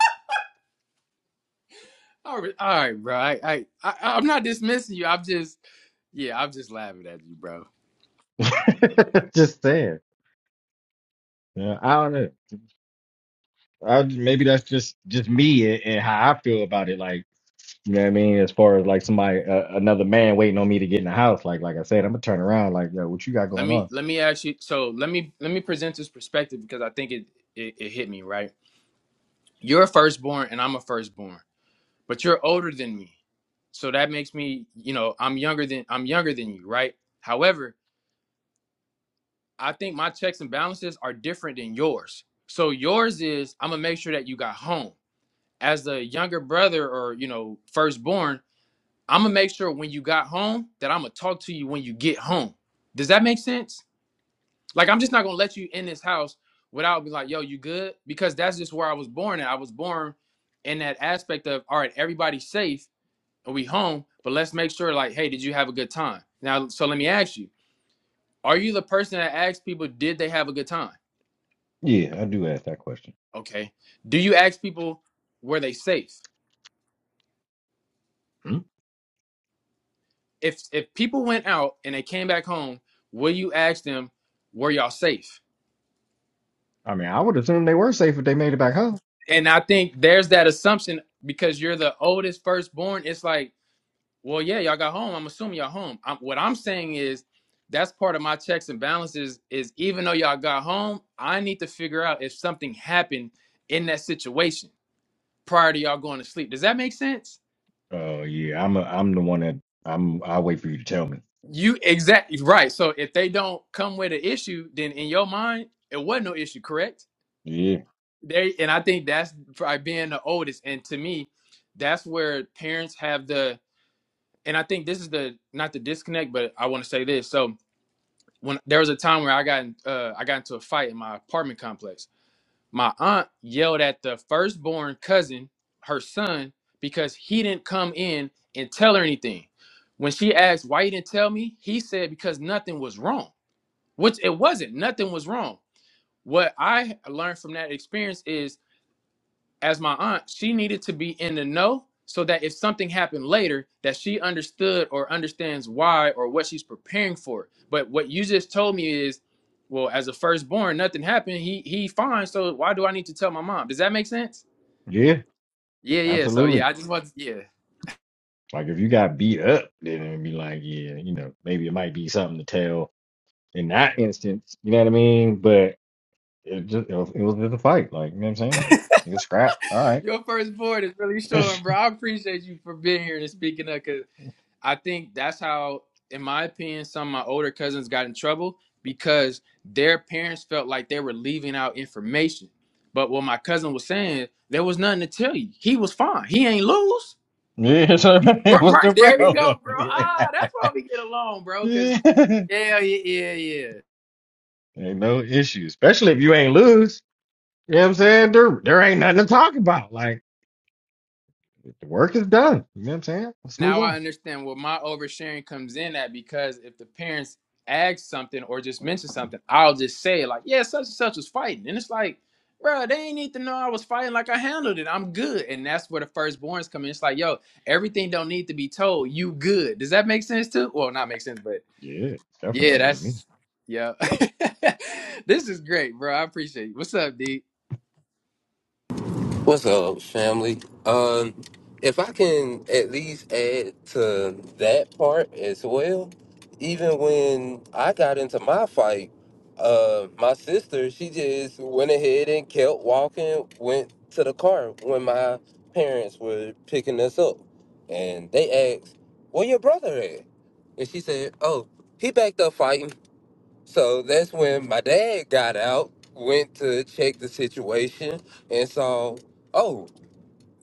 All right, all right, bro. I, I, I I'm not dismissing you. I'm just yeah, I'm just laughing at you, bro. just saying. Yeah, I don't know. I, maybe that's just just me and, and how I feel about it. Like, you know what I mean? As far as like somebody, uh, another man waiting on me to get in the house. Like, like I said, I'm gonna turn around. Like, yo, what you got let going me on? let me ask you so let me let me present this perspective because i think it it, it hit me right you're a firstborn and i'm a firstborn but you're older than me so that makes me you know i'm younger than i'm younger than you right however i think my checks and balances are different than yours so yours is i'm gonna make sure that you got home as the younger brother or you know firstborn i'm gonna make sure when you got home that i'm gonna talk to you when you get home does that make sense Like I'm just not gonna let you in this house without be like, yo, you good? Because that's just where I was born at. I was born in that aspect of all right, everybody's safe and we home, but let's make sure, like, hey, did you have a good time? Now, so let me ask you, are you the person that asks people, did they have a good time? Yeah, I do ask that question. Okay. Do you ask people were they safe? Hmm? If if people went out and they came back home, will you ask them, were y'all safe? I mean, I would assume they were safe if they made it back home. And I think there's that assumption because you're the oldest firstborn, it's like Well, yeah, y'all got home. I'm assuming y'all home. I'm, what I'm saying is that's part of my checks and balances is even though y'all got home, I need to figure out if something happened in that situation prior to y'all going to sleep. Does that make sense? Oh yeah, I'm a, I'm the one that I'm. I wait for you to tell me. You exactly right. So if they don't come with an issue, then in your mind, it wasn't no issue, correct? Yeah, They and I think that's probably being the oldest. And to me, that's where parents have the and I think this is the not the disconnect, but I want to say this. So when there was a time where I got in, uh, I got into a fight in my apartment complex. My aunt yelled at the firstborn cousin, her son, because he didn't come in and tell her anything. When she asked why you didn't tell me, he said because nothing was wrong, which it wasn't. Nothing was wrong. What I learned from that experience is as my aunt, she needed to be in the know so that if something happened later, that she understood or understands why or what she's preparing for. But what you just told me is, well, as a firstborn, nothing happened. He he fine. So why do I need to tell my mom? Does that make sense? yeah, Yeah, yeah. So absolutely. yeah, I just want to, yeah. Like if you got beat up, then it'd be like, yeah, you know, maybe it might be something to tell in that instance. You know what I mean? But it just it was, it was just a fight. Like you know what I'm saying? Nigga scrap. All right. Your firstborn is really showing, bro. I appreciate you for being here and speaking up. I think that's how, in my opinion, some of my older cousins got in trouble because their parents felt like they were leaving out information. But what my cousin was saying, there was nothing to tell you. He was fine. He ain't lose. yeah, so Right, what's the right. there you problem? go, bro. Ah, that's why we get along, bro. Cause Yeah. ain't yeah, yeah, yeah, yeah. no issue, especially if you ain't lose. You know what I'm saying? There there ain't nothing to talk about. Like the work is done. You know what I'm saying? Let's move now I on. understand where my oversharing comes in at because if the parents ask something or just mention something, I'll just say like, "Yeah, such and such was fighting," and it's like, "Bro, they ain't need to know I was fighting. Like I handled it. I'm good." And that's where the firstborns come in. It's like, "Yo, everything don't need to be told. You good?" Does that make sense too? Well, not make sense, but Yeah, yeah, definitely. Me. that's yeah. this is great, bro. I appreciate you. What's up, D? What's up, family? Um, if I can at least add to that part as well, even when I got into my fight, uh, my sister, she just went ahead and kept walking, went to the car when my parents were picking us up. And they asked, Where your brother at? And she said, Oh, he back there fighting. So that's when my dad got out, went to check the situation, and saw, oh,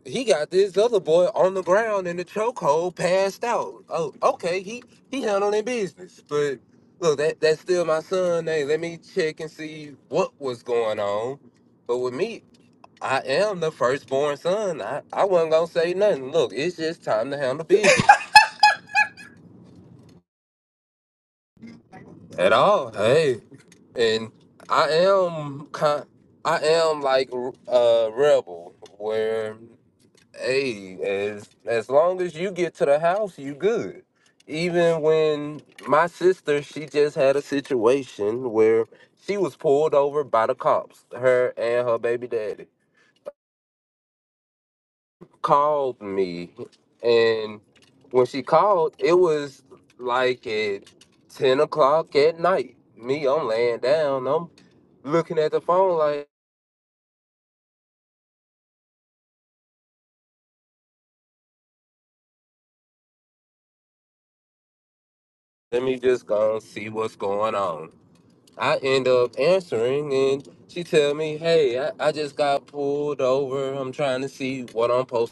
he got this other boy on the ground in the chokehold, passed out. Oh, okay, he he handling their business, but look, that that's still my son. Hey, let me check and see what was going on. But with me, I am the firstborn son. I I wasn't gonna say nothing. Look, it's just time to handle business at all. Hey. and I am kind, I am like a rebel where hey, as as long as you get to the house, you good. Even when my sister, she just had a situation where she was pulled over by the cops, her and her baby daddy called me and when she called, it was like at ten o'clock at night. Me, I'm laying down, I'm looking at the phone like let me just go and see what's going on. I end up answering and she tell me, hey, I, I just got pulled over. I'm trying to see what I'm supposed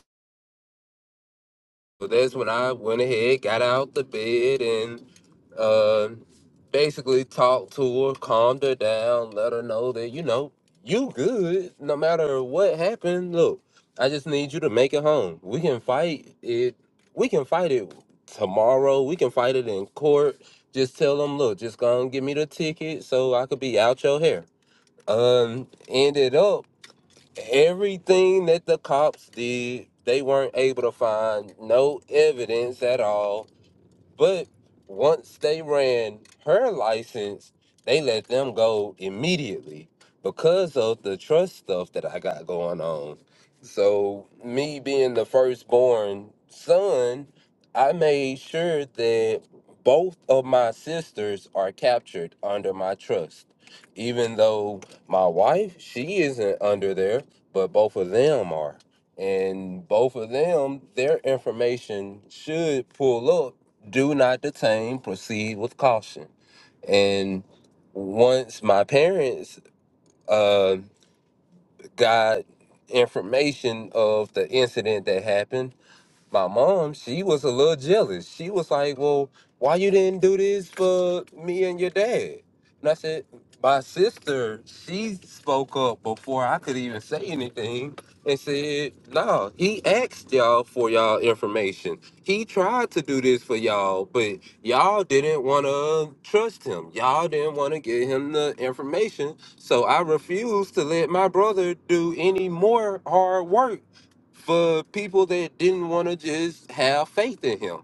so that's when I went ahead, got out the bed, and uh, basically talked to her, calmed her down, let her know that you know you good no matter what happened. Look, I just need you to make it home. We can fight it. We can fight it tomorrow. We can fight it in court. Just tell them, look, just go and give me the ticket so I could be out your hair. Um, ended up Everything that the cops did, they weren't able to find no evidence at all but once they ran her license, they let them go immediately because of the trust stuff that I got going on. So, me being the firstborn son, I made sure that both of my sisters are captured under my trust. Even though my wife, she isn't under there, but both of them are and both of them their information should pull up do not detain, proceed with caution. And once my parents uh, got information of the incident that happened, my mom, she was a little jealous. She was like, "Well, why you didn't do this for me and your dad?" And I said, "My sister, she spoke up before I could even say anything and said, "No, he asked y'all for y'all information. He tried to do this for y'all, but y'all didn't want to trust him. Y'all didn't want to give him the information. So I refused to let my brother do any more hard work for people that didn't want to just have faith in him.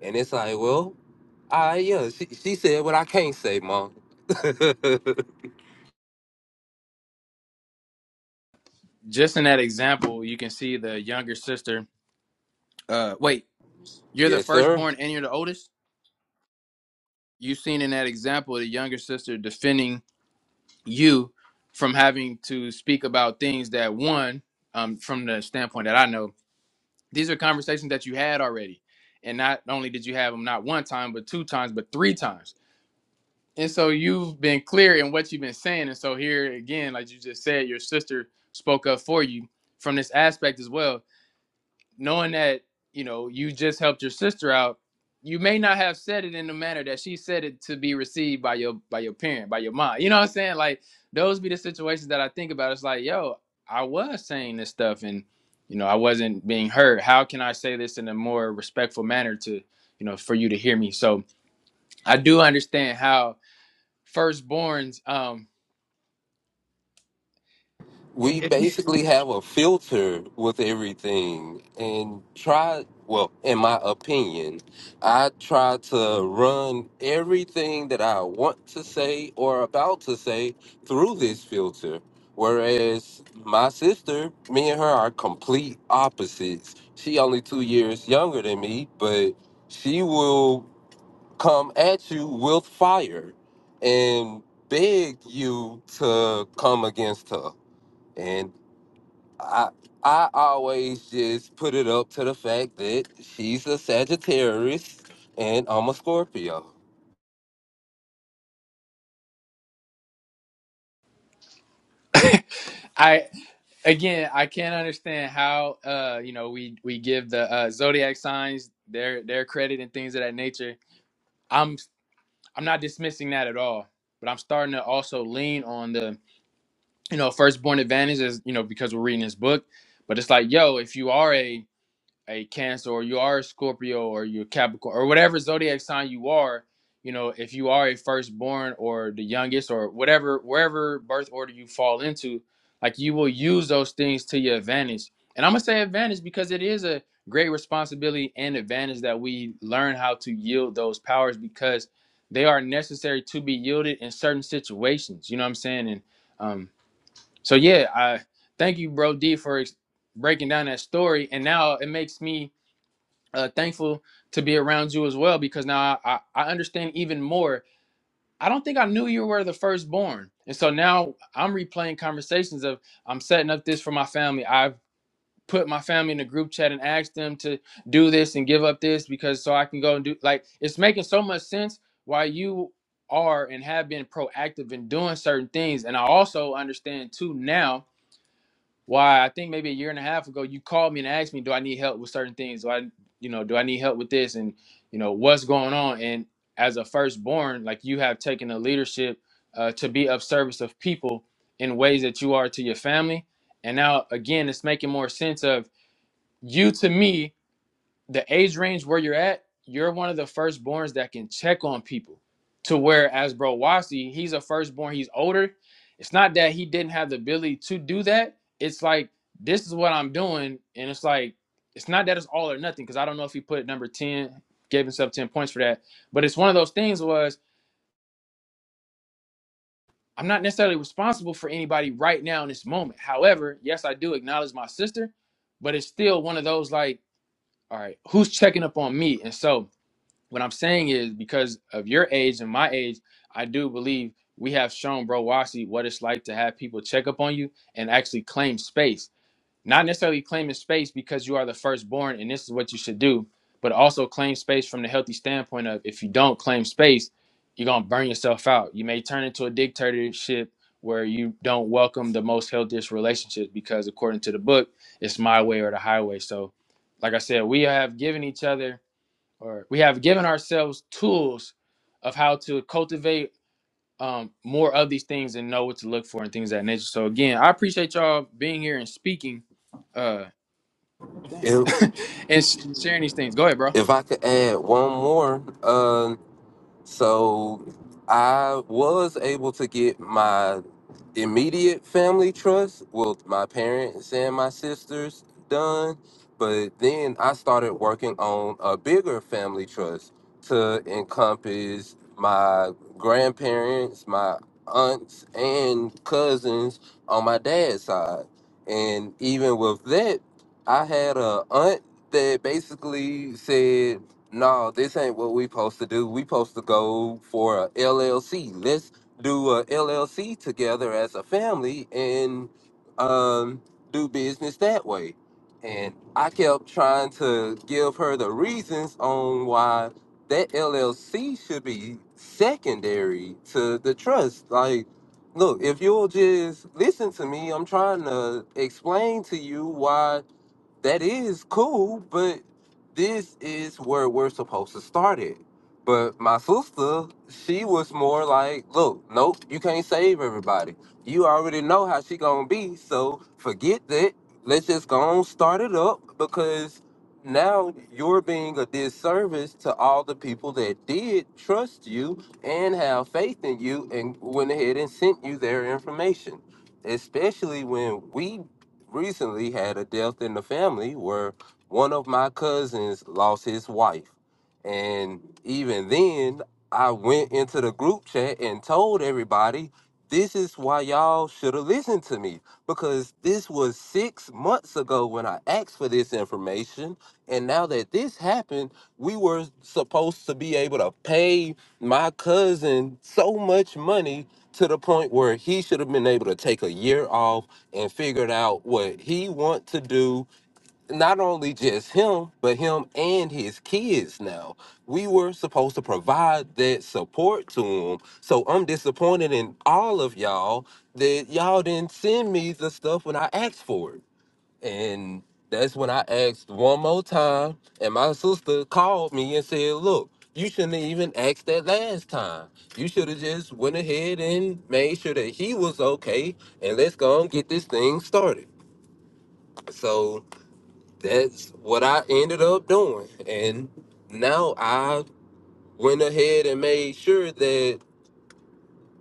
And it's like, well, I yeah, she, she said what I can't say, mom. Just in that example, you can see the younger sister. Uh, wait, you're the yes, sir. firstborn and you're the oldest. you have seen in that example the younger sister defending you from having to speak about things that one um, from the standpoint that i know these are conversations that you had already and not only did you have them not one time but two times but three times and so you've been clear in what you've been saying and so here again like you just said your sister spoke up for you from this aspect as well knowing that you know you just helped your sister out you may not have said it in the manner that she said it to be received by your by your parent by your mom you know what i'm saying like those be the situations that i think about it's like yo i was saying this stuff and you know i wasn't being heard how can i say this in a more respectful manner to you know for you to hear me so i do understand how firstborns um it- we it's basically have a filter with everything and try well in my opinion i try to run everything that i want to say or about to say through this filter whereas my sister me and her are complete opposites she only two years younger than me but she will come at you with fire and beg you to come against her and. I I always just put it up to the fact that she's a Sagittarius and I'm a Scorpio. i Again, I can't understand how uh you know we we give the uh, zodiac signs their their credit and things of that nature. I'm I'm not dismissing that at all, but I'm starting to also lean on the you know firstborn advantage as you know because we're reading this book, but it's like yo, if you are a a Cancer or you are a Scorpio or you're Capricorn or whatever zodiac sign you are, you know, if you are a firstborn or the youngest or whatever, wherever birth order you fall into, like you will use those things to your advantage. And I'm going to say advantage because it is a great responsibility and advantage that we learn how to yield those powers because they are necessary to be yielded in certain situations. You know what I'm saying? And um, so, yeah, I thank you, Bro D, for ex- breaking down that story. And now it makes me uh, thankful to be around you as well because now I, I, I understand even more. I don't think I knew you were the firstborn. And so now I'm replaying conversations of I'm setting up this for my family. I've put my family in a group chat and asked them to do this and give up this because so I can go and do like it's making so much sense why you are and have been proactive in doing certain things. And I also understand too now why I think maybe a year and a half ago you called me and asked me, do I need help with certain things? Do I, you know, do I need help with this? And you know, what's going on? And as a firstborn, like you have taken the leadership uh, to be of service of people in ways that you are to your family. And now again, it's making more sense of you to me the age range where you're at, you're one of the firstborns that can check on people. To where as bro Wasi, he's a firstborn, he's older. It's not that he didn't have the ability to do that. It's like this is what I'm doing. And it's like, it's not that it's all or nothing, because I don't know if he put number 10, gave himself 10 points for that. But it's one of those things was I'm not necessarily responsible for anybody right now in this moment. However, yes, I do acknowledge my sister, but it's still one of those like, all right, who's checking up on me? And so what I'm saying is because of your age and my age, I do believe we have shown Bro Wasi what it's like to have people check up on you and actually claim space. Not necessarily claiming space because you are the firstborn and this is what you should do, but also claim space from the healthy standpoint of if you don't claim space, you're gonna burn yourself out. You may turn into a dictatorship where you don't welcome the most healthiest relationships because according to the book, it's my way or the highway. So like I said, we have given each other or we have given ourselves tools of how to cultivate um, more of these things and know what to look for and things of that nature. So again, I appreciate y'all being here and speaking. Uh, oh, dang, If and sh- sharing these things. Go ahead, bro. if I could add one more, um, So I was able to get my immediate family trust, well, my parents and my sisters done. But then I started working on a bigger family trust to encompass my grandparents, my aunts, and cousins on my dad's side. And even with that, I had a aunt that basically said no, this ain't what we supposed to do. We supposed to go for a LLC. Let's do a LLC together as a family and um, do business that way. And I kept trying to give her the reasons on why that LLC should be secondary to the trust. Like, look, if you'll just listen to me, I'm trying to explain to you why that is cool, but this is where we're supposed to start it. But my sister, she was more like, look, nope, you can't save everybody. You already know how she gonna be, so forget that. Let's just go on start it up because now you're being a disservice to all the people that did trust you and have faith in you and went ahead and sent you their information. Especially when we recently had a death in the family where one of my cousins lost his wife. And even then, I went into the group chat and told everybody, this is why y'all should have listened to me because this was six months ago when I asked for this information. And now that this happened, we were supposed to be able to pay my cousin so much money to the point where he should have been able to take a year off and figured out what he want to do. Not only just him, but him and his kids now. We were supposed to provide that support to him. So I'm disappointed in all of y'all that y'all didn't send me the stuff when I asked for it. And that's when I asked one more time, and my sister called me and said, "Look, you shouldn't have even asked that last time. You should have just went ahead and made sure that he was okay, and let's go and get this thing started." So that's what I ended up doing, and now I went ahead and made sure that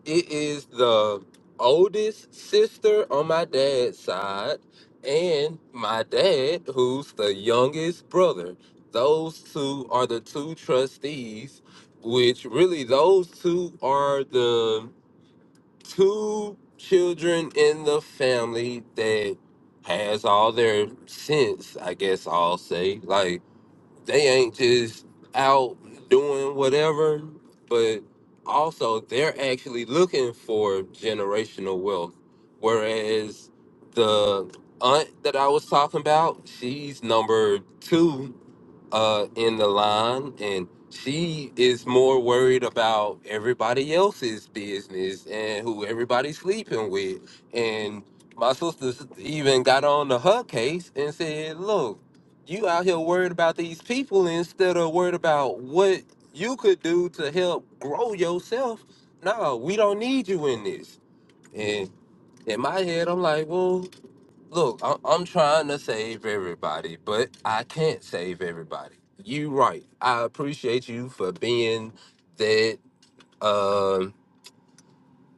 It is the oldest sister on my dad's side, and my dad, who's the youngest brother. Those two are the two trustees, which really, those two are the two children in the family that has all their sense, I guess I'll say. like. They ain't just out doing whatever, but also they're actually looking for generational wealth. Whereas the aunt that I was talking about, she's number two uh, in the line, and she is more worried about everybody else's business and who everybody's sleeping with. And my sister even got on to her case and said, "Look, you out here worried about these people instead of worried about what you could do to help grow yourself. No, we don't need you in this." And in my head, I'm like, "Well." Look, I- I'm trying to save everybody, but I can't save everybody. You right. I appreciate you for being that, um,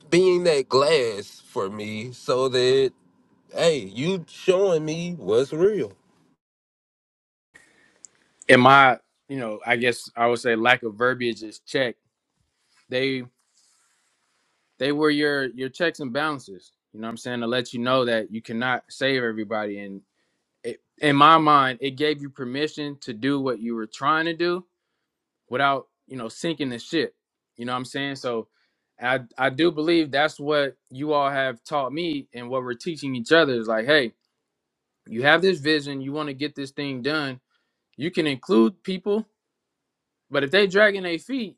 being that glass for me, so that hey, you showing me what's real. And my, you know, I guess I would say lack of verbiage is check. They they were your your checks and balances. You know what I'm saying to let you know that you cannot save everybody. And it, in my mind, it gave you permission to do what you were trying to do, without you know sinking the ship you know what i'm saying so i i do believe that's what you all have taught me and what we're teaching each other is like hey you have this vision you want to get this thing done you can include people but if they dragging their feet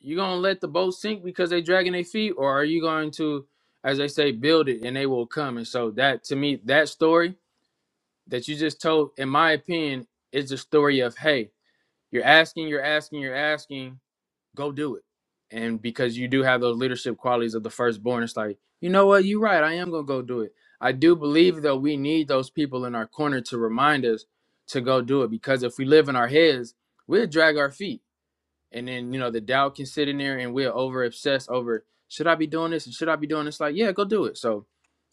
you gonna let the boat sink because they dragging their feet or are you going to as they say build it and they will come and so that to me that story that you just told in my opinion is the story of hey you're asking you're asking you're asking go do it. And because you do have those leadership qualities of the firstborn, it's like, you know what, you're right. I am gonna go do it. I do believe though we need those people in our corner to remind us to go do it because if we live in our heads, we'll drag our feet. And then, you know, the doubt can sit in there and we'll over obsess over should I be doing this and should I be doing this? Like, yeah, go do it. So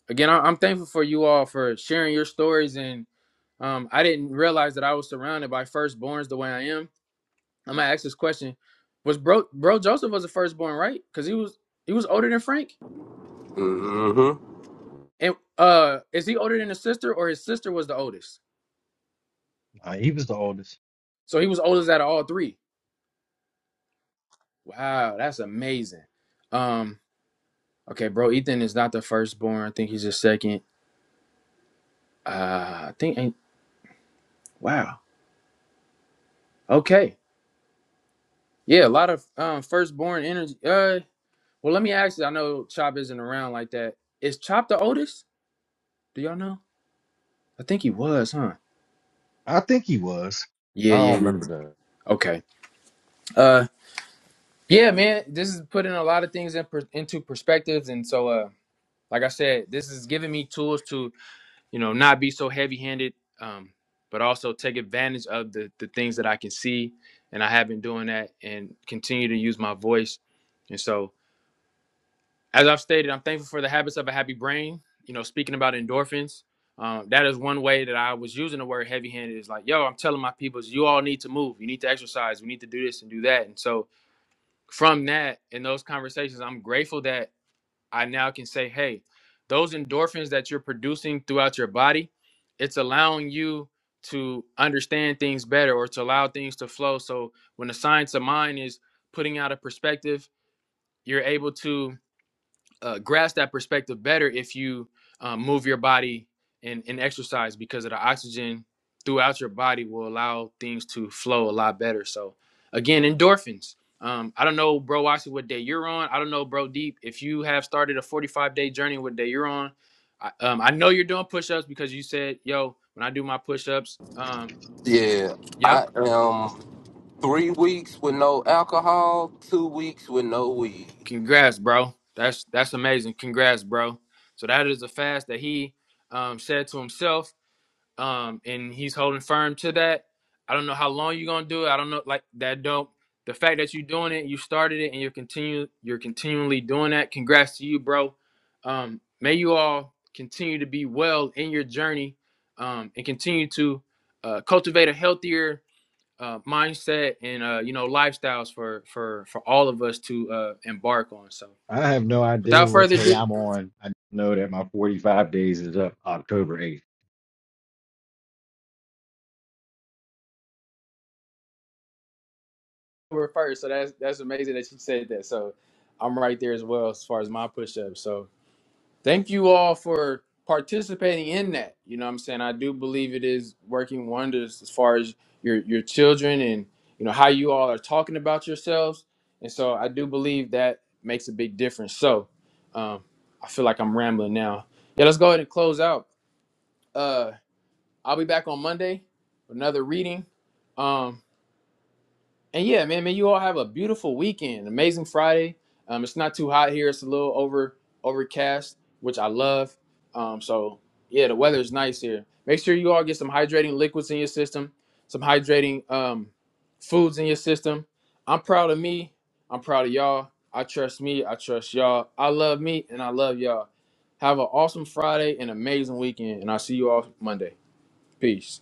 again, I- I'm thankful for you all for sharing your stories and um, I didn't realize that I was surrounded by firstborns the way I am I'm gonna ask this question: Was bro bro Joseph was the firstborn, right? Because he was he was older than Frank, hmm and uh, is he older than his sister, or his sister was the oldest? Uh, he was the oldest. So he was oldest out of all three. Wow, that's amazing. Um, okay, bro, Ethan is not the firstborn. I think he's the second. Uh, I think ain't wow. Okay, yeah, a lot of um firstborn energy. Uh, well, let me ask you. I know Chop isn't around like that. Is Chop the oldest? Do y'all know? I think he was, huh? I think he was. Yeah, I yeah, don't yeah. remember that. Okay. Uh, Yeah, man, this is putting a lot of things in per, into perspectives, and so, uh, like I said, this is giving me tools to, you know, not be so heavy-handed, um, but also take advantage of the the things that I can see, and I have been doing that, and continue to use my voice. And so, as I've stated, I'm thankful for the habits of a happy brain. You know, speaking about endorphins, um, that is one way that I was using the word heavy-handed. Is like, yo, I'm telling my peoples, you all need to move, you need to exercise, we need to do this and do that, and so from that and those conversations, I'm grateful that I now can say, hey, those endorphins that you're producing throughout your body, it's allowing you to understand things better or to allow things to flow. So when the science of mind is putting out a perspective, you're able to uh, grasp that perspective better if you um, move your body and, and exercise because of the oxygen throughout your body will allow things to flow a lot better. So again, endorphins. Um, I don't know, bro, Watson, what day you're on. I don't know, bro, Deep, if you have started a 45 day journey, what day you're on. I, um, I know you're doing push ups because you said, yo, when I do my push ups, um, Yeah, yep, I am three weeks with no alcohol, two weeks with no weed. congrats, bro. That's that's amazing. Congrats, bro. So that is a fast that he um, said to himself um, and he's holding firm to that. I don't know how long you're gonna do it. I don't know, like that. Don't the fact that you're doing it, you started it, and you're continue, you're continually doing that. Congrats to you, bro. Um, may you all continue to be well in your journey, um, and continue to uh, cultivate a healthier uh, mindset and uh, you know lifestyles for for for all of us to uh, embark on. So, I have no idea without what further day ado, I'm on. I know that my 45 days is up October 8th. over first. So that's that's amazing that you said that. So I'm right there as well as far as my push up. So Thank you all for participating in that. You know what I'm saying? I do believe it is working wonders as far as your your children and you know how you all are talking about yourselves. And so I do believe that makes a big difference. So um, I feel like I'm rambling now. Yeah, let's go ahead and close out. Uh, I'll be back on Monday, with another reading. Um, and yeah, man, man, you all have a beautiful weekend. Amazing Friday. Um, it's not too hot here. It's a little over overcast, which I love. Um, so yeah, the weather is nice here. Make sure you all get some hydrating liquids in your system, some hydrating um, foods in your system. I'm proud of me. I'm proud of y'all. I trust me. I trust y'all. I love me, and I love y'all. Have an awesome Friday and amazing weekend, and I'll see you all Monday. Peace.